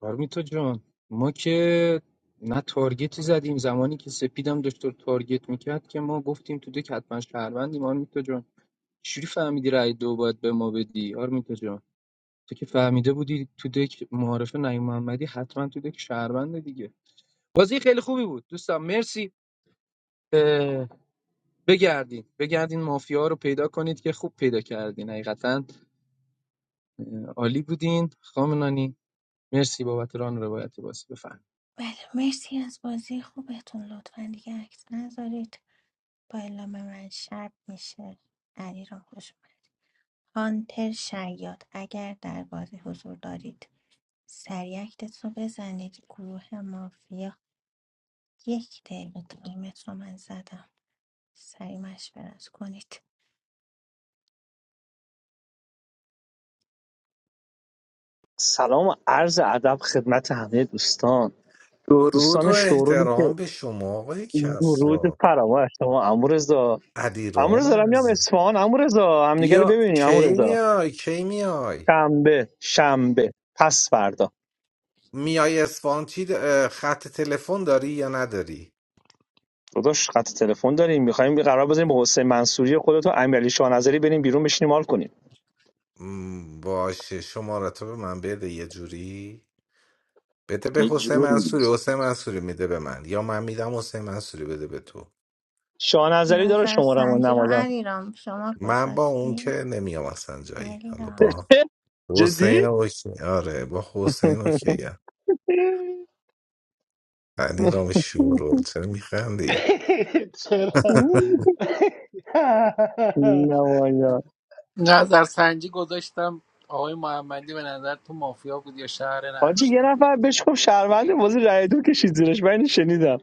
آرمیتا جان ما که نه تارگتی زدیم زمانی که سپیدم داشت رو تارگت میکرد که ما گفتیم تو دک حتما شهروندیم آرمیتا جان چجوری فهمیدی رأی دو باید به ما بدی آرمیتا جان تو که فهمیده بودی تو دک معارف نعیم محمدی حتما تو دک شهرونده دیگه بازی خیلی خوبی بود دوستان مرسی اه، بگردین بگردین مافیا رو پیدا کنید که خوب پیدا کردین حقیقتا عالی بودین مرسی با اون روایت بازی بفرمایید. بله مرسی از بازی خوبتون لطفا دیگه عکس نذارید با اعلام من شب میشه علی را خوش اومد. هانتر شیاد اگر در بازی حضور دارید سریع اکتتون رو بزنید گروه مافیا یک دقیقه ایمت رو من زدم سریع مشورت کنید سلام و عرض ادب خدمت همه دوستان درود و دوستان شورولی که احترام به شما آقای ورود کسرا فراوان شما امورزا امورزا علیرام دارم میام عزیز اصفهان امورزا همدیگه رو بیا ببینیم کی امورزا میای کی میای شنبه شنبه پس فردا میای اصفهان چی د- اه، خط تلفن داری یا نداری داداش خط تلفن داریم میخوایم قرار بزنیم با حسین منصوری خودت و امیرعلی شاهنظری بریم بیرون بشینیم حال کنیم م، باشه شماره تو به من بده یه جوری بده به یه حسین جوری منصوری حسین منصوری میده به من یا من میدم حسین منصوری بده به تو شاهنظری داره نظر شماره ما سنجی رو نمایان علیرام شما من با اون که گذاشتی؟ نمیام اصلا جایی حالا علیرام با حسین جدی اوکی آره با حسین اوکیه علی رام شورول چرا میخندی چرا نمایان نظرسنجی گذاشتم آقای محمدی به نظر تو مافیا بود یا شهر حاجی یه نشتا نفر بهش گفت شهرونده بازی رای دو کشید زیرش من اینو شنیدم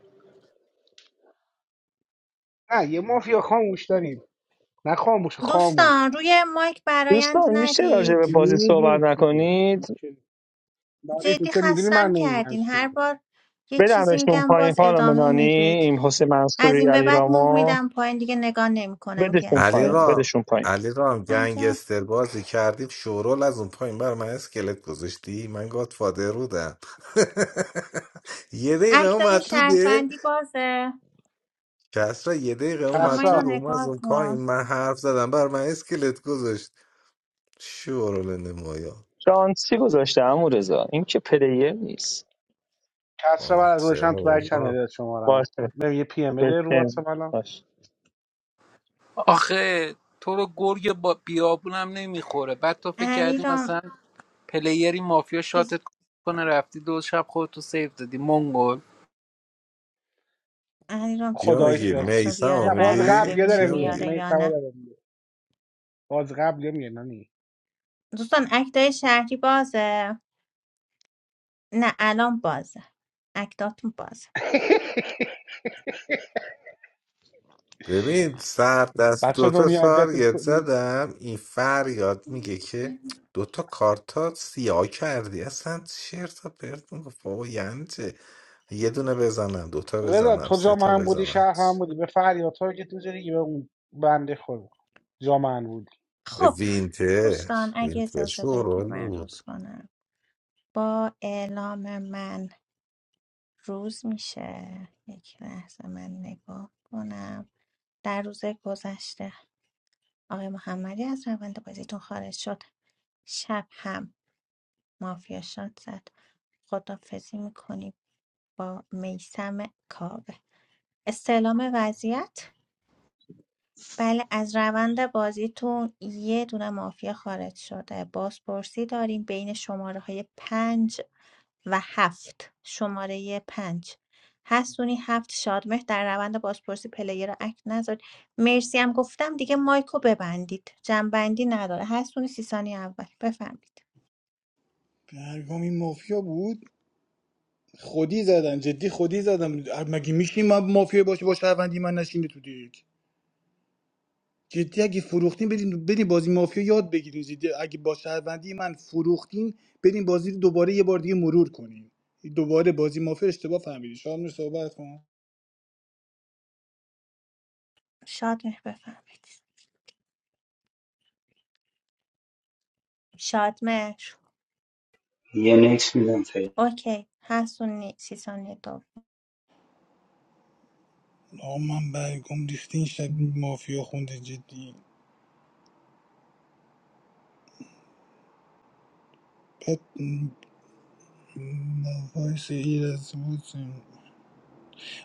نه یه مافیا خاموش داریم نه خاموش خاموش دوستان روی مایک برایند دوستان میشه راجع ندید به بازی نمیگیم صحبت کی نکنید میشه- داری تو جدی چه میدونی من خستم نمیگم کردین هر کی بار یه چیزی بدمشون میگم پایین باز خانم ادامه نانی میدید این حسین از منصوری این به علی بعد موو رامو میدم پایین دیگه نگاه نمیکنم که بدشون علی پایین هستینا رام بدشون پایین علی رام عجب گنگستر بازی کردی شورول از اون پایین بر من اسکلت گذاشتی من گاد فادر بودم یه دقیقه اکتای اومد تو ده شهروندی بازه کسرا یه دقیقه شما اومد تو اینو کسرا روم از نگاه اون پایین کن من حرف زدم بر من اسکلت گذاشت شورول نمایا شانسی گذاشته امو رضا این که پلیر نیست کسرا آه بعد از چرا گذاشتن تو بک چنل بابا داد شمارمو باشه بهم یه پی ام بده رو بپن واتساپ الان باش آخه تو رو گرگ با بیابونم نمیخوره بعد تو فکر کردی انیرام مثلا پلیری مافیا چیز شاتت کنه رفتی دو شب خودتو سیف دادی منگل انیرام چی کیا گفتی خداییش که میگی کس رو راستی بیاره میسم نه باز برات میگی قبل یه ببینیم داره کیا میگه میگی میاره می یا سوا نه داره میگه باز قبل یه میگه نانی دوستان اکتای شهری بازه نه الان بازه اکتاتون بازه ببین سر دست بچه دوتا دنیا اذیتت تارگت کنی زدم این فریاد میگه که دوتا کارتا سیاه کردی اصلا چرت و پرت میگفت بابا یعنی چه؟ یه دونه بزنم دوتا رضا بزنم تو سه جامعه تا هم بودی بزنم شهر هم بودی به فریاد تارگت میزدی که به اون بنده خدا جامعه هم بودی خب وینتر دوستان اگه وینتر اجازه بدید شورول من بود روز کنم با اعلام من روز میشه یک لحظه من نگاه کنم در روز گذشته آقای محمدی از روند بازیتون خارج شد شب هم مافیا شاد زد خدافزی میکنیم با میسم کاوه استعلام وضعیت بله از روند بازیتون یه دونه مافیا خارج شده بازپرسی داریم بین شماره های پنج و هفت شماره پنج هستونی هفت شادمهر در روند بازپرسی پلیر رو اکت نذارید مرسی هم گفتم دیگه مایکو ببندید جنبندی نداره هستونی سی ثانی اول بفهمید برگام این مافیا بود خودی زدن جدی خودی زدن مگه میشیم ما مافیا باشه با شهروندی من نشینه تو دیگ جدی اگه فروختین بریم بریم بازی مافیا یاد بگیریم جدی اگه با شهروندی من فروختین بریم بازی رو دوباره یه بار دیگه مرور کنیم دوباره بازی مافیا اشتباه فهمیدی شامل صحبت کن شادمهر بفهمید شادمهر یه نکس میدم فعلا اوکی هستونی سی ثانی دوم آه من برگم ریختین شب مافیا خونده جدی بعد وایس ایرز بود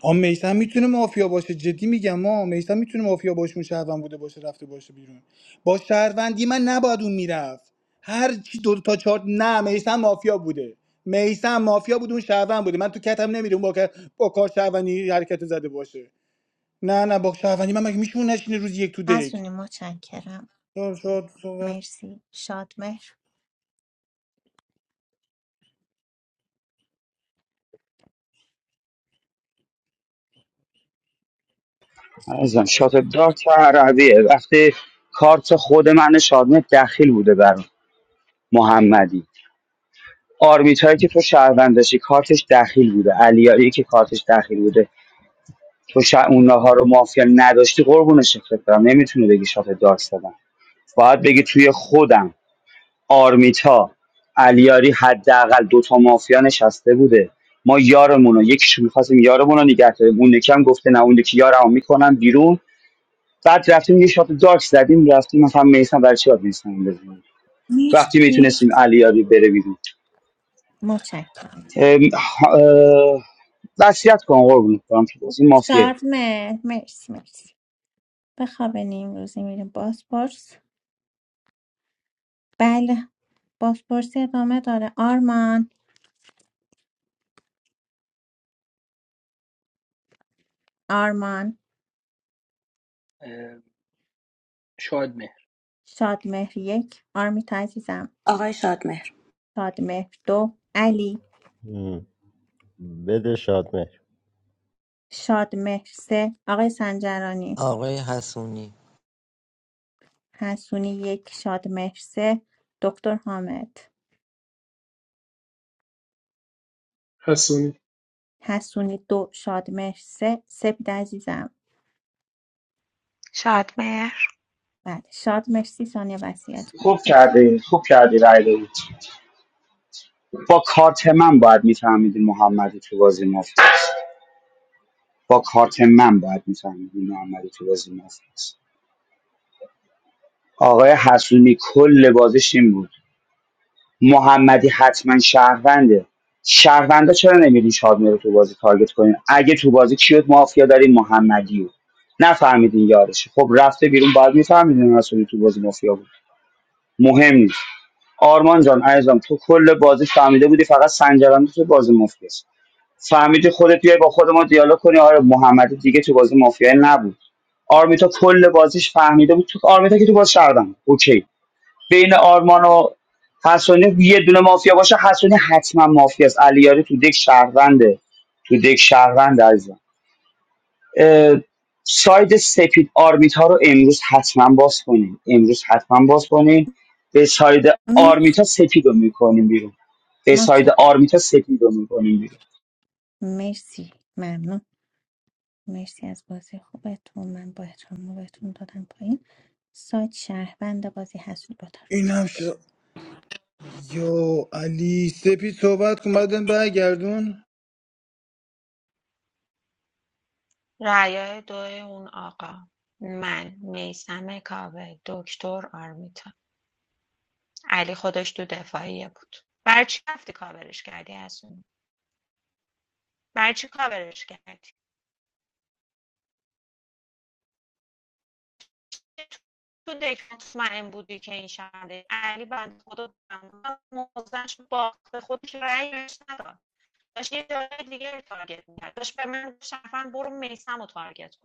آ میثم میتونه مافیا باشه جدی میگم ما میثم میتونه مافیا باشون شهروند بوده باشه رفته باشه بیرون با شهروندی من نباید اون میرفت هر چی دو تا چهار نه میثم مافیا بوده میثم مافیا بود اون شهروند بوده من تو کتم نمیره اون با کار با کار شهروندی حرکت زده باشه نه نه با شهروندی من مگه میشه اون نشینه روز یک تو دک هستونی متشکرم شاد شاد صحبت مرسی شادمهر عزیزم شات دارت عربیه وقتی کارت خود من شادمه دخیل بوده بر محمدی آرمیت هایی که تو شهروندشی کارتش دخیل بوده علیاری که کارتش دخیل بوده تو شا... اونها رو مافیا نداشتی قربون شکلت برم نمیتونی بگی شات دارک زدم باید بگی توی خودم آرمیتا علیاری حداقل دوتا مافیا نشسته بوده ما یارمون رو یکیشو میخواستیم یارمون رو نگه داریم اون یکی هم گفته نه اون یکی یارمو میکنم بیرون بعد رفتیم یه شات دارک زدیم رفتیم مثلا میسن برای چی باید میسن بزنیم وقتی مرسی میتونستیم علیاری بره بیرون متشکرم ام، ها- اه، وصیت کن قربونت برم که بازی مافیه ساعت مه مرسی مرسی بخوابین این روزی میریم بازپرس بله بازپرسی ادامه داره آرمان آرمان شادمهر یک آرمیتا عزیزم آقای شادمهر شادمهر دو علی میاری بده شاد شادمهر سه آقای سنجرانی آقای حسونی حسونی یک شادمهر سه دکتر حامد حسونی حسونی دو شادمهر سه سپید عزیزم شادمهر بله شادمهر سی ثانیه وصیت کنید خوب کردی خوب کردی رای دادی با کارت من باید میفهمیدین محمدی تو بازی مافت با کارت من باید میفهمیدین محمدی تو بازی مافت است آقای حسونی کل بازش این بود محمدی حتما شهرونده شهروندا چرا نمیرین شادمه رو تو بازی تارگت کنین اگه تو بازی کیوت مافیا دارین محمدی رو نفهمیدین یارش خب رفته بیرون باید میفهمیدین حسونی تو بازی مافیا بود مهم نیست آرمان جان عزیزم تو کل بازی فهمیده بودی فقط سنجرانی تو بازی مافیاست فهمیدی خودت بیای با خود ما دیالوگ کنی آره محمدی دیگه تو بازی مافیا نبود آرمیتا کل بازیش فهمیده بود تو آرمیتا که تو باز شردم اوکی بین آرمان و حسونی یه دونه مافیا باشه حسونی حتما مافیا است علیاری تو دک شهرونده تو دک شهرونده عزیزم اه، ساید سپید آرمیتا رو امروز حتما باز کنیم امروز حتما باز کنیم به ساید بفرمایید. آرمیتا سپید رو میکنیم بیرون به متشکرم ساید آرمیتا سپید رو میکنیم بیرون مرسی ممنون مرسی از بازی خوبتون من با احترام رو بهتون دادم پایین سایت شهروند بازی هستید با طرف اینم چالش شد یا علی سپید صحبت کن بعدن برگردون رأیای دو اون آقا من میسم کاوه دکتر آرمیتا علی خودش تو دفاعیه بود برای چی رفتی کاورش کردی از اون برای چی کاورش کردی تو دک مطمئن بودی که این شرده علی بند خدا موزش باخت خودش رأی بهش نداد داشت یه جای دیگه رو تارگت میکرد داشت به من گفت شرفن برو میسم رو تارگت کن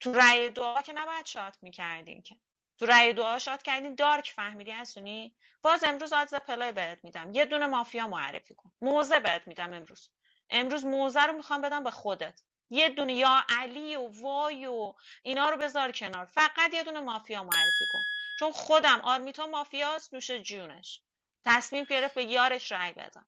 تو رأی دعا که نباید شات میکردین که تو رأی دعا شات کردین دارک فهمیدی هستونی باز امروز آدز پلای بهت میدم یه دونه مافیا معرفی کن موزه بهت میدم امروز امروز موزه رو میخوام بدم به خودت یه دونه یا علی و وای و اینا رو بذار کنار فقط یه دونه مافیا معرفی کن چون خودم آرمیتا مافیاست نوش جونش تصمیم گرفت به یارش رأی بده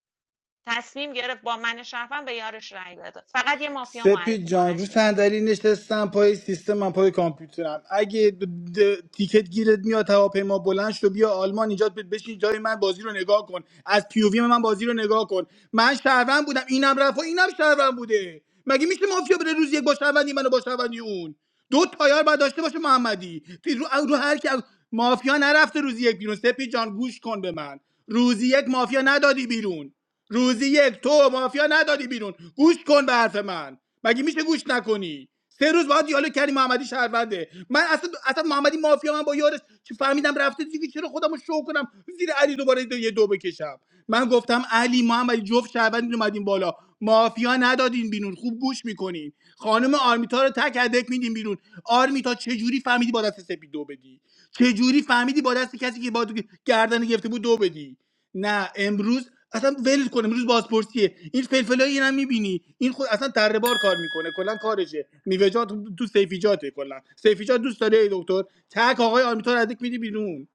تصمیم گرفت با من شرفم به یارش رأی بده فقط یه مافیا سپید معرفی کن جان رو هست. صندلی نشستم پای سیستم من پای کامپیوترم اگه د- د- تیکت گیرت میاد هواپیما بلند شو بیا آلمان اینجا ب- بشین جای من بازی رو نگاه کن از پیووی من بازی رو نگاه کن من شهروند بودم اینم رفت و اینم شهروند بوده مگه میشه مافیا بره روز یک با شهروندی منو با شهروندی اون دو تایار باید داشته باشه محمدی تو- رو, رو هر کی مافیا نرفته روزی یک بیرون سپید جان گوش کن به من روزی یک مافیا ندادی بیرون روزی یک تو مافیا ندادی بیرون گوش کن به حرف من مگه میشه گوش نکنی سه روز باید دیالوگ کردی محمدی شهرونده من اصلا اصلا محمدی مافیا من با یارش چه فهمیدم رفته دیگه چرا خودمو شو کنم زیر علی دوباره دو یه دو بکشم من گفتم علی محمدی جفت شهروند اومدین بالا مافیا ندادین بیرون خوب گوش میکنین خانم آرمیتا رو تک هدک میدین بیرون آرمیتا چه جوری فهمیدی با دست سپید دو بدی چه جوری فهمیدی با دست کسی که با تو گردن گرفته بود دو بدی نه امروز اصلا ول کن امروز بازپرسیه این فلفلای این هم میبینی این خود اصلا تره بار کار میکنه کلا کارشه میوه‌جات تو سیفیجاته کلا سیفیجات دوست داره ای دکتر تک آقای آرمیتا رو ردک میدی بیرون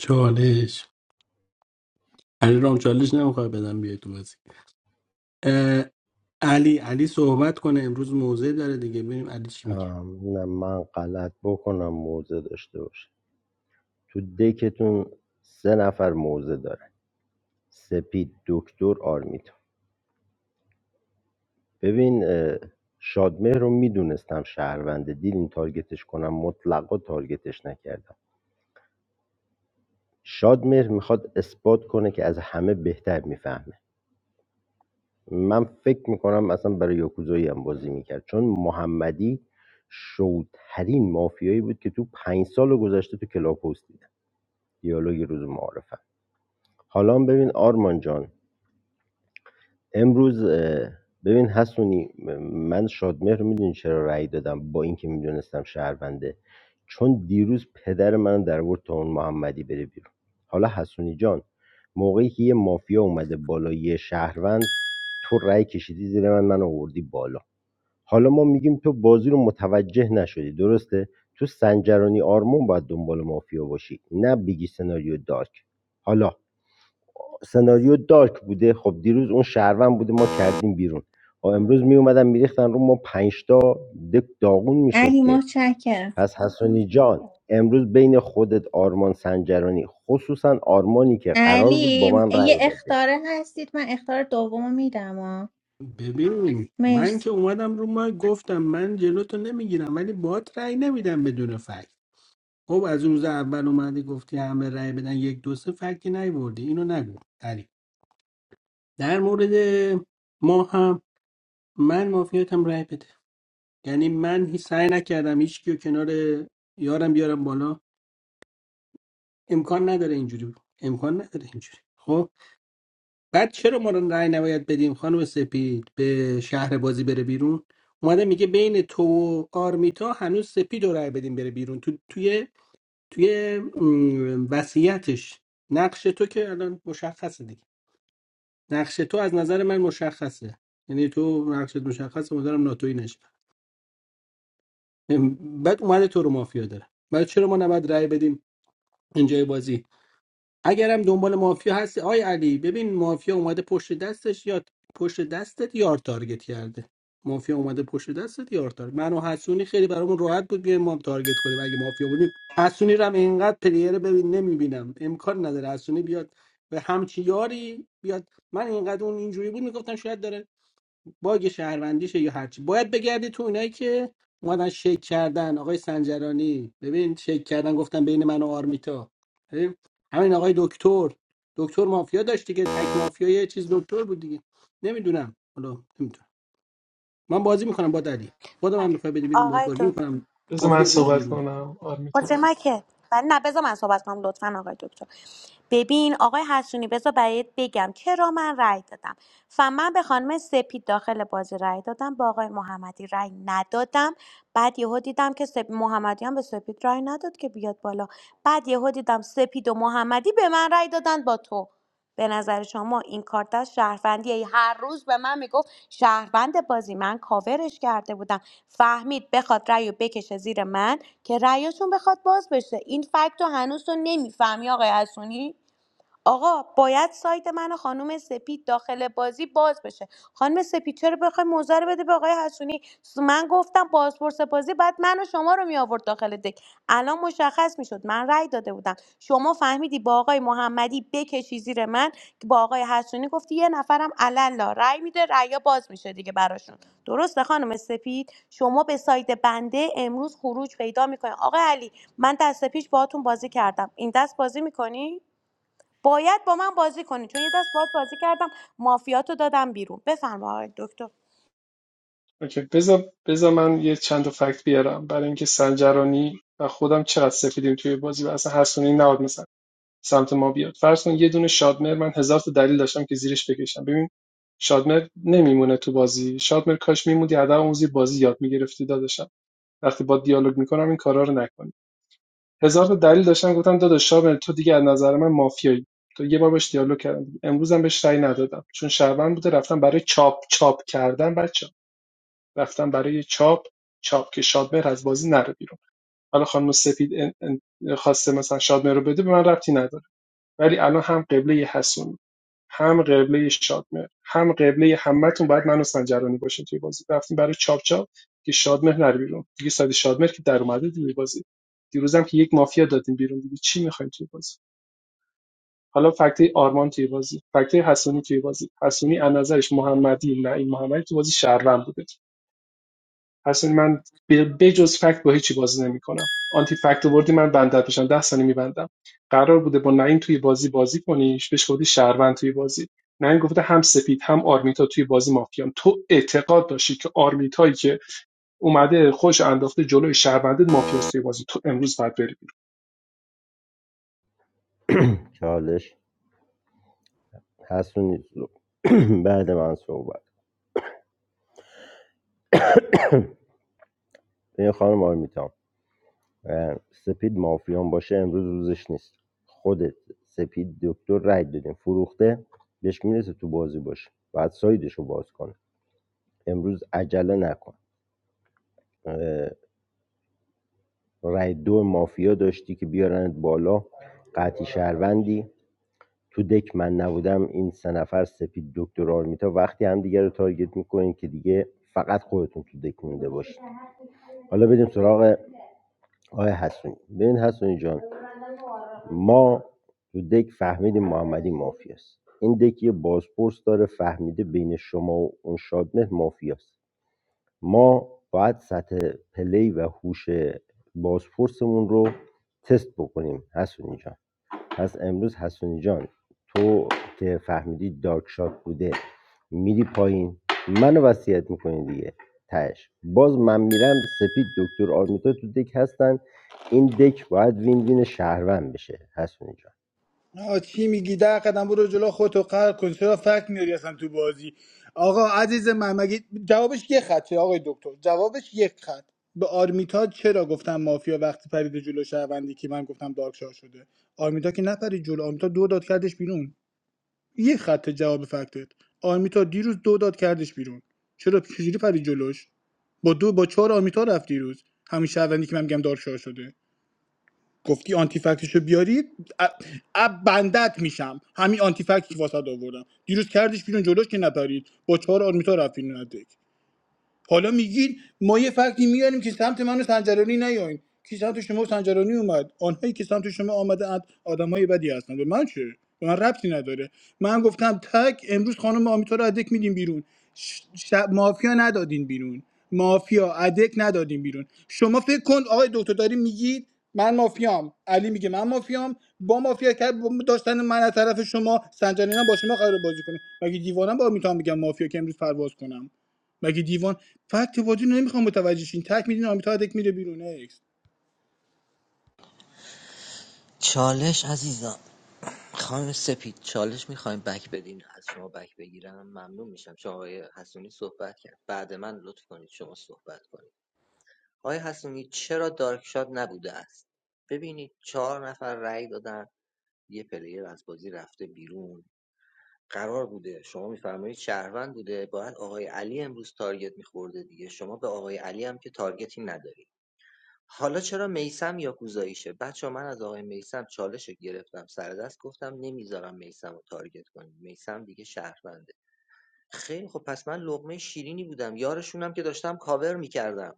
چالش علی رام چالش نمیخوای بدم بیای تو بازی اه، علی علی صحبت کنه امروز موضع داره دیگه ببینیم علی چی میگه ام، نه من غلط بکنم موزه داشته باشه تو دکتون سه نفر موزه دارن سپید دکتر آرمیتا ببین اه، شادمهر رو میدونستم شهرونده دیدین تارگتش کنم مطلقا تارگتش نکردم شادمهر میخواد اثبات کنه که از همه بهتر میفهمه من فکر میکنم اصلا برای یاکوزایی هم بازی میکرد چون محمدی شوترین مافیایی بود که تو پنج سال گذشته تو کلاپوس دیدم دیالوگ روز معارف حالا ببین آرمان جان امروز اه، ببین حسونی م- من شادمهر رو میدونی چرا رأی دادم با اینکه میدونستم شهرونده چون دیروز پدر من در آورد تا اون محمدی بره بیرون حالا حسونی جان موقعی که یه مافیا اومده بالا یه شهروند تو رأی کشیدی زیر من من آوردی بالا حالا ما میگیم تو بازی رو متوجه نشدی درسته تو سنجرانی آرمان باید دنبال مافیا باشی نه بگی سناریو دارک حالا سناریو دارک بوده خب دیروز اون شهروند بوده ما کردیم بیرون خب امروز می اومدن میریختن رو ما پنج تا دک داغون میشد علی که متشکرم پس حسونی جان امروز بین خودت آرمان سنجرانی خصوصا آرمانی که قرار بود با علی م- من یه رأی بده اختاره هستید من اختار دوم میدم آه. ببین من مرسی که اومدم رو ما گفتم من جلو نمیگیرم ولی باهات رأی نمیدم بدون فکت خب از اون روز اول اومدی گفتی همه رأی بدن یک دو سه فکتی نیوردی اینو نگو علی در مورد ما هم من مافیاتم رأی بده یعنی من هیچ سعی نکردم هیچ کیو کنار یارم بیارم بالا امکان نداره اینجوری امکان نداره اینجوری خب بعد چرا ما رو رأی نباید بدیم خانم سپید به شهر بازی بره بیرون اومده میگه بین تو و آرمیتا هنوز سپید رو رأی بدیم بره بیرون تو توی توی م، وصیتش نقش تو که الان مشخصه دیگه نقش تو از نظر من مشخصه یعنی تو نقشت مشخصه مدارم ناتوی نشه م، بعد اومده تو رو مافیا داره بعد چرا ما نباید رأی بدیم اینجای بازی اگرم دنبال مافیا هستی آی علی ببین مافیا اومده پشت دستش یا پشت دستت یار تارگت کرده مافیا اومده پشت دستت یار تارگت من و حسونی خیلی برامون راحت بود بیایم ما هم تارگت کنیم اگه مافیا بودیم حسونی رو هم اینقدر پلیر ببین نمیبینم امکان نداره حسونی بیاد به همچی یاری بیاد من اینقدر اون اینجوری بود میگفتم شاید داره باگ شهروندیشه یا هرچی باید بگردی تو اونایی که اومدن شک کردن آقای سنجرانی ببین شک کردن گفتن بین من و آرمیتا ببین، همین آقای دکتر دکتر مافیا داشت دیگه تک مافیا یه چیز دکتر بود دیگه نمیدونم حالا نمیدونم من بازی میکنم با دلی خودم هم میخوای بدی بیرون باید آقای بازی دکتر میکنم بذار من مافیا دادی صحبت بیرون دیگه. کنم آرمیتا خاطر من که ولی نه بذار من صحبت کنم لطفا آقای دکتر ببین آقای حسونی بذار برایت بگم چرا من رأی دادم و به خانم سپید داخل بازی رأی دادم با آقای محمدی رأی ندادم بعد یهو دیدم که سپ... محمدی هم به سپید رأی نداد که بیاد بالا بعد یهو دیدم سپید و محمدی به من رأی دادن با تو به نظر شما این کارت از شهروندیه هر روز به من میگفت شهروند بازی من کاورش کرده بودم فهمید بخواد رأی و بکشه زیر من که رأیشون بخواد باز بشه این فکت رو هنوز تو نمیفهمی آقای حسونی آقا باید سایت من و خانم سپید داخل بازی باز بشه خانم سپید چرا بخوای موزه رو بده به آقای حسونی من گفتم بازپرس بازی بعد من و شما رو می آورد داخل دک الان مشخص میشد من رأی داده بودم شما فهمیدی با آقای محمدی بکشی زیر من که با آقای حسونی گفتی یه نفرم علالا رأی میده رأیا باز میشه دیگه براشون درسته خانم سپید شما به سایت بنده امروز خروج پیدا میکنید آقای علی من دست پیش باهاتون بازی کردم این دست بازی میکنی باید با من بازی کنی چون یه دست باهات بازی کردم مافیاتو دادم بیرون بفرما آقای دکتر اوکی بذار بذار من یه چند تا فکت بیارم برای اینکه سنجرانی و خودم چقدر سفیدیم توی بازی و اصلا حسونی نباید مثلا سمت ما بیاد فرض کن یه دونه شادمر من هزار تا دلیل داشتم که زیرش بکشم ببین شادمر نمیمونه تو بازی شادمر کاش میموندی ادب آموزی بازی یاد میگرفتی داداشم وقتی با دیالوگ میکنم این کارا رو نکنی هزار تا دلیل داشتم گفتم داداش شادمر تو دیگه از نظر من مافیایی تو یه بار باش دیالوگ کردم امروزم بهش رأی ندادم چون شهروند بوده رفتم برای چاپ چاپ کردن بعد رفتن برای چاپ چاپ که شادمهر از بازی نره بیرون حالا خانم سپید ان- ان- خواسته مثلا شادمهر رو بده به من ربطی نداره ولی الان هم قبله حسون هم قبله شادمهر هم قبله همتون باید منو سنجرانی باشه توی بازی رفتیم برای چاپ چاپ که شادمهر نره بیرون دیگه ساید شادمهر که در اومده توی بازی دیروزم که یک مافیا دادیم بیرون دیگه چی میخوایم توی بازی حالا فکته آرمان توی بازی فکته حسونی توی بازی حسونی از نظرش محمدی نه این محمدی توی بازی شهروند بوده اصلا من به جز فکت با هیچی بازی نمیکنم آنتی فکت آوردی من بنده بشم ده ثانیه میبندم قرار بوده با نعیم توی بازی بازی کنیش بهش گفتی شهروند توی بازی نعیم گفته هم سپید هم آرمیتا توی بازی مافیان تو اعتقاد داشتی که آرمیتایی که اومده خوش انداخته جلوی شهرونده مافیاست توی بازی تو امروز باید بری چالش حسونی بعد من صحبت این خانم آرمیتام سپید مافیان باشه امروز روزش نیست خودت سپید دکتر رای دادیم فروخته بهش میرسه تو بازی باشه بعد سایدش رو باز کنه امروز عجله نکن اه، رای دو مافیا داشتی که بیارند بالا قطعی شهروندی تو دک من نبودم این سه نفر سپید دکتر آرمیتا وقتی هم دیگه رو تارگت میکنین که دیگه فقط خودتون تو دک مونده باشید حالا بریم سراغ آقای حسونی ببین حسونی جان ما تو دک فهمیدیم محمدی مافیاست این دک یه بازپرس داره فهمیده بین شما و اون شادمه مافیاست ما باید سطح پلی و هوش بازپرسمون رو تست بکنیم حسونی جان پس امروز حسونی جان تو که فهمیدی دارک شات بوده میری پایین منو وصیت میکنی دیگه تهش باز من میرم سپید دکتر آرمیتا تو دک هستن این دک باید وین وین شهروند بشه حسونی جان آه چی میگی ده قدم برو جلو خودتو قهر کن چرا فکر میاری اصلا تو بازی آقا عزیز من مگه جوابش یه خطه آقای دکتر جوابش یک خط به آرمیتا چرا گفتم مافیا وقتی پرید جلو شهروندی که من گفتم دارکشار شده آرمیتا که نپرید جلو آرمیتا دو داد کردش بیرون یه خط جواب فکتت آرمیتا دیروز دو داد کردش بیرون چرا چجوری پری جلوش با دو با چهار آرمیتا رفت دیروز همین شهروندی که من میگم دارشار شده گفتی آنتی فکتشو بیارید. ا- اب بندت میشم همین آنتی فکتی که واسه آوردم دیروز کردش بیرون جلوش که نپرید با چهار آرمیتا رفت بیرون حالا میگین ما یه فکتی میاریم که سمت من و سنجرانی نیاین کی سمت شما و سنجرانی اومد آنهایی که سمت شما آمده اند آدمای بدی هستند به من چه به من ربطی نداره من گفتم تک امروز خانم آمیتا رو ادک میدیم بیرون ش... ش... مافیا ندادین بیرون مافیا ادک ندادین بیرون شما فکر کن آقای دکتر داری میگید من مافیام علی میگه من مافیام با مافیا کرد با داشتن من از طرف شما سنجرانی هم با شما قرار بازی کنه مگه دیوانم با آمیتا میگم مافیا که امروز پرواز کنم مگه دیوان فکت بازی رو نمیخوام متوجه شین تک میدین آمیتا دک میره بیرون اکس چالش عزیزم خانم سپید چالش میخوایم بک بدین از شما بک بگیرم ممنون میشم چون آقای حسونی صحبت کرد بعد من لطف کنید شما صحبت کنید آقای حسونی چرا دارک شات نبوده است ببینید چهار نفر رأی دادن یه پلیر از بازی رفته بیرون قرار بوده شما میفرمایید شهروند بوده باید آقای علی امروز تارگت میخورده دیگه شما به آقای علی هم که تارگتی ندارید حالا چرا میسم یا کوزاییشه بچه من از آقای میسم چالش گرفتم سر دست گفتم نمیذارم میسم رو تارگت کنیم میسم دیگه شهرونده خیلی خب پس من لقمه شیرینی بودم یارشونم که داشتم کاور میکردم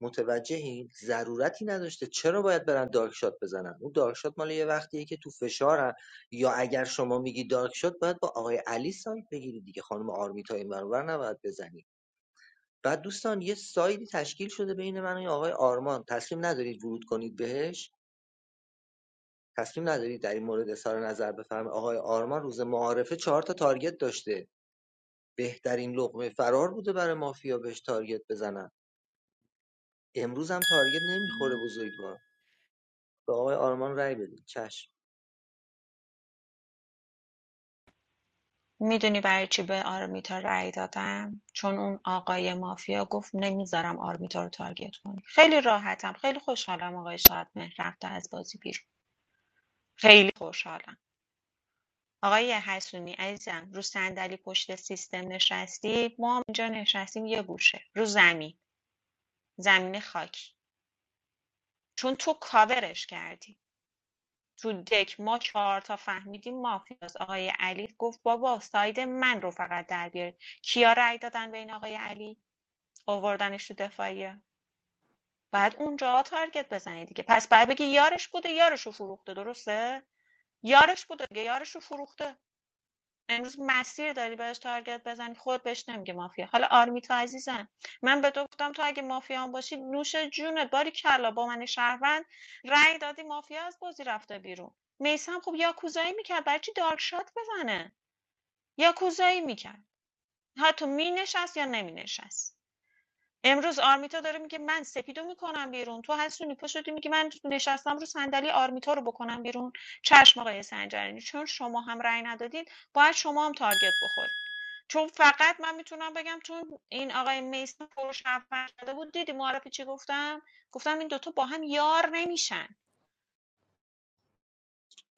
متوجهی ضرورتی نداشته چرا باید برن دارک شات بزنن اون دارک شات مال یه وقتیه که تو فشارن یا اگر شما میگی دارک شات باید با آقای علی سایت بگیری دیگه خانم آرمیتا این برابر نباید بزنی بعد دوستان یه سایدی تشکیل شده بین من و آقای آرمان تسلیم ندارید ورود کنید بهش تسلیم ندارید در این مورد اظهار نظر بفرمایید آقای آرمان روز معارفه چهار تا تارگت داشته بهترین لقمه فرار بوده برای مافیا بهش تارگت بزنن امروز هم تارگت نمیخوره بزرگوار به آقای آرمان رای بدید چشم میدونی برای چی به آرمیتا رأی دادم چون اون آقای مافیا گفت نمیذارم آرمیتا رو تارگت کنی خیلی راحتم خیلی خوشحالم آقای شادمهر رفته از بازی بیرون خیلی خوشحالم آقای حسونی عزیزم رو صندلی پشت سیستم نشستی ما هم اینجا نشستیم یه گوشه رو زمین زمین خاکی چون تو کاورش کردی تو دک ما چهار تا فهمیدیم مافیاس آقای علی گفت بابا ساید من رو فقط در بیارید کیا رأی دادن به این آقای علی آوردنش تو دفاعیه بعد اونجا تارگت بزنی دیگه پس بعد بگی یارش بوده یارشو فروخته درسته یارش بوده دیگه یارشو فروخته امروز مسیر داری بهش تارگت بزنی خود بهش نمیگه مافیا حالا آرمیتا عزیزم من به تو گفتم تو اگه مافیا هم باشی نوش جونت باری کلا با من شهروند رأی دادی مافیا از بازی رفته بیرون میسم خب یاکوزایی میکرد برای چی دارک شات بزنه یاکوزایی میکرد حتی مینشست یا نمینشست امروز آرمیتا داره میگه من سپیدو میکنم بیرون تو هستونی پا شدی میگه من نشستم رو صندلی آرمیتا رو بکنم بیرون چشم آقای سنجرانی چون شما هم رأی ندادید باید شما هم تارگت بخورید چون فقط من میتونم بگم چون این آقای میسن فروش کرده بود دیدی معرفی چی گفتم گفتم این دوتا با هم یار نمیشن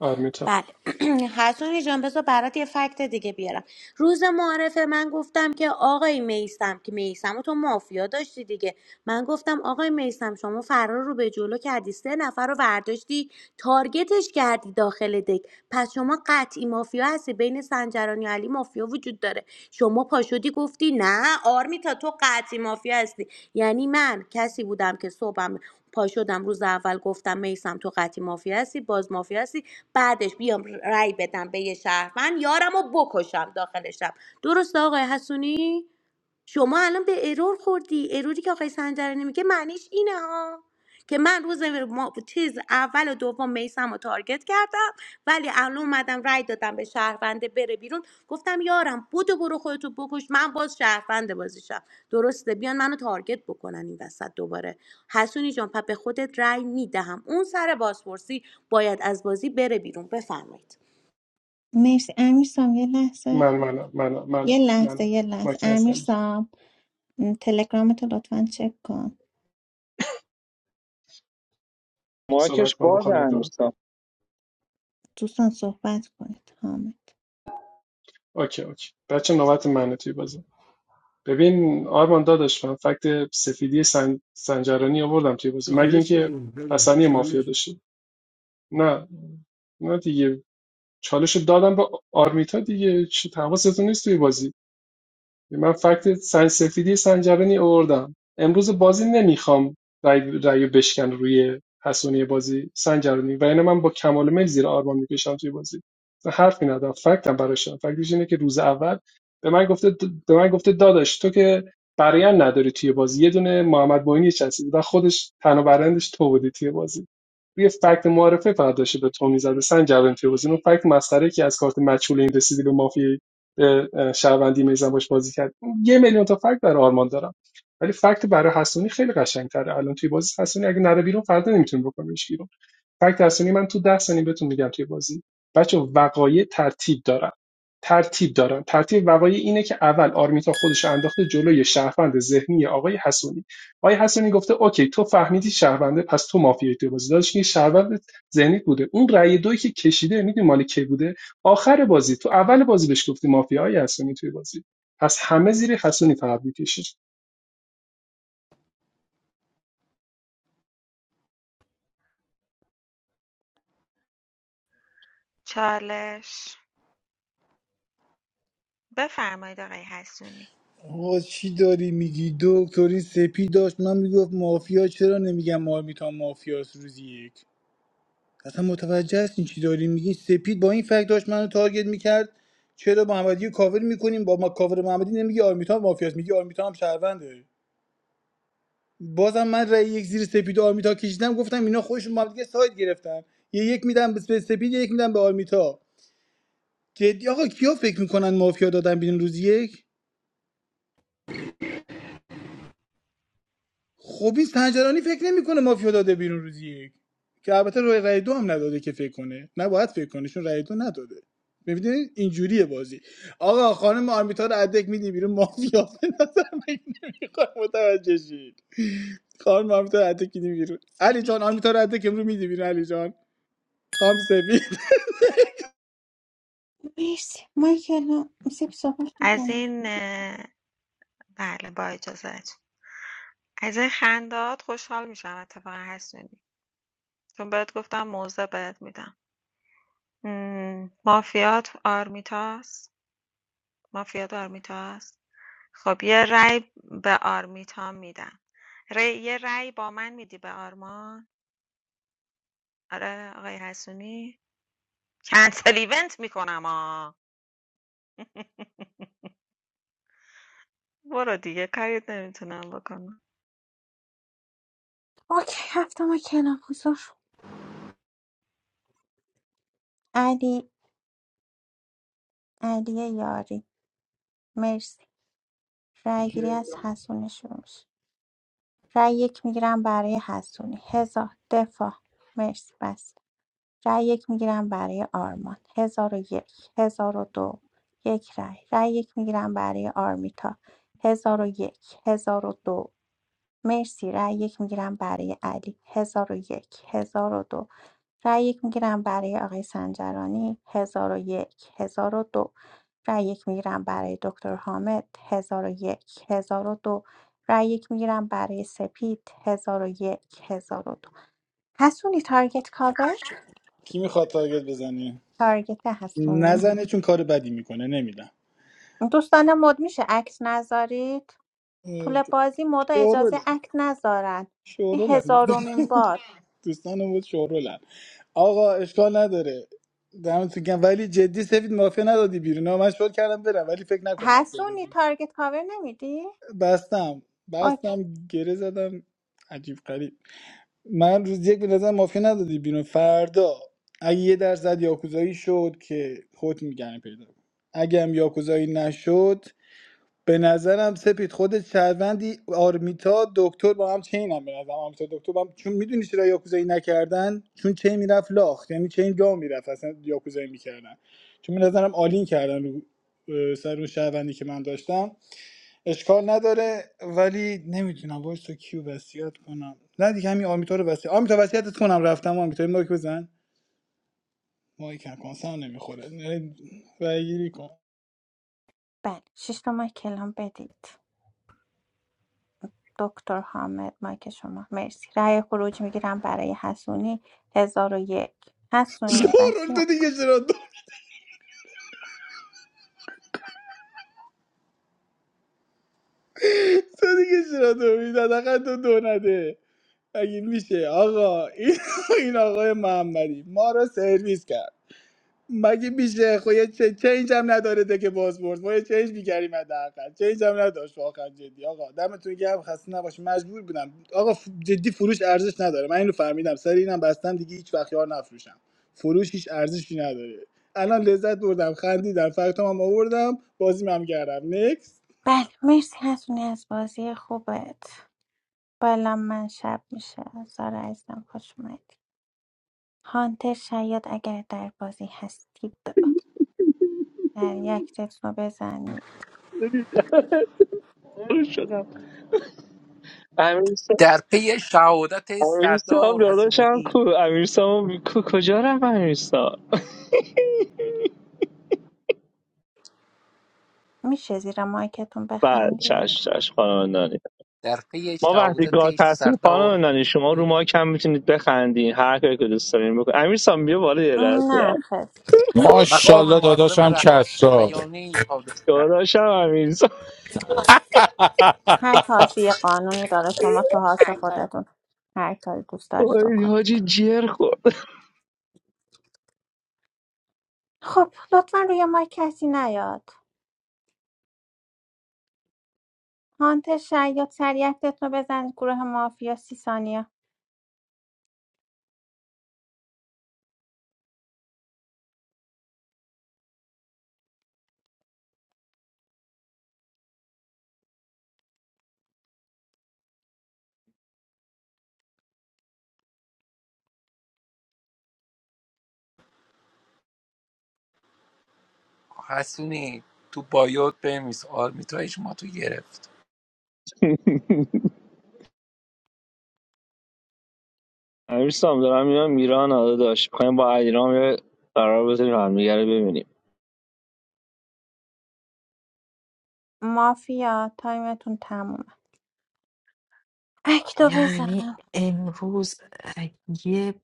آرمیتا بله حسونی جان بذار برات یه فکت دیگه بیارم روز معارفه من گفتم که آقای میسم که میسم تو مافیا داشتی دیگه من گفتم آقای میسم شما فرار رو به جلو کردی سه نفر رو برداشتی تارگتش کردی داخل دک پس شما قطعی مافیا هستی بین سنجرانی و علی مافیا وجود داره شما پاشدی گفتی نه آرمی تا تو قطعی مافیا هستی یعنی من کسی بودم که صبحم پا شدم روز اول گفتم میسم تو قطعی مافیا هستی باز مافیا هستی بعدش بیام رأی بدم به یه شهروند یارم رو بکشم داخل شب درست آقای حسونی شما الان به ارور خوردی اروری که آقای سنجرانی میگه معنیش اینه ها که من روز ما چیز اول و دوم میسم رو تارگت کردم ولی الان اومدم رای دادم به شهرونده بره بیرون گفتم یارم بودو برو خودتو بکش من باز شهرونده بازیشم درسته بیان منو تارگت بکنن این وسط دوباره حسونی جان پس به خودت رای میدهم اون سر بازپرسی باید از بازی بره بیرون بفرمایید مرسی امیر سام یه لحظه من من من من یه لحظه من یه لحظه مایک امیر نزدم سام م، تلگرامتو لطفا چک کن مارکش صحبت کنم باز خانم گان امیرسام دوستان صحبت کنید حامد اوکی اوکی بچه نوبت منه توی بازی ببین آرمان داداش من فکت سفیدی سن... سنجرانی آوردم توی بازی مگه چالش رو اینکه بگو، داداش، حسنی مافیا چالش داشته نه نه دیگه چالش رو دادم به آرمیتا دیگه چه حواستون نیست توی بازی من فکت سنج سفیدی سنجرانی آوردم امروز بازی نمیخوام رأی رایو بشکن روی حسونی بازی سنجرانی و اینه من با کمال میل زیر آرمان میکشم توی بازی و حرفی ندارم فکتم براشم فکتش اینه که روز اول به من گفته به من گفته داداش تو که برایند نداری توی بازی یه دونه محمد معینی چسبید و خودش تنها برندش تو بودی توی بازی روی فکت معارفه فقط داشته به تو میزده سنجبن فیروزی اون فکت مسخره که از کارت مجهول این رسیدی به مافیا به اه، شهروندی میزن باش بازی کرد یه میلیون تا فکت برای آرمان دارم ولی فکت برای حسونی خیلی قشنگتره الان توی بازی حسونی اگه نره بیرون فردا نمیتونیم بکنیمش بیرون فکت درسنی من تو ده ثانیه بهتون میگم توی بازی بچه وقایع ترتیب دارن ترتیب دارن ترتیب وقایع اینه که اول آرمیتا خودش رو انداخته جلوی شهروند ذهنی آقای حسونی آقای حسونی گفته اوکی تو فهمیدی شهرونده پس تو مافیایی توی بازی داشت که شهروند ذهنی بوده اون رأی دوی که کشیده میدونی مال کی بوده آخر بازی تو اول بازی بهش گفتی مافیایی حسونی توی بازی پس همه زیر حسونی فقط میکشید چالش بفرمایید آقای حسونی آقا چی داری میگی دکتری سپی داشت من میگفت مافیا چرا نمیگم آمیتا مافیاس روزی یک اصلا متوجه هستین چی داری میگی سپید با این فکت داشت منو تارگت میکرد چرا محمدی رو کاور میکنیم با ما کاور محمدی نمیگی آرمیتا مافیاس میگی آرمیتا هم شهرونده بازم من رأی یک زیر سپید و آرمیتا کشیدم گفتم اینا خودشون با هم دیگه ساید گرفتن یه یک میدم به سپید یه یک میدم به آرمیتا جدی آقا کیا فکر میکنن مافیا دادن بیرون روز یک خبیز تنجرانی فکر نمیکنه مافیا داده بیرون روز یک که البته روی رای دو هم نداده که فکر کنه نباید فکر کنه چون رای دو نداده ببینید اینجوریه بازی آقا خانم آرمیتا رو ادک میدی بیرون مافیا به نظر من نمیخواد متوجه شید خانم آرمیتا رو ادک میدی بیرون علی جان سپید آرمیتا رو ادک امرو میدی بیرون علی جان خام سفید مرسی مایکل سپید صحبت از کن این اه، بله با اجازت از این خندات خوشحال میشم اتفاقا حسونی چون بهت گفتم موزه بهت میدم مم، مافیات آرمیتاست مافیات آرمیتاست خب یه رأی به آرمیتا میدم ری... یه رأی با من میدی به آرمان آره آقای حسونی کنسل ایونت میکنم آ برو دیگه کاریت نمیتونم بکنم اوکی هفته ما کنار حضور علی علی یاری مرسی رأی گیری از حسونی شروع میشه رای یک میگیرم برای حسونی هزار دفاع مرسی بس رأی یک میگیرم برای آرمان هزار و یک هزار و دو، یک رأی رأی یک میگیرم برای آرمیتا هزار و یک، هزار و دو مرسی رأی یک میگیرم برای علی هزار هزار و یک هزار و دو رأی یک میگیرم برای آقای سنجرانی هزار هزار و یک هزار و دو رأی یک میگیرم برای دکتر حامد هزار هزار و یک هزار و دو رأی یک میگیرم برای سپید هزار هزار و یک هزار و دو حسونی تارگت کاور کی میخواد تارگت بزنه تارگت هستونی نزنه چون کار بدی میکنه نمیدم دوستان مد میشه عکس نذارید طول بازی مدا شوروله اجازه عکس نذارن این شورولن هزارمین بار دوستان بود شورولن آقا اشکال نداره دمتون گرم ولی جدی سفید مافیا ندادی بیرون آه، من شور کردم برم ولی فکر نکن مافیا حسونی دادیم تارگت کاور نمیدی؟ بستم اوکی بستم گره زدم عجیب غریب من روز یک به نظر مافیا ندادی بیرون فردا اگه یه درصد یاکوزایی شد که خود میگن پیدا کن. اگه هم یاکوزایی نشد به نظرم سپید خودت شهروندی آرمیتا دکتر با هم چین هم به نظرم آرمیتا دکتر با هم چون میدونی چرا یاکوزایی نکردن چون چین میرفت لاخت یعنی چین جا میرفت اصلا یاکوزایی میکردن چون به نظرم آلین کردن رو اه، سر اون شهروندی که من داشتم اشکال نداره ولی نمیدونم وایس تو کیو وصیت کنم نه دیگه همین آرمیتا رو وصیت آرمیتا وصیتت کنم رفتم آرمیتا یه مایک بزن مایک هم کنسم نمیخوره رای گیری کن بله شش تا مایک کلام بدید دکتر حامد مایک شما مرسی رأی خروج میگیرم برای حسونی هزار و یک حسونی شورول تو وصیت کن دیگه چرا تو دیگه چرا دو میداد دو دو نده مگه میشه آقا این, این آقای محمدی ما رو سرویس کرد مگه میشه خو یه چه چنج هم نداره ده که باز برد ما یه چنج میگریم حداقل چنج هم نداشت واقعا جدی آقا دمتون گرم خسته نباشی مجبور بودم آقا ف- جدی فروش ارزش نداره من اینو فهمیدم سر اینم بستم دیگه هیچ وقت یار نفروشم فروش هیچ ارزشی نداره الان لذت بردم خندیدم فقط هم آوردم بازی هم کردم نکس بله مرسی حسونی از بازی خوبت بالا من شب میشه سارا عزیزم خوش اومدی هانتر شاید اگر در بازی هستید در یک تکس رو بزنید برو شدم امیرسام در پی شهادت امیرسام سردار داداشم حسونی کو امیرسام کو کجا رفت امیرسام میشه زیر مایکتون بعد چش بخندید چش خانم نانی. در پی ما وقتی گاد شهادت هستیم سردار خانم نانی شما رو حسونی ما کم میتونید بخندین هر کاری که دوست دارین بکن امیر سام بیا بالا یه لحظه نه خیر مقام Mashallah, dadah, معظم I'm رهبری kazzo. بیانیه‌ای صادر کرد داداشم امیر سام هر حاسی یه قانونی داره شما تو حاس خودتون هر کاری دوست دارید وای، حاجی بکنید جر خورد خب لطفا روی مایک کسی نیاد هانتر شاید سریع اکتت رو بزنید گروه مافیا سی ثانیه حسونی تو بایوت بنویس آرمیتایش ما تو گرفت امیر سام دارم میرم میران آده داشت میخوایم با ایران یه قرار بزنیم همدیگه رو ببینیم مافیا تایمتون تمومه اکتو یعنی بزن امروز اه، یه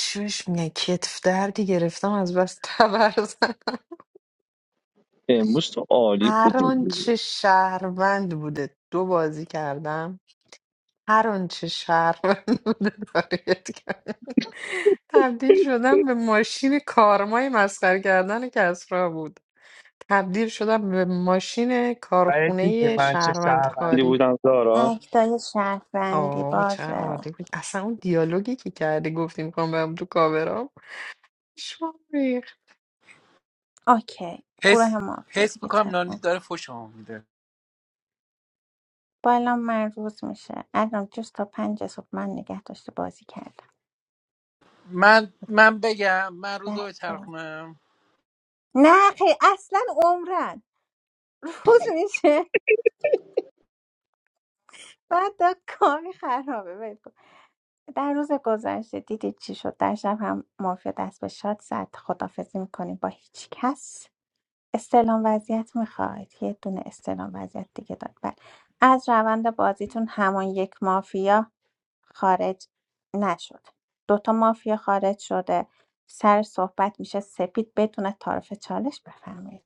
چوش میگن کتف دردی گرفتم از بس تبرزن امروز تو عالی هر بودی آنچه شهروند بوده دو بازی کردم هر آنچه شهروند بوده تارگت کردم تبدیل شدم به ماشین کارمای مسخره کردن کسرا بود تبدیل شدم به ماشین کارخونه من چه شهروند شهروندی خاری بودم زارا اکتای شهروندی آه چه بازه عالی بود اصلا اون دیالوگی که کردی گفتی میکنم برم تو کابرام اوکی حس گروه مافیا حس دیگه میکنم نانی چند داره فوشمو میده بالا من روز میشه الان جز تا پنج صبح من نگه داشته بازی کردم من من بگم من روز ده رو تا. بچرخونم نه خیلی اصلا عمرن روز میشه بعد دا کاری خرابه ول کن. در روز گذشته دیدید چی شد در شب هم مافیا دست به شاد زد خدافزی میکنیم با هیچ کس استلام وضعیت میخواید یه دونه استلام وضعیت دیگه داد بله از روند بازیتون همان یک مافیا خارج نشد دوتا مافیا خارج شده سر صحبت میشه سپید بدون تعارف چالش بفرمایید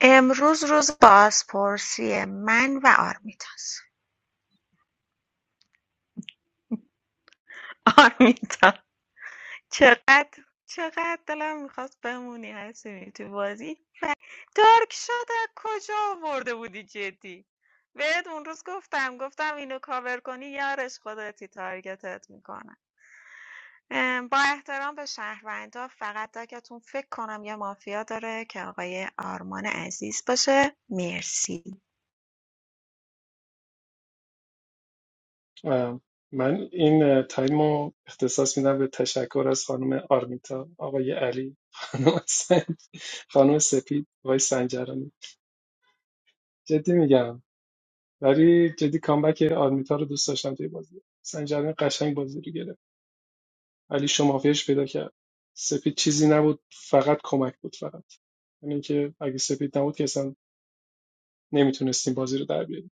امروز روز بازپرسی من و آرمیتاست آرمیتا چقدر چقدر دلم میخواست بمونی حسونی تو بازی درک شده کجا آورده بودی جدی بهت اون روز گفتم گفتم اینو کاور کنی یارش خودتی تارگتت میکنه با احترام به شهروندا فقط دکتون فکر کنم یه مافیا داره که آقای آرمان عزیز باشه مرسی ام، من این تایم رو اختصاص میدم به تشکر از خانم آرمیتا آقای علی خانم سنج خانم سپید آقای سنجرانی جدی میگم ولی جدی کامبک آرمیتا رو دوست داشتم توی بازی سنجرانی قشنگ بازی رو گرفت علی شمافیش پیدا کرد سپید چیزی نبود فقط کمک بود فقط یعنی اینکه اگه سپید نبود که اصلا نمیتونستیم بازی رو در بیاریم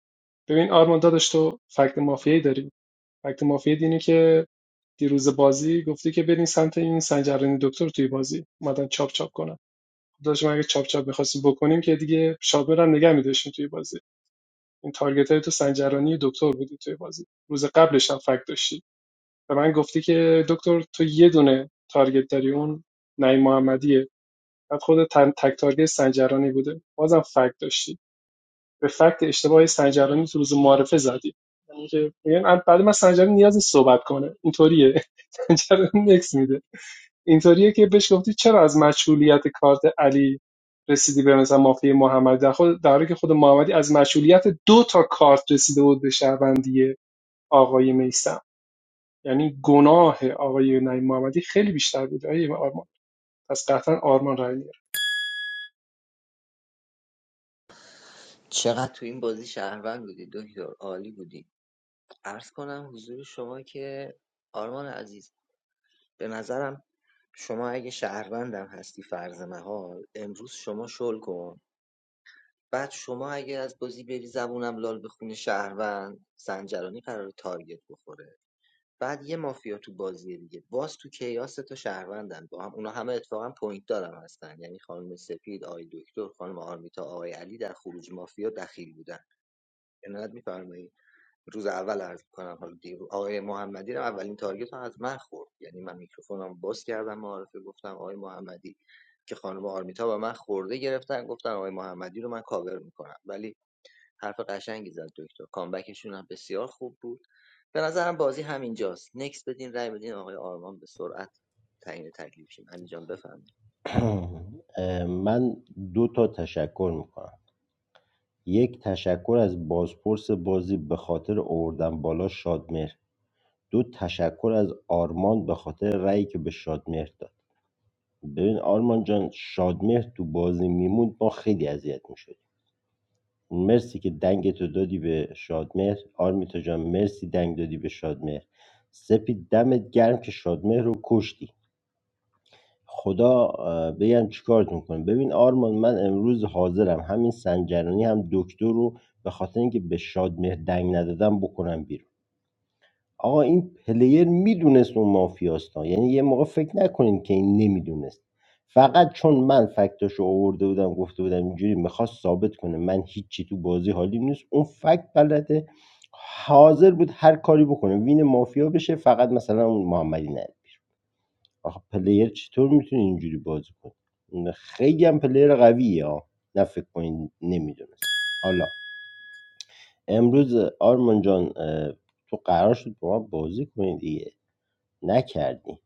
ببین آرمان داداش تو فکت مافیایی داری فکت مافیایی اینه که دیروز بازی گفته که بریم سمت این سنجرانی دکتر توی بازی اومدن چاپ چاپ کنن خب داشتم اگه چاپ چاپ می‌خواستیم بکنیم که دیگه شابر هم نگه می‌داشتیم توی بازی این تارگت تو سنجرانی دکتر بودی توی بازی روز قبلش هم فکت داشتی به من گفتی که دکتر تو یه دونه تارگت داری اون نعیم محمدیه بعد خود تک تارگت سنجرانی بوده بازم فکت داشتی به فکت اشتباه سنجرانی تو روز معرفه زدی یعنی که میگن بعد من سنجرانی نیاز نیست صحبت کنه اینطوریه سنجرانی نکس میده اینطوریه که بهش گفتی چرا از مشمولیت کارت علی رسیدی به مثلا مافیا محمد در, خود در حالی که خود محمدی از مشمولیت دو تا کارت رسیده بود به شهروندی آقای میسم یعنی گناه آقای نعیم محمدی خیلی بیشتر بود آقای آرمان پس قطعا آرمان رای میاره چقدر تو این بازی شهروند بودی دکتر عالی بودی عرض کنم حضور شما که آرمان عزیز به نظرم شما اگه شهروندم هستی فرض محال امروز شما شل کن بعد شما اگه از بازی بری زبونم لال بخونه شهروند زنجرانی قرار تارگت بخوره بعد یه مافیا تو بازی دیگه باز تو کیاس سه تا شهروندن با هم اونا همه اتفاقا پوینت دارم هستن یعنی خانم سپید آقای دکتر خانم آرمیتا آقای علی در خروج مافیا دخیل بودن عنایت میفرمایید روز اول عرض کنم حالا دیرو آقای محمدی رو اولین تارگت رو از من خورد یعنی من میکروفونم باز کردم معارفه گفتم آقای محمدی که خانم آرمیتا و من خورده گرفتن گفتن آقای محمدی رو من کاور میکنم ولی حرف قشنگی زد دکتر کامبکشون هم بسیار خوب بود به نظرم بازی همینجاست نکس بدین رای بدین آقای آرمان به سرعت تعیین تکلیف شیم علی جان بفرمایید من دو تا تشکر میکنم یک تشکر از بازپرس بازی به خاطر آوردن بالا شادمهر دو تشکر از آرمان به خاطر رأیی که به شادمهر داد ببین آرمان جان شادمهر تو بازی میموند ما خیلی اذیت میشدیم مرسی که دنگ دادی به شادمهر آرمیتا جان مرسی دنگ دادی به شادمهر سپید دمت گرم که شادمهر رو کشتی خدا اه، بگم چیکارتون کنه ببین آرمان من امروز حاضرم همین سنجرانی هم دکتر رو به خاطر اینکه به شادمهر دنگ ندادم بکنم بیرون آقا این پلیر میدونست اون مافیاستا یعنی یه موقع فکر نکنین که این نمیدونست فقط چون من فکتاشو آورده بودم گفته بودم اینجوری میخواست ثابت کنه من هیچی تو بازی حالیم نیست اون فکت بلده حاضر بود هر کاری بکنه وین مافیا بشه فقط مثلا اون محمدی نه آخه پلیر چطور میتونه اینجوری بازی کنه خیلی هم پلیر قویه ها نه فکر کنین نمیدونست حالا امروز آرمان جان تو قرار شد با ما بازی کنی دیگه نکردی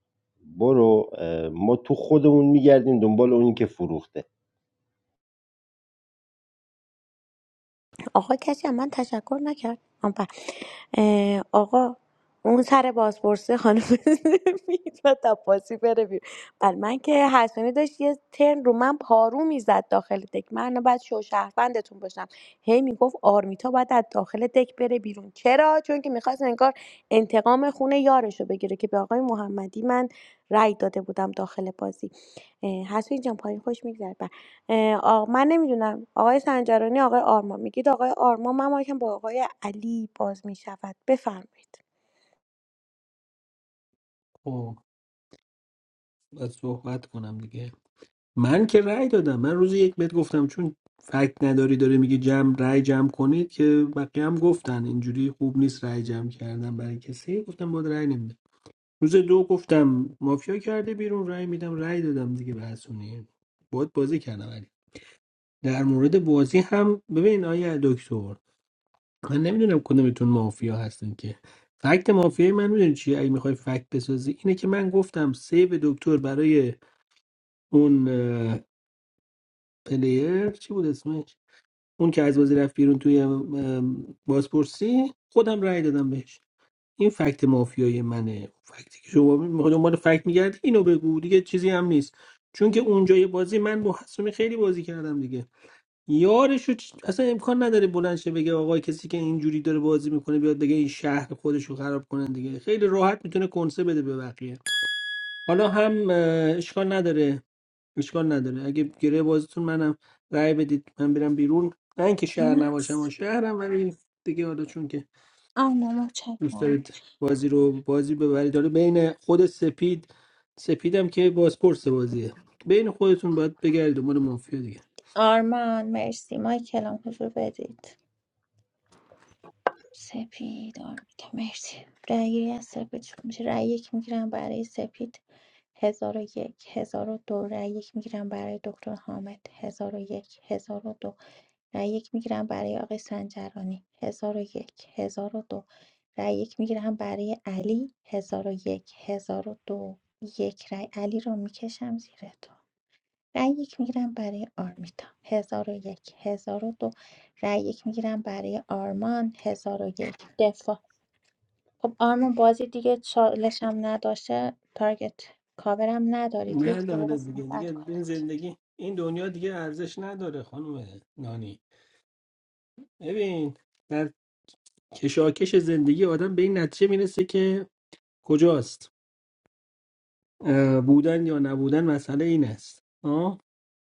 برو ما تو خودمون میگردیم دنبال اونی که فروخته آقا کسی از من تشکر نکرد آن پر. اه، آقا اون سر بازپرسه خانم میتونم تپاسی بره بیرون بل من که حسنی داشت یه ترن رو من پارو میزد داخل دک من بعد شو شهروندتون باشم هی میگفت آرمیتا باید از داخل دک بره بیرون چرا چون که میخواست انگار انتقام خونه یارش رو بگیره که به آقای محمدی من رأی داده بودم داخل بازی اه، حسنی جان پایین خوش میگذره آقا من نمیدونم آقای سنجرانی آقای آرما میگید آقای آرما من مایکم با آقای علی باز میشود بفرمایید خب باید صحبت کنم دیگه من که رأی دادم من روز یک بهت گفتم چون فکت نداری داره میگه جمع رأی جمع کنید که بقیه هم گفتن اینجوری خوب نیست رأی جمع کردن برای کسی گفتم باید رأی نمیدم روز دو گفتم مافیا کرده بیرون رأی میدم رأی دادم دیگه به حسونی باید بازی کردم ولی در مورد بازی هم ببین آیا دکتر من نمیدونم کدومتون مافیا هستین که فکت مافیای من میدونی چیه اگه میخوای فکت بسازی اینه که من گفتم سیو دکتر برای اون اه، پلیر چی بود اسمش اون که از بازی رفت بیرون توی ام، بازپرسی خودم رأی دادم بهش این فکت مافیای منه فکتی که شما میخواد دنبال فکت میگرد اینو بگو دیگه چیزی هم نیست چون که اونجای بازی من با حسومی خیلی بازی کردم دیگه یارشو چ- اصلا امکان نداره بلند شه بگه آقای کسی که اینجوری داره بازی میکنه بیاد بگه این شهر خودش رو خراب کنن دیگه خیلی راحت میتونه کنسه بده به بقیه حالا هم اه، اشکال نداره اشکال نداره اگه گره بازیتون منم رأی بدید من برم بیرون نه اینکه شهر نباشم و شهرم ولی دیگه حالا چون که آرما دوست متشکرم دارید بازی رو بازی ببرید حالا بین خود سپید سپیدم که بازپرس بازیه بین خودتون باید بگردید دنبال مافیا دیگه آرمان مرسی مایکلام حضور بدید سپید آرمیتا مرسی رأی گیری از سپید شروع میشه رأی یک میگیرم برای سپید هزار و یک هزار و دو رأی یک میگیرم برای دکتر حامد هزار و یک هزار و دو رأی یک میگیرم برای آقای سنجرانی هزار و یک هزار و دو رأی یک میگیرم برای علی هزار و یک هزار و دو یک رأی علی رو میکشم زیر تو رأی یک میگیرم برای آرمیتا 1001 1002 رأی یک میگیرم برای آرمان 1001 دفاع خب آرمان بازی دیگه چالش هم نداشته تارگت کاورم ندارید یک من دقیقه حالا دیگه صحبت دیگه این کنید زندگی این دنیا دیگه ارزش نداره خانم نانی ببین در کشاکش زندگی آدم به این نتیجه میرسه که کجاست اه، بودن یا نبودن مسئله این است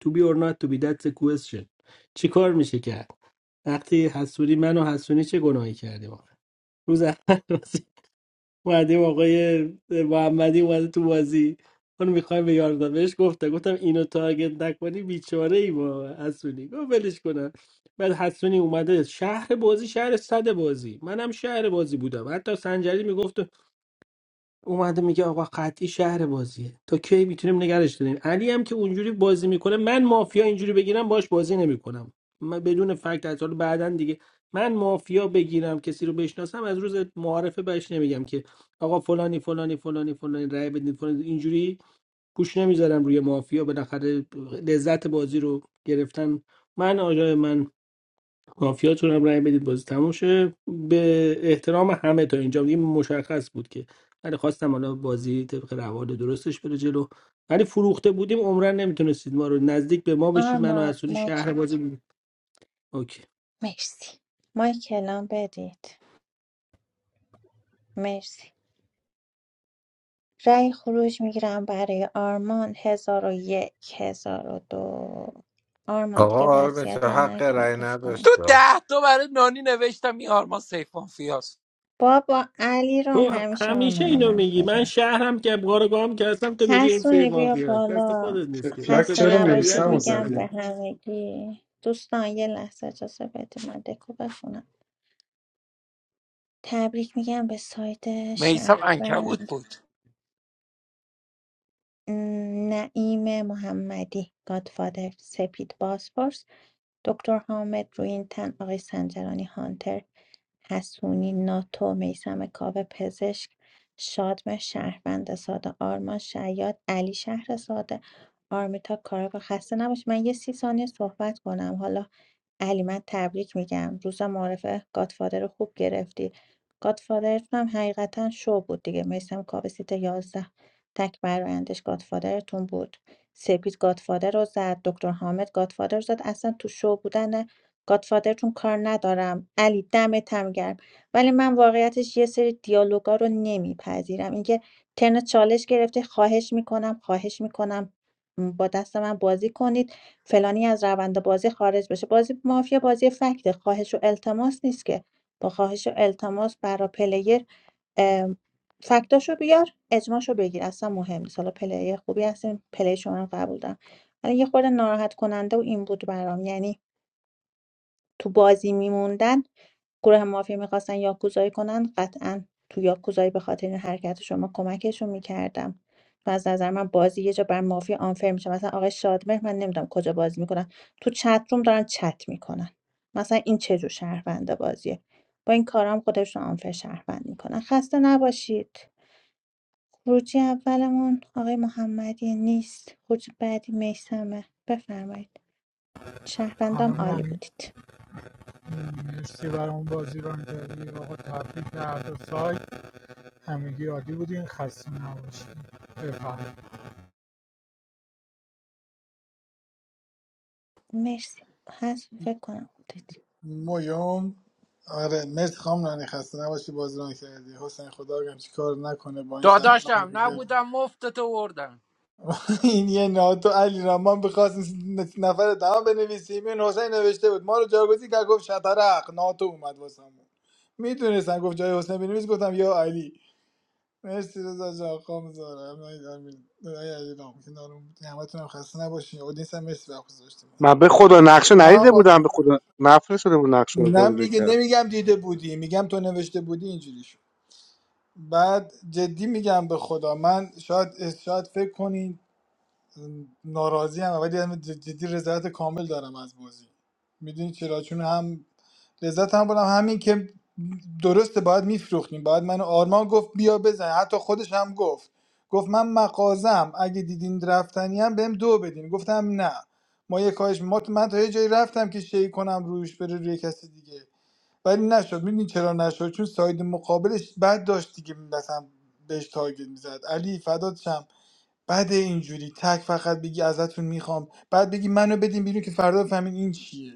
to be or not to be that's a question چی کار میشه کرد وقتی حسونی من و حسونی چه گناهی کردیم آخه؟ روز اول بازی اومدیم آقای محمدی اومده تو بازی اون میخوایم به یاردا بهش گفتم گفتم اینو تارگت نکنی بیچاره ای با حسونی گفت ولش کنم بعد حسونی اومده شهر بازی شهر صد بازی منم شهر بازی بودم حتی سنجری میگفت اومده میگه آقا قطعی شهر بازیه تا کی میتونیم نگرش داریم علی هم که اونجوری بازی میکنه من مافیا اینجوری بگیرم باش بازی نمیکنم من بدون فکت از حالا بعدا دیگه من مافیا بگیرم کسی رو بشناسم از روز معارفه بهش نمیگم که آقا فلانی فلانی فلانی فلانی رأی بدین فلانی اینجوری گوش نمیذارم روی مافیا بالاخره لذت بازی رو گرفتن من آجای من کافیاتون هم رأی بدید بازی تموم شه به احترام همه تا اینجا دیگه مشخص بود که ولی خواستم حالا بازی طبق روال درستش بره جلو ولی فروخته بودیم عمرن نمیتونستید ما رو نزدیک به ما بشید منو آرمان اسونی شهر بازی مچک بود اوکی مرسی مایک الان بدید مرسی رأی خروج میگیرم برای آرمان 1001 1002 آرمان دیگه آقا آرمه که وصیتم حق نکن رأی لطفاً. تو نداشت ده تا برای نانی نوشتم این آرمان سیفان فیاس بابا علی رام تو همیشه همیشه آرمان اینو میگی مافیا من است شهرم که بارگاهم که هستم تو میگی این سه حسونی بیا مافیا است دست بالا خودت نیست که فلک خسته اقتضای چرا طبیعت نباشید میسم رو تو میگم به زدیم همگی دوستان یه لحظه اجازه بدید من دکو بخونم تبریک میگم به سایت میسم شهر انکبود بود م، نعیم محمدی گادفادر سپید بازپرس دکتر حامد روینتن آقای سنجرانی هانتر حسونی ناتو میسم کاوه پزشک شادم شهروند ساده آرمان شیاد علی شهر ساده آرمیتا کارگاه خسته نباش من یه سی ثانیه صحبت کنم حالا علی من تبریک میگم روز معرفه گادفادر رو خوب گرفتی گادفادرتون هم حقیقتا شو بود دیگه میسم کاوه سیت یازده. تک برایندش گادفادرتون بود سپید گادفادر رو زد دکتر حامد گادفادر رو زد اصلا تو شو بودن گادفادرتون کار ندارم علی دمت هم گرم ولی من واقعیتش یه سری دیالوگا رو نمیپذیرم اینکه ترن چالش گرفته خواهش میکنم خواهش میکنم با دست من بازی کنید فلانی از روند بازی خارج بشه بازی مافیا بازی فکته خواهش و التماس نیست که با خواهش و التماس برا پلیر ام، فکتاشو بیار اجماشو بگیر اصلا مهم نیست حالا پلیر خوبی هستیم پلی شما رو قبول دارم ولی یه خورده ناراحت کننده و این بود برام یعنی تو بازی میموندن گروه مافیا میخواستن یاکوزایی کنن قطعا تو یاکوزایی به خاطر این حرکت شما کمکشون میکردم و از نظر من بازی یه جا بر مافیا آنفر میشه مثلا آقای شادمهر من نمیدونم کجا بازی میکنن تو چت روم دارن چت میکنن مثلا این چه جور شهرونده بازیه با این کارام خودشون آنفر شهروند میکنن خسته نباشید خروجی اولمون آقای محمدی نیست خروج بعدی میسمه بفرمایید شهروندام خانم عالی نانی بودید مرسی برام بازی رو کردی آقا تبریک به هر دو سایت همگی عالی بودین خسته نباشید بفرم مرسی هست فکر کنم بودید مویوم آره مرسی خام نانی خسته نباشی بازی ران کردی حسین خدا بگم چی کار نکنه با این سرطان داداشم دیگه. نبودم مفتت وردم این یه ناتو علی رامان ما نفر دهم بنویسیم این حسین نوشته بود ما رو جاگزین کرد گفت شطرق ناتو اومد واسمون میدونستن گفت جای حسین بنویس گفتم یا علی مرسی رضا جان خام زاره امین امین. آی علی رام کنارم بودی همتون هم خسته نباشین اودینس هم مرسی وقت گذاشتیم من به خدا نقشه نه ندیده آقا بودم به خدا نفرستاده بود نقشه رو نه میگه بوده نمیگم دیده بودی میگم تو نوشته بودی اینجوری شد بعد جدی میگم به خدا من شاید شاید فکر کنین ناراضی هم ولی هم جدی رضایت کامل دارم از بازی میدونی چرا چون هم لذت هم بودم همین که درسته باید میفروختیم باید من و آرمان گفت بیا بزن حتی خودش هم گفت گفت من مغازم اگه دیدین رفتنی هم بهم دو بدین گفتم نه ما یه کاهش ما من تا یه جایی رفتم که شی کنم روش بره روی کسی دیگه ولی نشد میدونی چرا نشد چون ساید مقابلش بد داشت دیگه مثلا بهش تارگت میزد علی فدات شم بعد اینجوری تک فقط بگی ازتون میخوام بعد بگی منو بدین بیرون که فردا بفهمین این چیه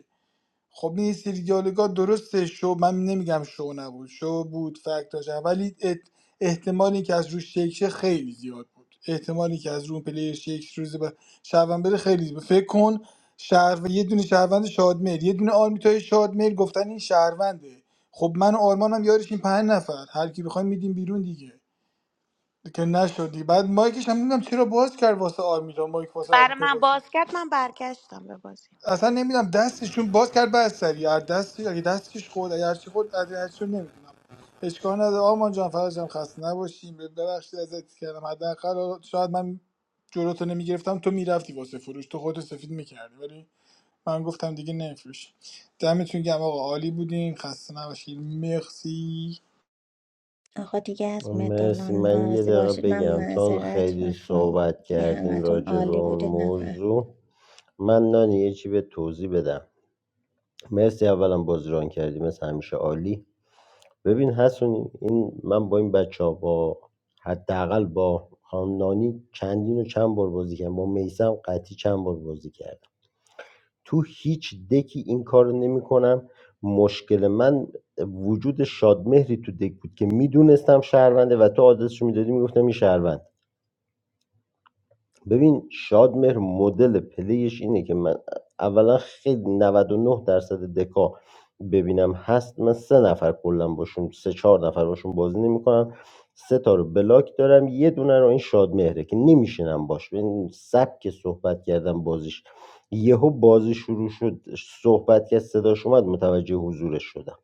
خب این سری دیالوگا درسته شو من نمیگم شو نبود شو بود فکت داشت ولی ات- احتمالی که از روش شیک شه خیلی زیاد بود احتمالی که از روی اون پلیر شیک شه روز به شهروند بره خیلی زیاد بود. فکر کن شهر یه دونه شهروند شادمهر یه دونه آرمیتای شادمهر گفتن این شهرونده خب من و آرمانم یارشیم پنج نفر هر کی بخوایم میدیم بیرون دیگه که نشدی بعد مایکش هم نمیدونم چرا باز کرد واسه آرمیتا مایک واسه برای آرمیتا من باشه باز کرد من برگشتم به بازی اصلا نمیدونم دستش چون باز کرد بعد سری هر دستی اگه دستش خورد اگه هرچی خورد از هرچی نمیدونم اشکال نداره آرمان جان فرجم خسته نباشیم ببخشید ازت کردم حداقل حالا شاید من جلوتو نمیگرفتم تو میرفتی واسه فروش تو خودتو سفید میکردی ولی من گفتم دیگه نمیفروش دمتون گم آقا عالی بودین خسته نباشید مرسی آقا دیگه از مرسی مدالام من یه ناراضی دقیقه باشید من بگم چون معذرت خیلی میخوام صحبت دیگه کردین همتون راجع به عالی اون بودید نفهم موضوع من نانی یه چی به توضیح بدم مرسی اولا بازران کردی مثل همیشه عالی ببین حسونی این من با این بچه ها با حداقل با خانم نانی چندین و چند بار بازی کردم با میسم قطعی چند بار بازی کردم تو هیچ دکی این کار رو نمی کنم مشکل من وجود شادمهری تو دک بود که میدونستم شهرونده و تو آدرسشو میدادی میگفتم این شهرونده ببین شادمهر مدل پلیش اینه که من اولا خیلی نود و نه درصد دکا ببینم هست من سه نفر کلا باشون سه چهار نفر باشون بازی نمیکنم سه تا رو بلاک دارم یه دونه رو این شادمهره که نمیشینم باش این سبک صحبت کردم بازیش یهو بازی شروع شد صحبت کرد صداش اومد متوجه حضورش شدم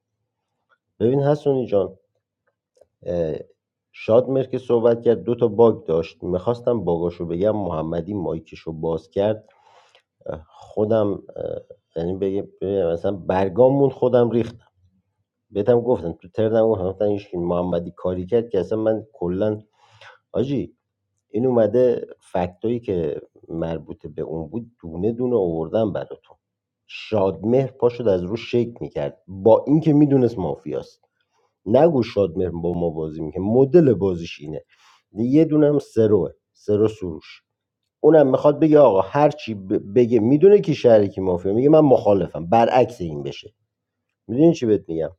ببین حسونی جان اه، شادمهر که صحبت کرد دو تا باگ داشت میخواستم باگاشو بگم محمدی مایکشو باز کرد خودم یعنی بگم مثلا برگاممون خودم ریختم بهتم گفتم تو ترنم گفتم این محمدی کاری کرد که اصلا من کلا آجی این اومده فکتایی که مربوط به اون بود دونه دونه آوردم براتون شادمهر پاشد از روش شیک میکرد با اینکه میدونست مافیاست نگو شادمهر با ما بازی میکنه مدل بازیش اینه یه دونه هم سروه سرو سروش اونم میخواد بگه آقا هر چی ب- بگه میدونه که شریکی مافیا میگه من مخالفم برعکس این بشه میدونی چی بهت میگم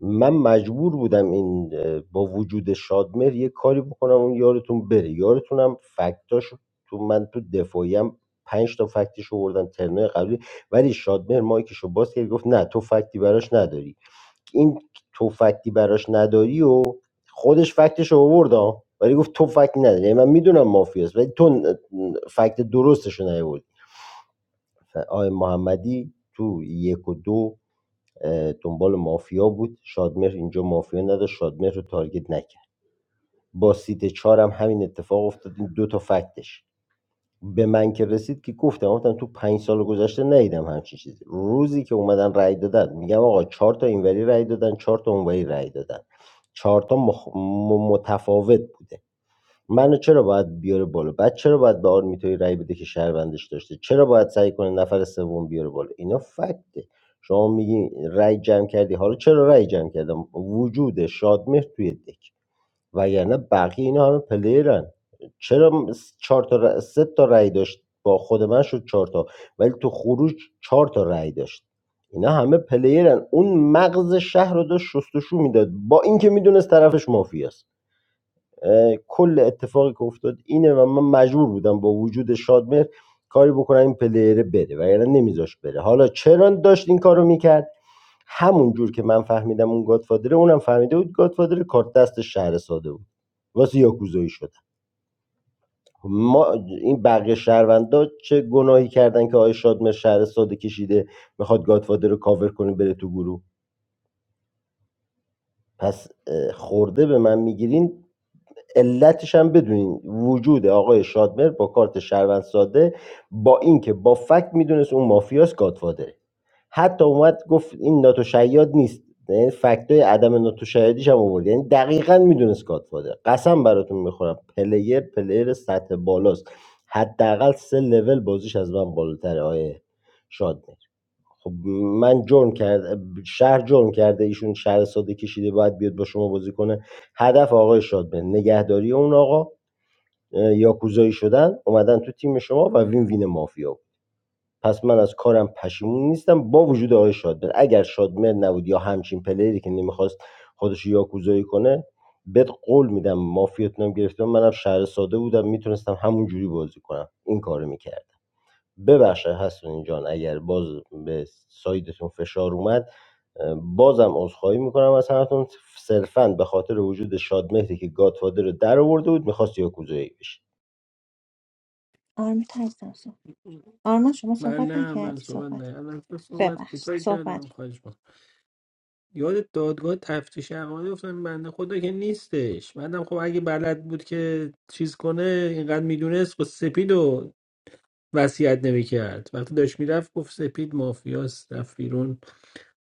من مجبور بودم این اه، با وجود شادمهر یه کاری بکنم اون یارتون بره یارتونم فکتاش تو من تو دفاعیم پنج تا فکتش آوردم ترنای قبلی ولی شادمهر مایکشو باز کرد گفت نه تو فکتی براش نداری این تو فکتی براش نداری و خودش فکتش رو آورد ها. ولی گفت تو فکت نداری یعنی من میدونم مافیاست ولی تو فکت درستش رو نیاوردی آقای محمدی تو یک و دو اه، دنبال مافیا بود شادمهر اینجا مافیا نداشت شادمهر رو تارگت نکرد با سیت چهارم همین اتفاق افتاد این دو تا فکتش به من که رسید که گفتم گفتم تو پنج سال گذشته ندیدم همچین چیزی روزی که اومدن رأی دادن میگم آقا چهار تا اینوری رأی دادن چهار تا اونوری رأی دادن چهار تا مخ... م- متفاوت بوده منو چرا باید بیاره بالا بعد چرا باید به آرمیتوعی رأی بده که شهروندش داشته چرا باید سعی کنه نفر سوم بیاره بالا اینا فکته شما میگی رأی جمع کردی حالا چرا رأی جمع کردم وجود شادمهر توی دک وگرنه بقیه اینا همه پلیرن چرا س- چهار تا ر- سه تا رأی داشت با خود من شد چهار تا ولی تو خروج چهار تا رأی داشت اینا همه پلیرن اون مغز شهر رو داشت شستشو میداد با اینکه میدونست طرفش مافیاست کل اتفاقی که افتاد اینه و من مجبور بودم با وجود شادمهر کاری بکنم این پلیره بره و یعنی نمیذاش بره حالا چرا داشت این کارو میکرد همون جور که من فهمیدم اون گادفادره اونم فهمیده بود گادفادره کارت دست شهر ساده بود واسه یاکوزایی شد ما این بقیه شهروندا چه گناهی کردن که آقای شادمهر شهر ساده کشیده میخواد گادفادر رو کاور کنه بره تو گروه پس خورده به من میگیرین علتش هم بدونین وجود آقای شادمر با کارت شهروند ساده با اینکه با فکت میدونست اون مافیاس گادفادره حتی اومد گفت این ناتوشیاد نیست یعنی فکتای عدم ناتوشیادیش هم آورد یعنی دقیقا میدونست گادفادر قسم براتون میخورم پلیر پلیر سطح بالاست حداقل سه لول بازیش از من بالاتره آقای شاد خب من جرم کرد شهر جرم کرده ایشون شهر ساده کشیده باید بیاد با شما بازی کنه هدف آقای شادمهر نگهداری اون آقا اه، یاکوزایی شدن اومدن تو تیم شما و وین وین مافیا بود. پس من از کارم پشیمون نیستم با وجود آقای شادمهر اگر شادمهر نبود یا همچین پلیری که نمیخواست خودش رو یاکوزایی کنه بهت قول میدم مافیاتونم گرفتم منم شهر ساده بودم میتونستم همون جوری بازی کنم این کارو میکرد ببخشید هستون جان اگر باز به سایدتون فشار اومد بازم عذرخواهی میکنم از همتون صرفا به خاطر وجود شادمهری که گادفادر رو در آورده بود میخواست یاکوزایی بشه آرمیت هستم صحبت آرمان شما من صحبت نه من نکردی صحبت نه صحبت الان صحبت ببخشید کوتاهی صحبت کردم کن خواهش یاد دادگاه تفتیش حقایق افتادم بنده خدا که نیستش بعدم خب اگه بلد بود که چیز کنه اینقدر میدونست خب سپید و وصیت نمیکرد وقتی داشت میرفت گفت سپید مافیاست رفت بیرون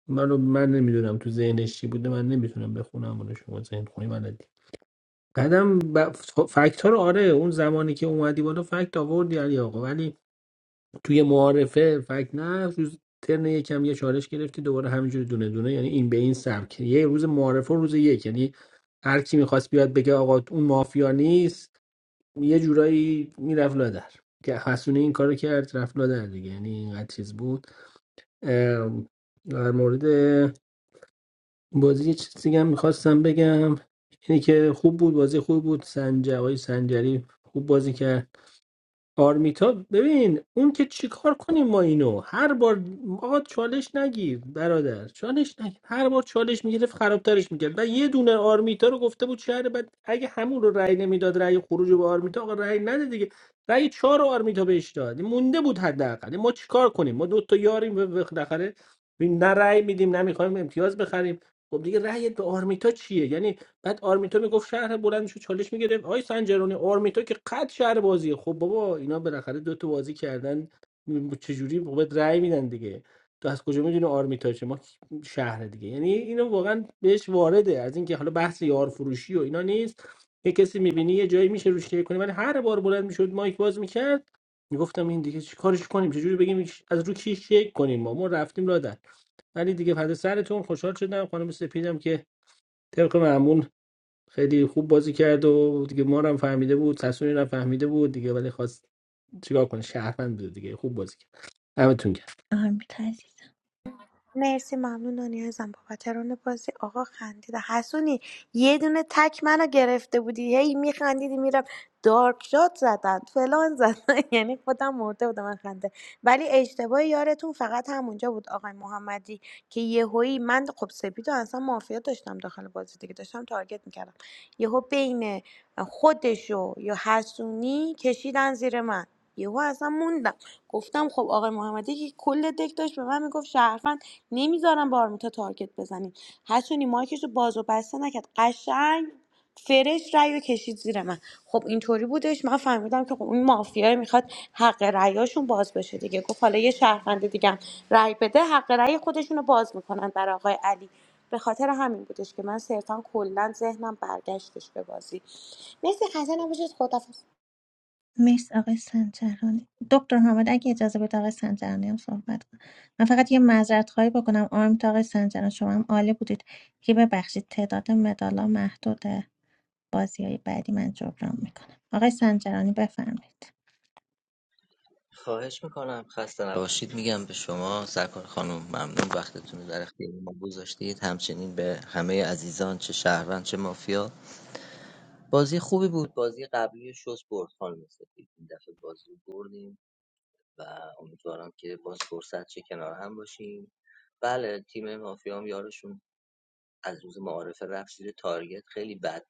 من رو من نمیدونم تو ذهنش چی بوده من نمیتونم بخونم اونو شما ذهن خونی بلدی بعدم ب... فکت ها رو آره اون زمانی که اومدی بالا فکت آوردی علی آقا ولی توی معارفه فکر نه روز ترن یکم یه چالش گرفتی دوباره همینجوری دونه دونه یعنی این به این سبک یه روز معارفه و روز یک یعنی هر کی میخواست بیاد بگه آقا اون مافیا نیست یه جورایی میرفت لادر که حسونه این کارو کرد رفت لادر دیگه یعنی اینقدر چیز بود ام، در مورد بازی یه چیزی هم میخواستم بگم اینی که خوب بود بازی خوب بود سنج آقای سنجری خوب بازی کرد آرمیتا ببین اون که چیکار کنیم ما اینو هر بار آقا چالش نگیر برادر چالش نگیر هر بار چالش میگرفت خرابترش میکرد و یه دونه آرمیتا رو گفته بود شهر بعد اگه همون رو رأی نمیداد رأی خروج رو به آرمیتا آقا رأی نده دیگه رأی چهار رو آرمیتا بهش داد مونده بود حداقل ما چیکار کنیم ما دو تا یاریم و بالاخره نه رأی میدیم نه میخوایم امتیاز بخریم خب دیگه رأیت به آرمیتا چیه یعنی بعد آرمیتا میگفت شهر بلند میشه چالش میگرفت آی سنجرانی آرمیتا که قد شهر بازیه خب بابا اینا بالاخره دو تا بازی کردن م- چجوری بابت رأی میدن دیگه تو از کجا میدونی آرمیتا چه ما شهر دیگه یعنی اینو واقعا بهش وارده از اینکه حالا بحث یار فروشی و اینا نیست یه کسی میبینی یه جایی میشه روش کنی ولی هر بار بلند میشد مایک باز میکرد میگفتم این دیگه چی کارش کنیم چجوری بگیم از رو کی شک کنیم ما ما رفتیم لادن ولی دیگه فدا سرتون خوشحال شدم خانم سپیدم که طبق معمول خیلی خوب بازی کرد و دیگه ما رو هم فهمیده بود سسونی رو هم فهمیده بود دیگه ولی خواست چیکار کنه شهروند بود دیگه خوب بازی کرد همتون کرد آرمیت مرسی ممنون نانی ازم بابت ران بازی آقا خندید حسونی یه دونه تک منو گرفته بودی هی میخندیدی میرم دارک شات زدن فلان زدن یعنی خودم مرده بودم من خنده ولی اشتباه یارتون فقط همونجا بود آقای محمدی که یه یهویی من خب سپید و اصلا مافیا داشتم داخل بازی دیگه داشتم تارگت میکردم یهو بین خودشو یا حسونی کشیدن زیر من یهو اصلا موندم گفتم خب آقای محمدی که کل دک داشت به من میگفت شهروند نمیذارم به آرمیتا تارگت بزنیم حسونی مایکش رو باز و بسته نکرد قشنگ فرش رأی رو کشید زیر من خب اینطوری بودش من فهمیدم که خب این مافیای میخواد حق رأیاشون باز بشه دیگه گفت حالا یه شهروند دیگه هم رأی بده حق رأی خودشون رو باز میکنن برای آقای علی به‌خاطر همین بودش که من صرفا کلا ذهنم برگشتش به بازی مرسی خسته نباشید خدافظ مرسی آقای سنجرانی دکتر حامد اگه اجازه بده آقای سنجرانی هم صحبت کنم من فقط یه معذرت خواهی بکنم آرم تا آقای سنجرانی شما هم عالی بودید که ببخشید تعداد مدالا محدوده بازی های بعدی من جبران میکنم آقای سنجرانی بفرمایید خواهش میکنم خسته نباشید میگم به شما سرکار خانم ممنون وقتتون رو در اختیار ما گذاشتید همچنین به همه عزیزان چه شهروند چه مافیا بازی خوبی بود بازی قبلی شست برد خانم سفید این دفعه بازی رو بردیم و امیدوارم که باز فرصت چه کنار هم باشیم بله تیم مافیا هم یارشون از روز معارفه رفت زیر تارگت خیلی بد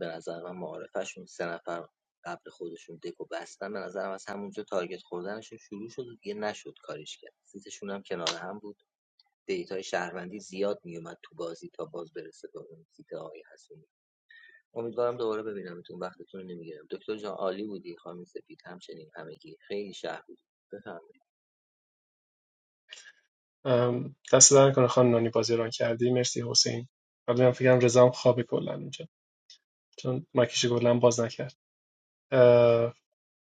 به نظر من معارفهشون سه نفر قبل خودشون دکو بستن به نظرم از همونجا تارگت خوردنشون شروع شد و دیگه نشد کاریش کرد سیتشون هم کنار هم بود دیتای شهروندی زیاد میومد تو بازی تا باز برسه به اون سیت آقای حسونی امیدوارم دوباره ببینمتون وقتتون رو نمیگیرم دکتر جان عالی بودی خانم سپید همچنین همگی خیلی شهر بودی بفرمایید ام، دست در کنه خانم نانی بازی ران کردی مرسی حسین ولی من فکرم رضا هم خوابه کلا اینجا چون مکیش کلا باز نکرد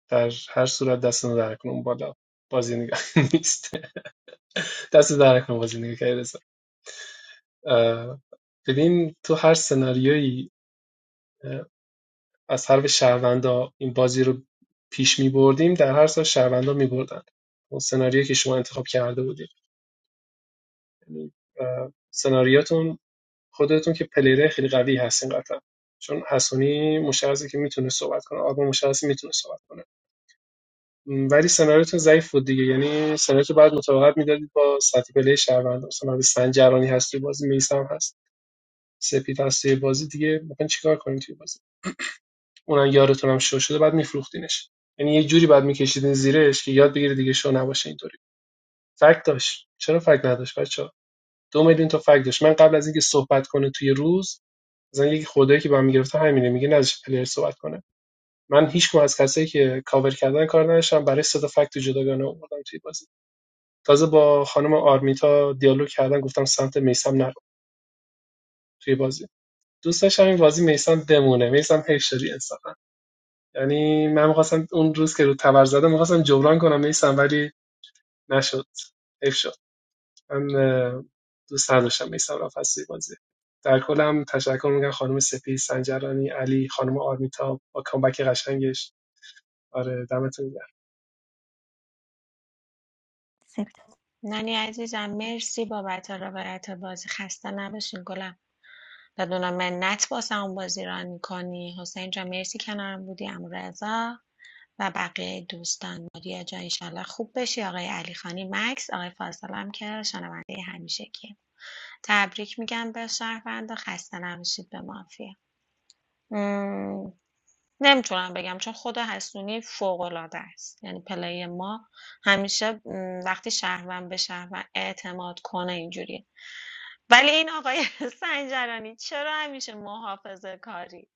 در هر صورت دستتون در کنون بالا بازی نگاه نیست دست در کنون بازی نگاه کردی ببین تو هر سناریویی اه، از حرف شهروندا این بازی رو پیش می بردیم در هر سال شهروندا می بردن اون سناریویی که شما انتخاب کرده بودید یعنی اه، سناریاتون خودتون که پلیره خیلی قوی هستین قطعا چون حسونی مشخصه که میتونه صحبت کنه آرمان مشخصه میتونه صحبت کنه م، ولی سناریوتون ضعیف بود دیگه یعنی سناریوتون بعد مطابقت میدادید با سطح پلی شهروند مثلا اگه سنجرانی هست توی بازی میسم هست سپید هست توی بازی دیگه مثلا چیکار کنید توی بازی اونم یارتون هم شو شده بعد میفروختینش یعنی یه جوری بعد میکشیدین زیرش که یاد بگیره دیگه شو نباشه اینطوری فکت داشت چرا فکت نداشت بچه‌ها دو میلیون تا فکت داشت من قبل از اینکه صحبت کنه توی روز مثلا یکی خدایی که با هم میگرفته همینه میگه نذاش پلیر صحبت کنه من هیچ کدوم از کسایی که کاور کردن کار نداشتم برای صدا فکت جداگانه آوردم توی بازی تازه با خانم آرمیتا دیالوگ کردن گفتم سمت میسم نرو توی بازی دوست داشتم این بازی میسم بمونه میسم هیشری انصافا یعنی من میخواستم اون روز که رو تبر زدم میخواستم جبران کنم میسم ولی نشد حیف شد من دوست نداشتم میسم رفت از بازی در کل هم تشکر میگم خانم سپی سنجرانی علی خانم آرمیتا با کامبک قشنگش آره دمتون گرم سپید. نانی عزیزم مرسی بابت روایت بازی خسته نباشین گلم بدون منت واسه اون بازی ران میکنی حسین جان مرسی کنارم بودی امو رضا و بقیه دوستان ماریا جان ایشالله خوب بشی آقای علی خانی مکس آقای فاصل هم که شنونده همیشه که تبریک میگم به شهروند و خسته نباشید به مافیا مم. نمیتونم بگم چون خود حسونی فوق العاده است یعنی پلی ما همیشه مم، وقتی شهروند به شهروند اعتماد کنه اینجوریه ولی این آقای سنجرانی چرا همیشه محافظه کاری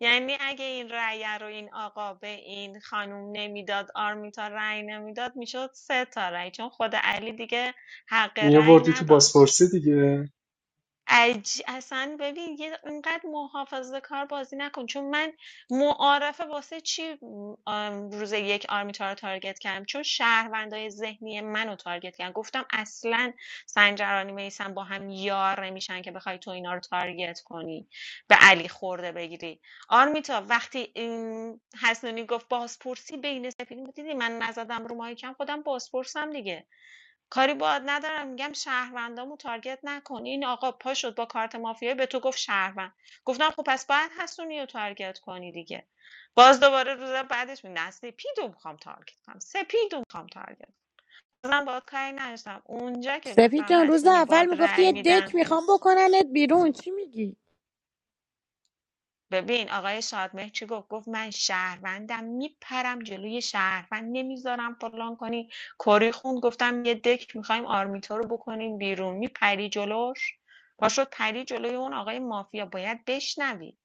یعنی اگه این رأی رو این آقا به این خانوم نمیداد آرمیتا رأی نمیداد میشد سه تا رأی چون خود علی دیگه حق رأی میآوردی تو نداشت بازپرسی دیگه عج... اصلا ببین یه اینقدر محافظه کار بازی نکن چون من معارفه واسه چی آم، روز یک آرمیتا رو تارگت کردم چون شهروندای ذهنی منو تارگت کردم گفتم اصلا سنجرانی میسن با هم یار نمیشن که بخوای تو اینا رو تارگت کنی به علی خورده بگیری آرمیتا وقتی این حسنونی گفت بازپرسی بین سپیدین دیدی من نزدم رو مایکم خودم بازپرسم دیگه کاری باهات ندارم میگم شهروندامو تارگت نکن این آقا پا شد با کارت مافیایی به تو گفت شهروند گفتم خب پس باید حسونی رو تارگت کنی دیگه باز دوباره روز بعدش می نسلی پیدو میخوام تارگت کنم سپیدو میخوام تارگت کنم. من باید کاری نداشتم اونجا که سپید گفتم جان روز حسونی اول باد میگفتی رأی یه میدم دک میخوام بکننت بیرون چی میگی ببین آقای شادمهر چی گفت گفت من شهروندم میپرم جلوی شهروند نمیذارم فلان کنی کاری خوند گفتم یه دک میخوایم آرمیتا رو بکنیم بیرون میپری جلوش پاشد پری جلوی اون آقای مافیا باید بشنوی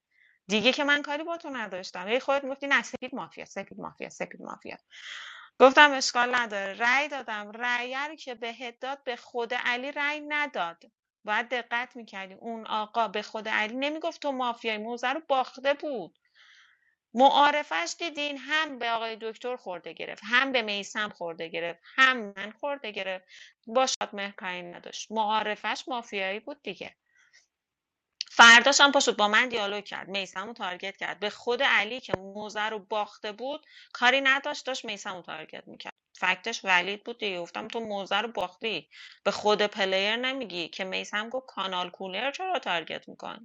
دیگه که من کاری با تو نداشتم هی خودت میگفتی نه سپید مافیا سپید مافیا سپید مافیا گفتم اشکال نداره رأی دادم رأی رو که بهت داد به خود علی رأی نداد باید دقت میکردی اون آقا به خود علی نمیگفت تو مافیای موزه رو باخته بود معارفش دیدین هم به آقای دکتر خورده گرفت هم به میسم خورده گرفت هم من خورده گرفت با شادمهر کاری نداشت معارفش مافیایی بود دیگه فرداش هم پاشد با من دیالوگ کرد میسم رو تارگت کرد به خود علی که موزه رو باخته بود کاری نداشت داشت میسم رو تارگت میکرد فکتش ولید بود دیگه گفتم تو موزه رو باختی به خود پلیر نمیگی که میسم گفت کانال کولر چرا تارگت میکنی؟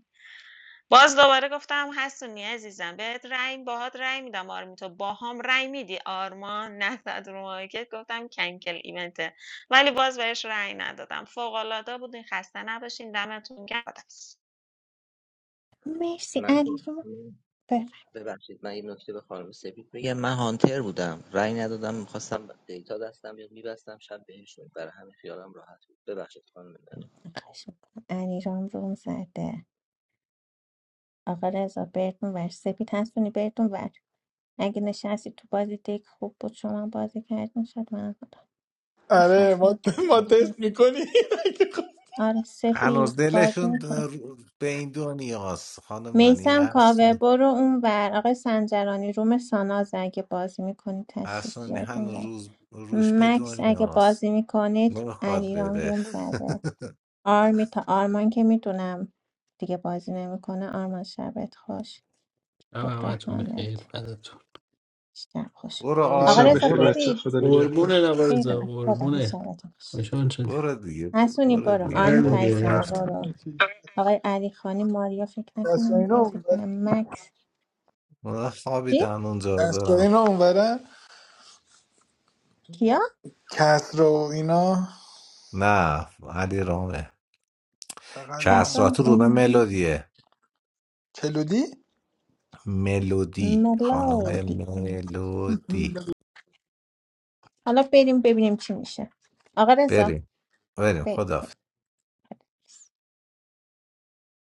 باز دوباره گفتم حسونی عزیزم بهت رأی باهات رأی میدم آرمیتا باهام رأی میدی آرمان نزد رو مارکت گفتم کنکل ایونته ولی باز بهش رأی ندادم فوق العاده بودین خسته نباشین دمتون گرم مرسی من علی جون بفرمایید ببخشید من یه نکته به خانم سپید میگم من هانتر بودم رأی ندادم میخواستم دیتا دستم بیاد میبستم شب بهشون برای همین خیالم راحت بود ببخشید خانم خواهش می‌کنم. علی جان روم زده آقا رضا بردون ور سپید هستونی بردون ور اگه نشستی تو بازی دیگه خوب بود شما بازی کردین شد من آره ما ما نشستم تست میکنیم آره هنوز سپید بازی دلشون میکنه به این دنیاست خانم نانی میسم هست کاوه برو اون ور آقای سنجرانی روم ساناز اگه بازی میکنید تشریف هست بیارید اون هنوز ور. روز روش به مکس اگه دنیاست بازی میکنید نمیخواد علیرام بره روم زده آرمی تا آرمان که میدونم دیگه بازی نمیکنه آرمان شبت خوش هم دکتر همتون حامد بخیر بدتون شب خوش برو آقا شب آرمان رضا بخیر برو بچه برید خدا نگهدار قربونه برید اون نوارزا ور. خدا حافظ، قربونه شبتون خوش خوشحال شدیم برو دیگه حسونی برو برو دیگه آره آرمی دیگه، قربون تایزم رفتی. برو آقای علی خانی ماریا فکر کسرا نکنم اینا بازی اونورن کنه مکس من خوابیدن اونجا کسرا دارم اینا اونورن کیا؟ کسرا و اینا نه علی رامه بغل ما کسرا کسرات رو به اونجا ملودیه کلودی ملودی خانم ملودی ملودی حالا بریم ببینیم چی میشه آقا رضا بریم بریم خدا بریم